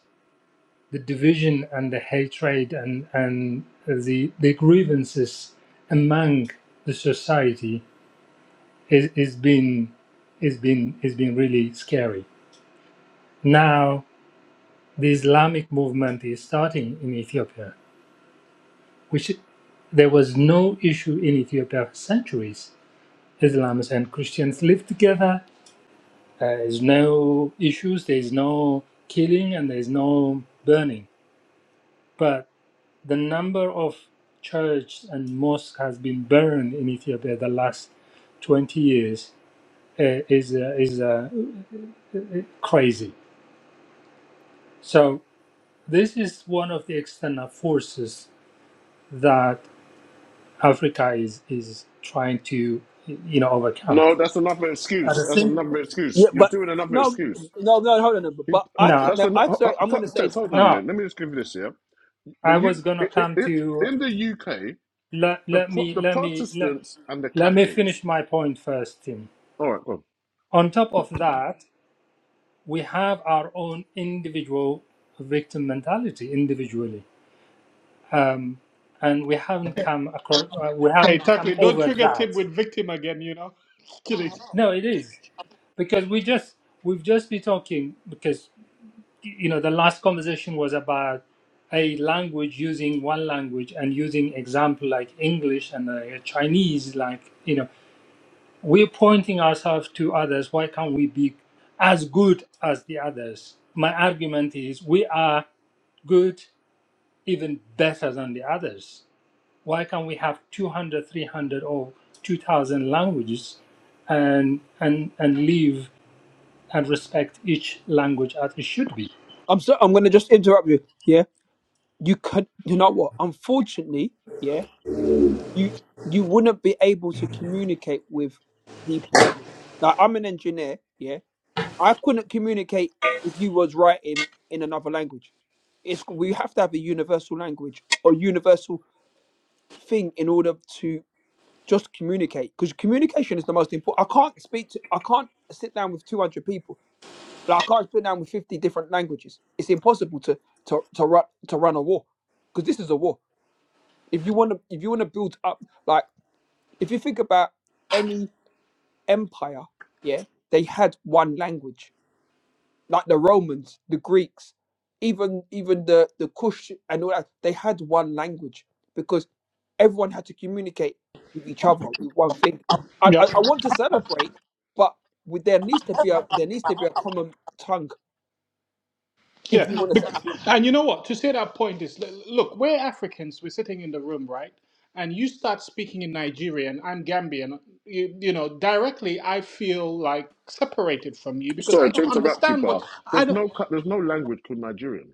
S2: the division and the hatred and, and the, the grievances among the society is, is been is been is been really scary. Now the Islamic movement is starting in Ethiopia, which there was no issue in Ethiopia for centuries Islams and Christians live together. There is no issues, there is no killing, and there is no burning. But the number of churches and mosque has been burned in Ethiopia the last 20 years uh, is, uh, is uh, crazy. So, this is one of the external forces that Africa is, is trying to you know, overcome.
S1: No, that's another
S2: At
S1: excuse.
S2: the
S1: That's
S2: same
S1: another excuse.
S5: Yeah,
S1: You're
S5: but
S1: doing another
S5: no,
S1: excuse.
S5: no, no. Hold on. But,
S1: You-
S5: but I
S2: no,
S5: think
S1: That's
S5: that I'm
S1: another.
S5: sorry. I'm going to say.
S1: Tess, hold
S5: uh,
S1: on a
S2: no,
S1: minute. Let me just give you this yeah. The
S2: I
S1: U,
S2: was going to
S1: it, it,
S2: come
S1: it,
S2: to.
S1: in the UK,
S2: Let,
S1: the
S2: let
S1: Pro-
S2: me
S1: the
S2: let me let,
S1: Protestants and the
S2: let me
S1: Catholics.
S2: finish my point first, Tim.
S1: All right. Well,
S2: On top of that, we have our own individual victim mentality individually, um, and we haven't come across. Uh, we
S3: Hey,
S2: haven't
S3: tackle
S2: come
S3: it. Don't
S2: over
S3: trigger Tim
S2: that.
S3: with victim again, you know? Kidding.
S2: No, it is because we just we've just been talking because y- you know the last conversation was about a language using one language and using example like English and uh, Chinese, like you know. We're pointing ourselves to others. Why can't we be as good as the others? My argument is we are good, even better than the others. Why can't we have 200, 300, or 2,000 languages and, and, and live and respect each language as it should be?
S5: I'm sorry. I'm going to just interrupt you. Yeah, you could. You know what? Unfortunately, yeah, you you wouldn't be able to communicate with people. Like I'm an engineer. Yeah, I couldn't communicate if you was writing in another language. It's we have to have a universal language or universal thing in order to just communicate because communication is the most important. I can't speak to, I can't sit down with 200 people, but I can't sit down with 50 different languages. It's impossible to to to run to run a war because this is a war. If you want to, if you want to build up, like if you think about any empire, yeah, they had one language like the Romans, the Greeks, even even the the Kush and all that, they had one language because everyone had to communicate with each other with one thing. I I,
S3: Yep.
S5: I want to celebrate, but with, there needs to be a there needs to be a common tongue if
S3: Yeah,
S5: you want to
S3: bec-
S5: succeed.
S3: and you know what? To say that point is, l- look, we're Africans. We're sitting in the room, right? And you start speaking in Nigerian. I'm Gambian. You, you know, directly, I feel like separated from you because
S1: sorry
S3: I
S1: to
S3: don't
S1: interrupt you,
S3: understand what
S1: Pa.
S3: I
S1: There's
S3: don't.
S1: no cu- there's no language called Nigerian.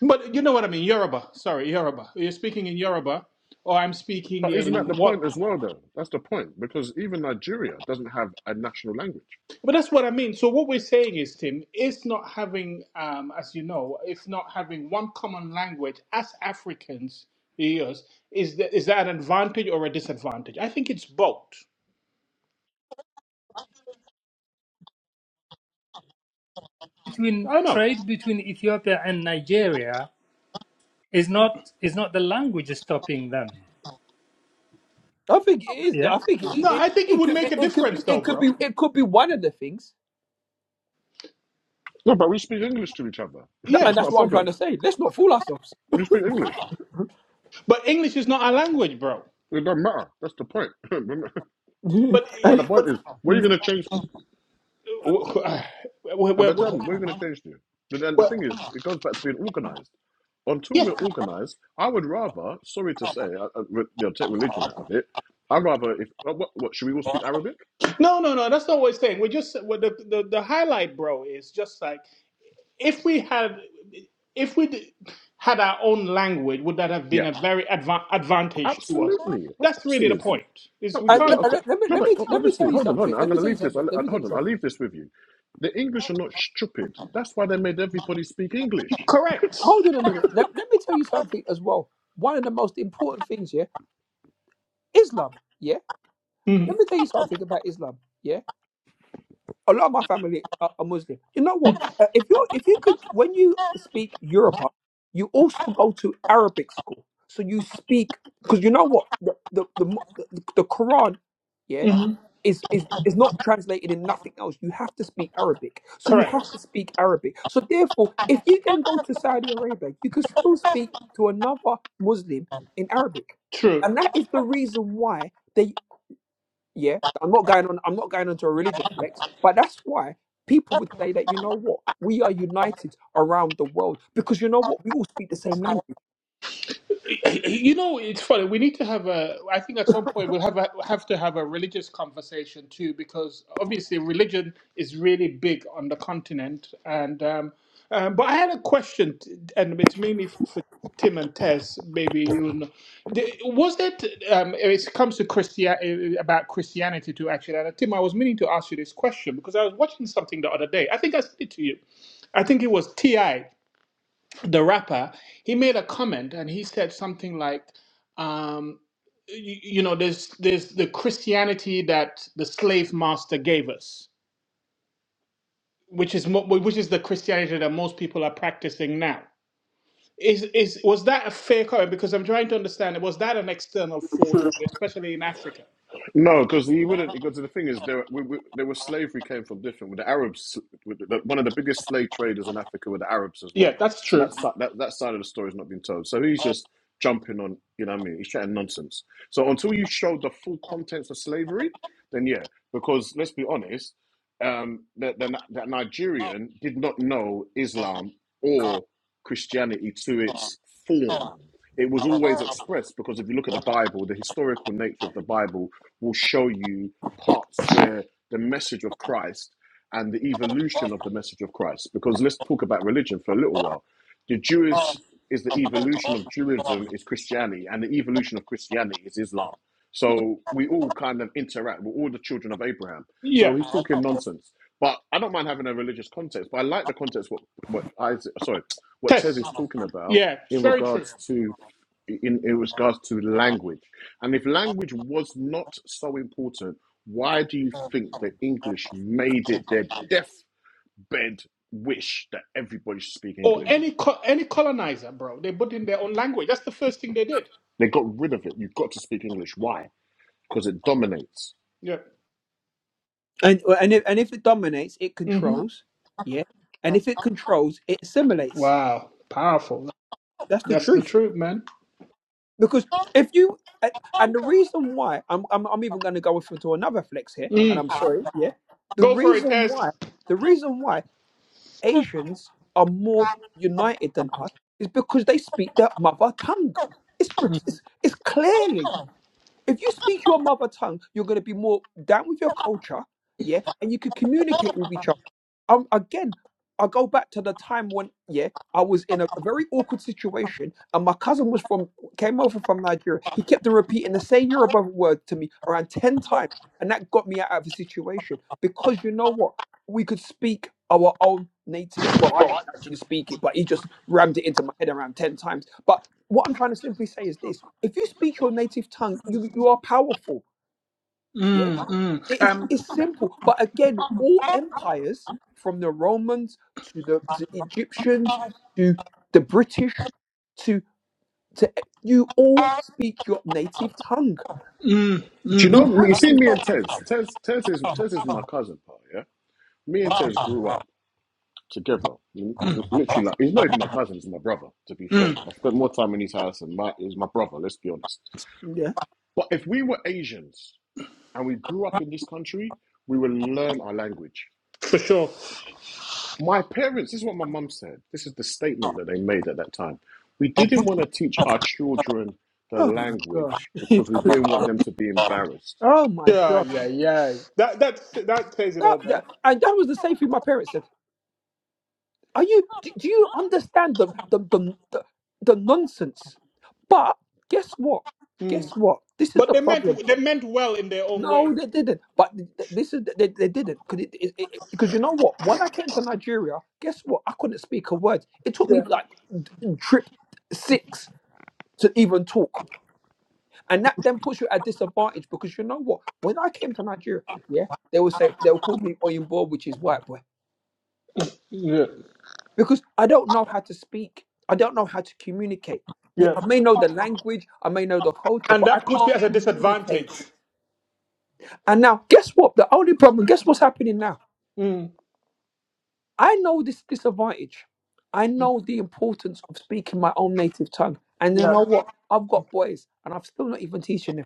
S3: But you know what I mean? Yoruba. Sorry, Yoruba. You're speaking in Yoruba, or I'm speaking
S1: But isn't
S3: in
S1: that the
S3: what?
S1: point as well, though? That's the point because even Nigeria doesn't have a national language.
S3: But that's what I mean. So what we're saying is, Tim, is not having, um, as you know, if not having one common language as Africans, yes, is that is that an advantage or a disadvantage? I think it's both.
S2: Between
S3: I know.
S2: trade between Ethiopia and Nigeria is not is not the language stopping them.
S5: I think it is.
S2: Yeah,
S5: I think it
S3: No,
S5: it,
S3: I think it
S5: it,
S3: would
S5: could,
S3: make
S5: it,
S3: a
S5: it could be
S3: difference, though,
S5: it could
S3: bro.
S5: be it could be one of the things,
S1: No, but we speak English to each other.
S5: That-
S3: Yeah,
S5: and
S1: it's not
S5: that's
S1: a
S5: what I'm trying to
S1: problem.
S5: say. Let's not fool ourselves.
S1: You speak English.
S3: but English is not our language, bro.
S1: It doesn't matter. That's the point.
S5: and
S1: But
S3: It-
S1: the point
S3: But,
S1: is, what are you going to change to?
S3: well,
S1: No,
S3: well,
S1: but tell me,
S3: well,
S1: what are you going to change to? But then the thing
S3: well,
S1: is, it goes back to being organized. Until we're
S3: yeah,
S1: organized, I would rather, sorry to say, I, I, re- you know, take religion out of it. I'd rather, if uh, what, what should we all speak Arabic?
S3: no, no, no. That's not what we're saying. We're just well, the, the the highlight, bro, is just like if we had if we had our own language would that have been
S1: Yeah,
S3: a very adva- advantage to us
S1: absolutely. Of
S3: that's
S1: course it
S3: really the
S1: is.
S3: point is
S1: No,
S3: we
S1: wha- wha-
S3: can't
S5: let,
S1: okay.
S5: let me
S1: No,
S5: let
S1: but
S5: me
S1: o-
S5: let me
S1: obviously,
S5: tell you
S1: hold on, hold
S5: something.
S1: on. I'm
S5: Let
S1: going
S5: me
S1: to
S5: tell you
S1: leave this. I,
S5: something. Let
S1: I,
S5: me tell you
S1: hold on, I'll
S5: something.
S1: leave this with you. The English are not stupid. That's why they made everybody speak English.
S3: correct
S5: hold on a minute. Let, let me tell you something as well. One of the most important things, yeah, Islam. Yeah, let
S3: Mhm,
S5: me tell you something about Islam. Yeah, a lot of my family are, are Muslim. You know what? Uh, if you if you could, when you speak Yoruba, you also go to Arabic school, so you speak because you know what the the the, Mu- the, the Quran. Yeah
S3: mhm.
S5: is, is is not translated in nothing else. You have to speak Arabic. So you have
S3: correct
S5: to speak Arabic. So therefore, if you then go to Saudi Arabia, you can still speak to another Muslim in Arabic.
S3: true
S5: And that is the reason why they yeah, I'm not going on I'm not going on to a religious flex, but that's why people would say that you know what? We are united around the world because you know what? We all speak the same language.
S3: You know, it's funny. We need to have a. I think at some point we'll have a, have to have a religious conversation too, because obviously religion is really big on the continent. And um, um, but I had a question, t- and it's mainly for Tim and Tess. Maybe you know, The- was it? Um, it comes to Christian about Christianity too. Actually, and uh, Tim, I was meaning to ask you this question because I was watching something the other day. I think I said it to you. I think it was Ti, the rapper. He made a comment, and he said something like. Um, you, you know, there's there's the Christianity that the slave master gave us, which is mo- which is the Christianity that most people are practicing now. Is is was that a fair comment? Because I'm trying to understand. Was that an external force, especially in Africa?
S1: No, because he wouldn't. Because the thing is, there, we, we, there was slavery came from different. With the Arabs, with the, one of the biggest slave traders in Africa were the Arabs as
S3: Yeah,
S1: well.
S3: that's
S1: So
S3: true.
S1: that si- that that side of the story has not been told. So he's just jumping on. You know what I mean? He's chatting nonsense. So until you show the full contents of slavery, then yeah. Because let's be honest, um, that the, the Nigerian did not know Islam or Christianity to its form. It was always expressed because if you look at the Bible, the historical nature of the Bible will show you parts where the message of Christ and the evolution of the message of Christ, because let's talk about religion for a little while. The Jewish is the evolution of Judaism is Christianity, and the evolution of Christianity is Islam. So we all kind of interact. We're all the children of Abraham.
S3: Yeah,
S1: So he's talking nonsense. But I don't mind having a religious context, but I like the context what what Isaac, sorry, what Tez
S3: Tess.
S1: is talking about
S3: Yeah, it's
S1: in
S3: very true.
S1: regards to in, in regards to language. And if language was not so important, why do you think the English made it their deathbed wish that everybody should speak
S3: Or
S1: English?
S3: any co- any colonizer, bro. They put in their own language. That's the first thing they did.
S1: They got rid of it. You've got to speak English. Why? Because it dominates.
S3: Yeah.
S5: And and if and if it dominates, it
S3: hmm
S5: controls. Yeah. And if it controls, it assimilates.
S3: Wow. Powerful.
S5: That's the
S3: That's the
S5: truth.
S3: truth, man.
S5: Because if you a- and the reason why I'm I'm, I'm even going to go into another flex here, and
S3: Mm.
S5: I'm sorry, yeah. The
S3: Go for it,
S5: reason
S3: Tess.
S5: why the reason why Asians are more united than us is because they speak their mother tongue. It's it's, it's clearly if you speak your mother tongue, you're going to be more down with your culture, yeah, and you can communicate with each other. Um, again, I go back to the time when, yeah, I was in a very awkward situation, and my cousin was from came over from Nigeria. He kept on repeating the same Yoruba word to me around ten times, and that got me out of the situation because you know what? We could speak our own native. Well, I didn't actually speak it, but he just rammed it into my head around ten times. But what I'm trying to simply say is this: if you speak your native tongue, you you are powerful.
S3: Mm,
S5: Yeah.
S3: mm, mm.
S5: It is
S3: Um,
S5: it's simple. But again, all
S3: mm,
S5: empires, from the Romans to the, to Egyptians to the British to to you all speak your native tongue.
S1: Do you
S5: You
S3: mm,
S1: know? You
S5: have
S1: see,
S5: to.
S1: me and Tez. Tez, Tez is Tez is my cousin, pal. Yeah. Me and Tez grew up together. He's
S3: mm,
S1: literally like he's not even my cousin. He's my brother. To be fair,
S3: mm.
S1: I spent more time in his house than my He's my brother. Let's be honest.
S5: Yeah.
S1: But if we were Asians. and we grew up in this country, we will learn our language.
S3: For sure.
S1: My parents, this is what my mum said. This is the statement that they made at that time. We didn't want to teach our children the
S5: Oh my
S1: language
S5: gosh.
S1: because we didn't want them to be embarrassed.
S5: oh my
S3: Yeah, yeah,
S5: gosh.
S3: yeah. That that that says it
S5: That,
S3: all,
S5: that
S3: bro.
S5: and that was the same thing my parents said. Are you do, do you understand the the, the the the nonsense? But guess what?
S3: Mm.
S5: Guess what? This is
S3: But
S5: the
S3: they
S5: problem.
S3: meant they meant well in their own way.
S5: No, they didn't. But th- th- this is they, they didn't because it, it, it, because you know what? When I came to Nigeria, guess what? I couldn't speak a word. It took me
S3: Yeah,
S5: like d- trip six to even talk, and that then puts you at disadvantage because you know what? When I came to Nigeria, yeah, they would say they'll call me Oyinbo, which is white boy.
S3: yeah,
S5: because I don't know how to speak. I don't know how to communicate. Yeah,
S3: yeah.
S5: I may know the language, I may know the culture,
S3: And
S5: but I
S3: that puts you
S5: can't
S3: at a disadvantage.
S5: communicate. And now, guess what? The only problem, guess what's happening now?
S3: Mm.
S5: I know this disadvantage. I know the importance of speaking my own native tongue. And you
S3: Yeah,
S5: know what? I've got boys, and i am still not even teaching them.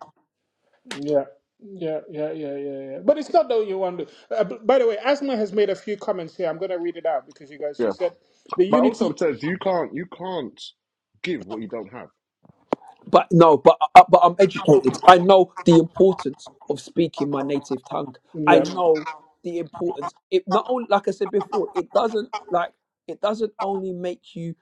S3: Yeah, yeah, yeah, yeah, yeah, yeah. But it's not the only one. Uh, b- by the way, Asma has made a few comments here. I'm going to read it out because you guys, she
S1: Yeah.
S3: said the
S1: But also
S3: unity.
S1: it says you can't you can't give what you don't have,
S5: but no, but uh, but I'm educated. I know the importance of speaking my native tongue. I
S3: Yeah,
S5: Mm. know the importance. It not only, like I said before, it doesn't like it doesn't only make you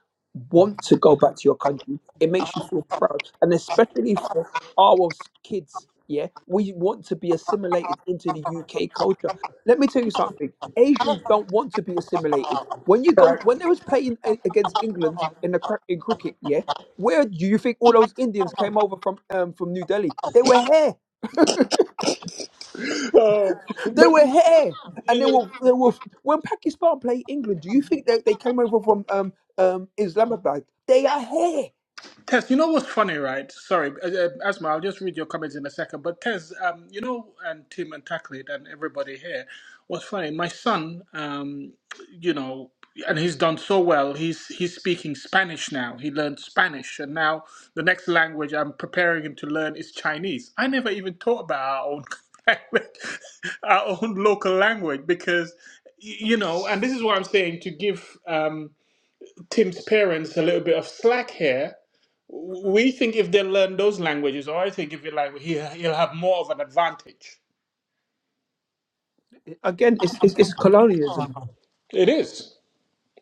S5: want to go back to your country. It makes you feel proud, and especially for our s- kids. Yeah, we want to be assimilated into the UK culture, let me tell you something. Asians don't want to be assimilated. When you
S3: all
S5: go,
S3: right.
S5: when they was playing a- against England in the cra- in cricket, yeah, where do you think all those Indians came over from? Um, from New Delhi, they were here.
S3: Uh,
S5: They
S3: but
S5: were here, and they
S3: uh,
S5: were they were when Pakistan played England. Do you think they, they came over from um um Islamabad? They are here
S3: Tess, you know what's funny, right? Sorry, uh, uh, Asma, I'll just read your comments in a second. But Tess, um, you know, and Tim and Taklid and everybody here, what's funny? My son, um, you know, and he's done so well. He's he's speaking Spanish now. He learned Spanish, and now the next language I'm preparing him to learn is Chinese. I never even thought about our own language, our own local language, because y- you know, and this is what I'm saying to give um, Tim's parents a little bit of slack here we think if they learn those languages, or I think if you like, he, he'll have more of an advantage.
S5: again. It's it's, it's colonialism.
S3: It is.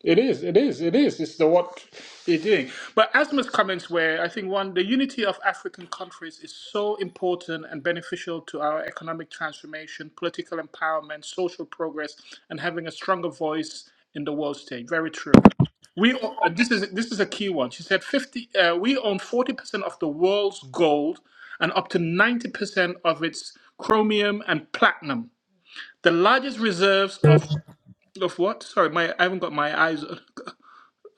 S3: It is, it is, it is. It's the what you're doing. But Asma's comments were, I think, one, the unity of African countries is so important and beneficial to our economic transformation, political empowerment, social progress, and having a stronger voice in the world stage. Very true. We o- uh, this is this is a key one. She said, fifty. Uh, we own forty percent of the world's gold and up to ninety percent of its chromium and platinum. The largest reserves of of what? Sorry, my I haven't got my eyes.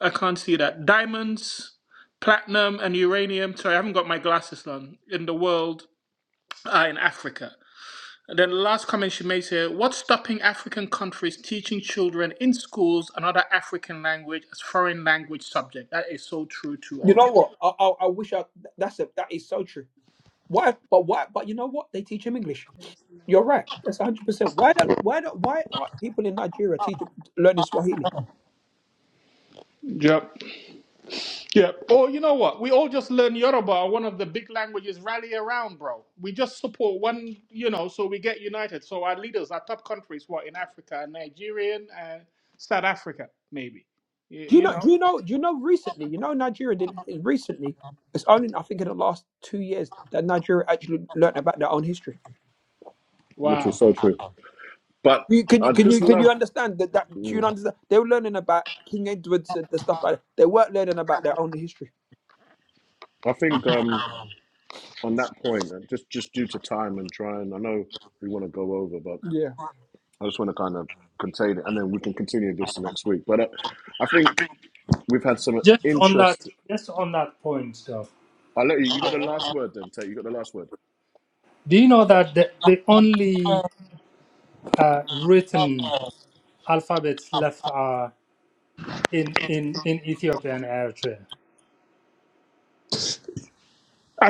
S3: I can't see that. Diamonds, platinum, and uranium. Sorry, I haven't got my glasses on. In the world, uh, in Africa. And then the last comment she makes here what's stopping African countries teaching children in schools another African language as foreign language subject? That is so true to
S5: You
S3: old.
S5: know what? I, I I wish I that's a that is so true. Why? But why? But you know what? They teach him English. You're right. That's one hundred percent. Why don't why don't why are people in Nigeria teaching learning Swahili?
S3: Yep. Yeah. Or you know what? We all just learn Yoruba, one of the big languages, rally around, bro. We just support one, you know, so we get united. So our leaders, our top countries, what in Africa, Nigerian and South Africa, maybe. You,
S5: Do you
S3: you
S5: know
S3: know.
S5: do you know do you know recently, you know Nigeria did recently, it's only I think in the last two years that Nigeria actually learned about their own history.
S1: which is
S3: Wow.
S1: so true. But
S5: You, can you
S1: I
S5: can you
S1: just
S5: can you
S1: love
S5: understand that that do you
S1: mm,
S5: understand they were learning about King Edward's and the stuff like that. They weren't learning about their own history.
S1: I think um on that point, uh, just just due to time and trying, I know we want to go over, but.
S5: Yeah.
S1: I just want to kind of contain it, and then we can continue this next week. But uh, I think we've had some
S2: just on that,
S1: interest.
S2: just on that point, though.
S1: I let you. You got the last word, then. Tate, you got the last word
S2: Do you know that the, the only uh, written alphabets left are in, in, in Ethiopia and Eritrea?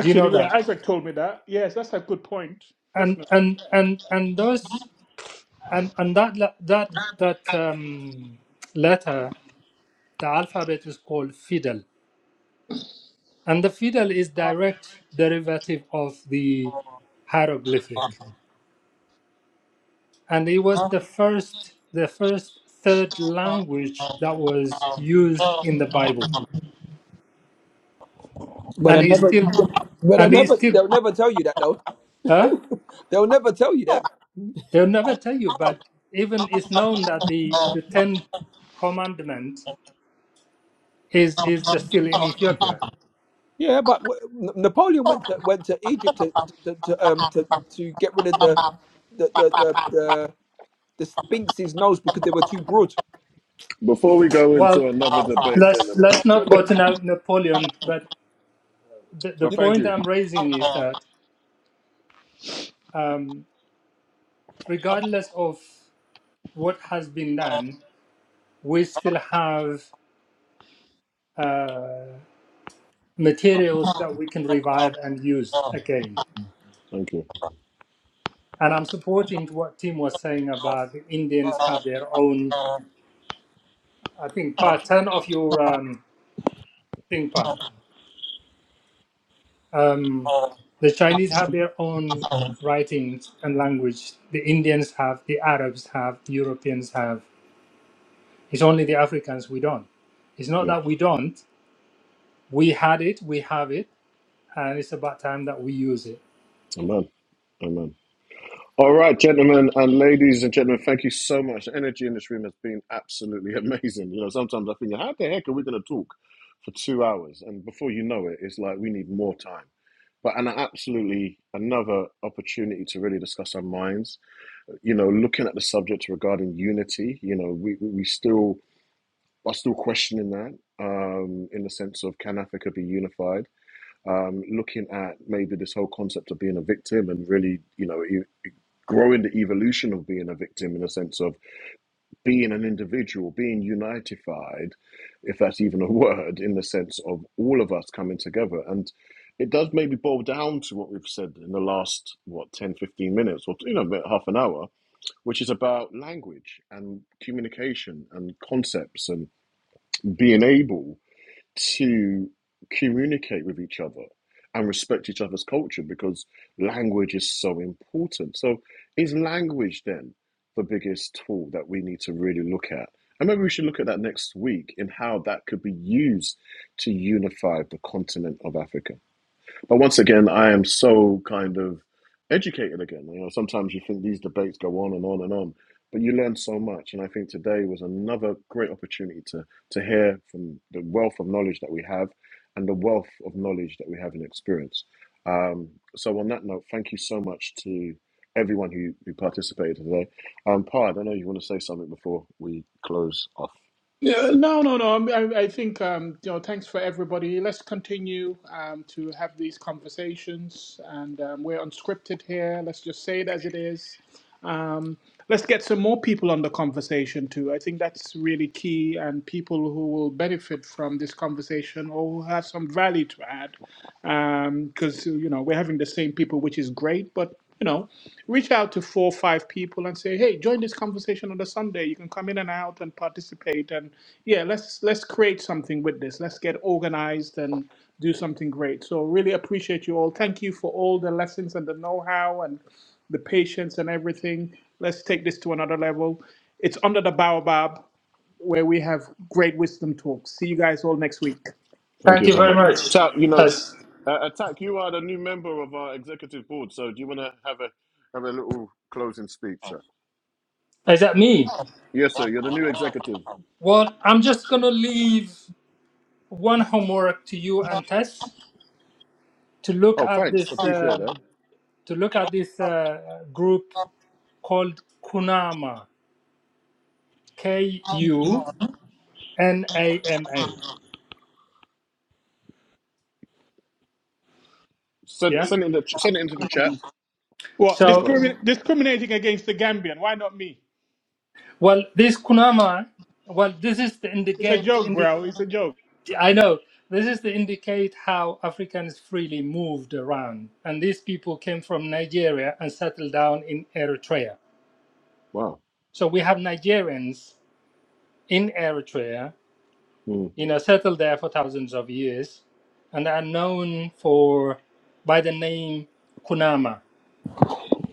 S2: Do you know
S3: yeah,
S2: that?
S3: Isaac told me that. Yes, that's a good point.
S2: And
S3: Definitely.
S2: and and and those and and that le- that that um, letter, the alphabet is called fiddle, and the fiddle is direct derivative of the hieroglyphic, and it was the first the first third
S3: Thank
S2: language that was used in the Bible.
S5: But
S2: and
S5: they
S2: he's
S5: never
S2: still
S5: but they
S2: and he's
S5: never
S2: still
S5: they'll never tell you that though.
S2: huh?
S5: They'll never tell you that.
S2: they'll never tell you but even it's known that the the ten Commandments is is still in ethiopia
S5: Yeah, but w- N- Napoleon went to went to Egypt to to, to um to, to get rid of the the the the, the, the Sphinx's nose because they were too broad.
S1: before we go
S2: well
S1: into another debate,
S2: let's
S1: gentlemen.
S2: let's not go
S1: Gentlemen,
S2: to Na- napoleon but the, the
S1: but
S5: You-
S1: thank
S2: point
S1: you,
S2: i'm raising is that um, regardless of what has been done we still have uh, materials that we can revive and use again
S1: thank you.
S2: and i'm supporting what tim was saying about the indians have their own I think part 10 of your um, thing part. Um, the Chinese have their own
S3: you.
S2: writings and language. The Indians have, the Arabs have, the Europeans have. It's only the Africans we don't. It's not
S1: Yeah,
S2: that we don't. We had it, we have it, and it's about time that we use it.
S1: amen, amen. All right, gentlemen and ladies and gentlemen, thank you so much. The energy in this room has been absolutely amazing. You know, sometimes I think, how the heck are we going to talk for two hours? And before you know it, it's like we need more time. but an absolutely another opportunity to really discuss our minds. You know, looking at the subject regarding unity, you know, we, we we still are still questioning that um, in the sense of can Africa be unified? Um, looking at maybe this whole concept of being a victim and really, you know, e- growing the evolution of being a victim in the sense of being an individual, being unitified, if that's even a word, in the sense of all of us coming together. And it does maybe boil down to what we've said in the last, what, 10, 15 minutes, or, you know, about half an hour, which is about language and communication and concepts and being able to communicate with each other and respect each other's culture because language is so important. So, is language then the biggest tool that we need to really look at? And maybe we should look at that next week in how that could be used to unify the continent of Africa. But once again, I am so kind of educated again. You know, sometimes you think these debates go on and on and on, but you learn so much. And I think today was another great opportunity to to hear from the wealth of knowledge that we have, and the wealth of knowledge that we have in experience. Um, so on that note, thank you so much to everyone who, who participated today. Um, Pard, I don't know if you want to say something before we close off.
S3: Yeah, no, no, no. I'm- I, I think um, you know. Thanks for everybody. Let's continue um, to have these conversations, and um, we're unscripted here. Let's just say it as it is. Um, let's get some more people on the conversation too. I think that's really key, and people who will benefit from this conversation or who have some value to add, because you know we're having the same people, which is great, but. you know reach out to four or five people and say, "Hey, join this conversation on the Sunday. You can come in and out and participate." And yeah, let's let's create something with this. Let's get organized and do something great. So really appreciate you all. Thank you for all the lessons and the know-how and the patience and everything. Let's take this to another level. It's under the baobab where we have great wisdom talks. See you guys all next week.
S1: Thank
S2: Thank
S1: you
S2: you
S1: so
S2: very
S1: much.
S2: much.
S1: Tal, you know,
S2: As,
S1: Uh, Attack, you are the new member of our executive board, so do you want to have a have a little closing speech, sir?
S2: is that me?
S1: Yes, sir. You're the new executive.
S2: Well, I'm just going to leave one homework to you and Tess to look
S1: Oh,
S2: at
S1: thanks.
S2: this
S1: Appreciate that.
S2: um, to look at this uh, group called Kunama, K U N A M A.
S1: Send
S2: Yeah.
S1: send it in the ch- send it into the chat.
S3: What
S1: So we
S2: So,
S1: got it.
S3: discrimin- discriminating against the Gambian? Why not me?
S2: well, this Kunama, well, this is the
S3: It's a
S2: indicate.
S3: joke,
S2: Indi-
S3: bro. It's a joke.
S2: I know this is to indicate how Africans freely moved around, and these people came from Nigeria and settled down in Eritrea.
S1: Wow.
S2: So we have Nigerians in Eritrea,
S1: Mm.
S2: you know, settled there for thousands of years, and are known for by the name Kunama.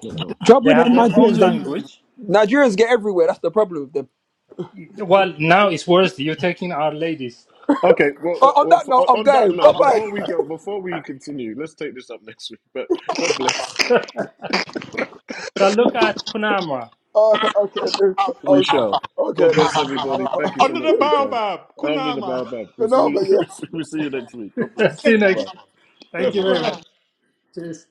S1: Oh, wow.
S5: Trouble
S2: They
S5: with
S2: have
S5: them
S2: their own
S5: Nigerians, they,
S2: language,
S5: Nigerians get everywhere. That's the problem with them.
S2: Well, now it's worse. You're taking our ladies.
S1: Okay. Well,
S5: Oh,
S1: well,
S5: on
S1: well,
S5: that
S1: for-
S5: note, I'm
S1: on on that
S5: going. Bye
S1: note,
S5: bye.
S1: before we go, before we continue, let's take this up next week. But God bless.
S2: So look at Kunamra.
S5: Oh, okay, dude.
S1: We
S5: Oh,
S1: shall. God
S5: okay then.
S1: bless everybody.
S5: Bye-bye.
S1: Thank you so
S3: Under
S1: much
S3: the
S1: for your time.
S3: baobab,
S1: After the
S3: kunama.
S1: bow, bow. We see
S5: no,
S1: you.
S5: but yeah.
S1: we see you next week. God bless.
S2: See you next.
S1: Goodbye. Bye
S2: Thank you
S1: bye.
S2: very
S3: Like,
S2: much. Cheers.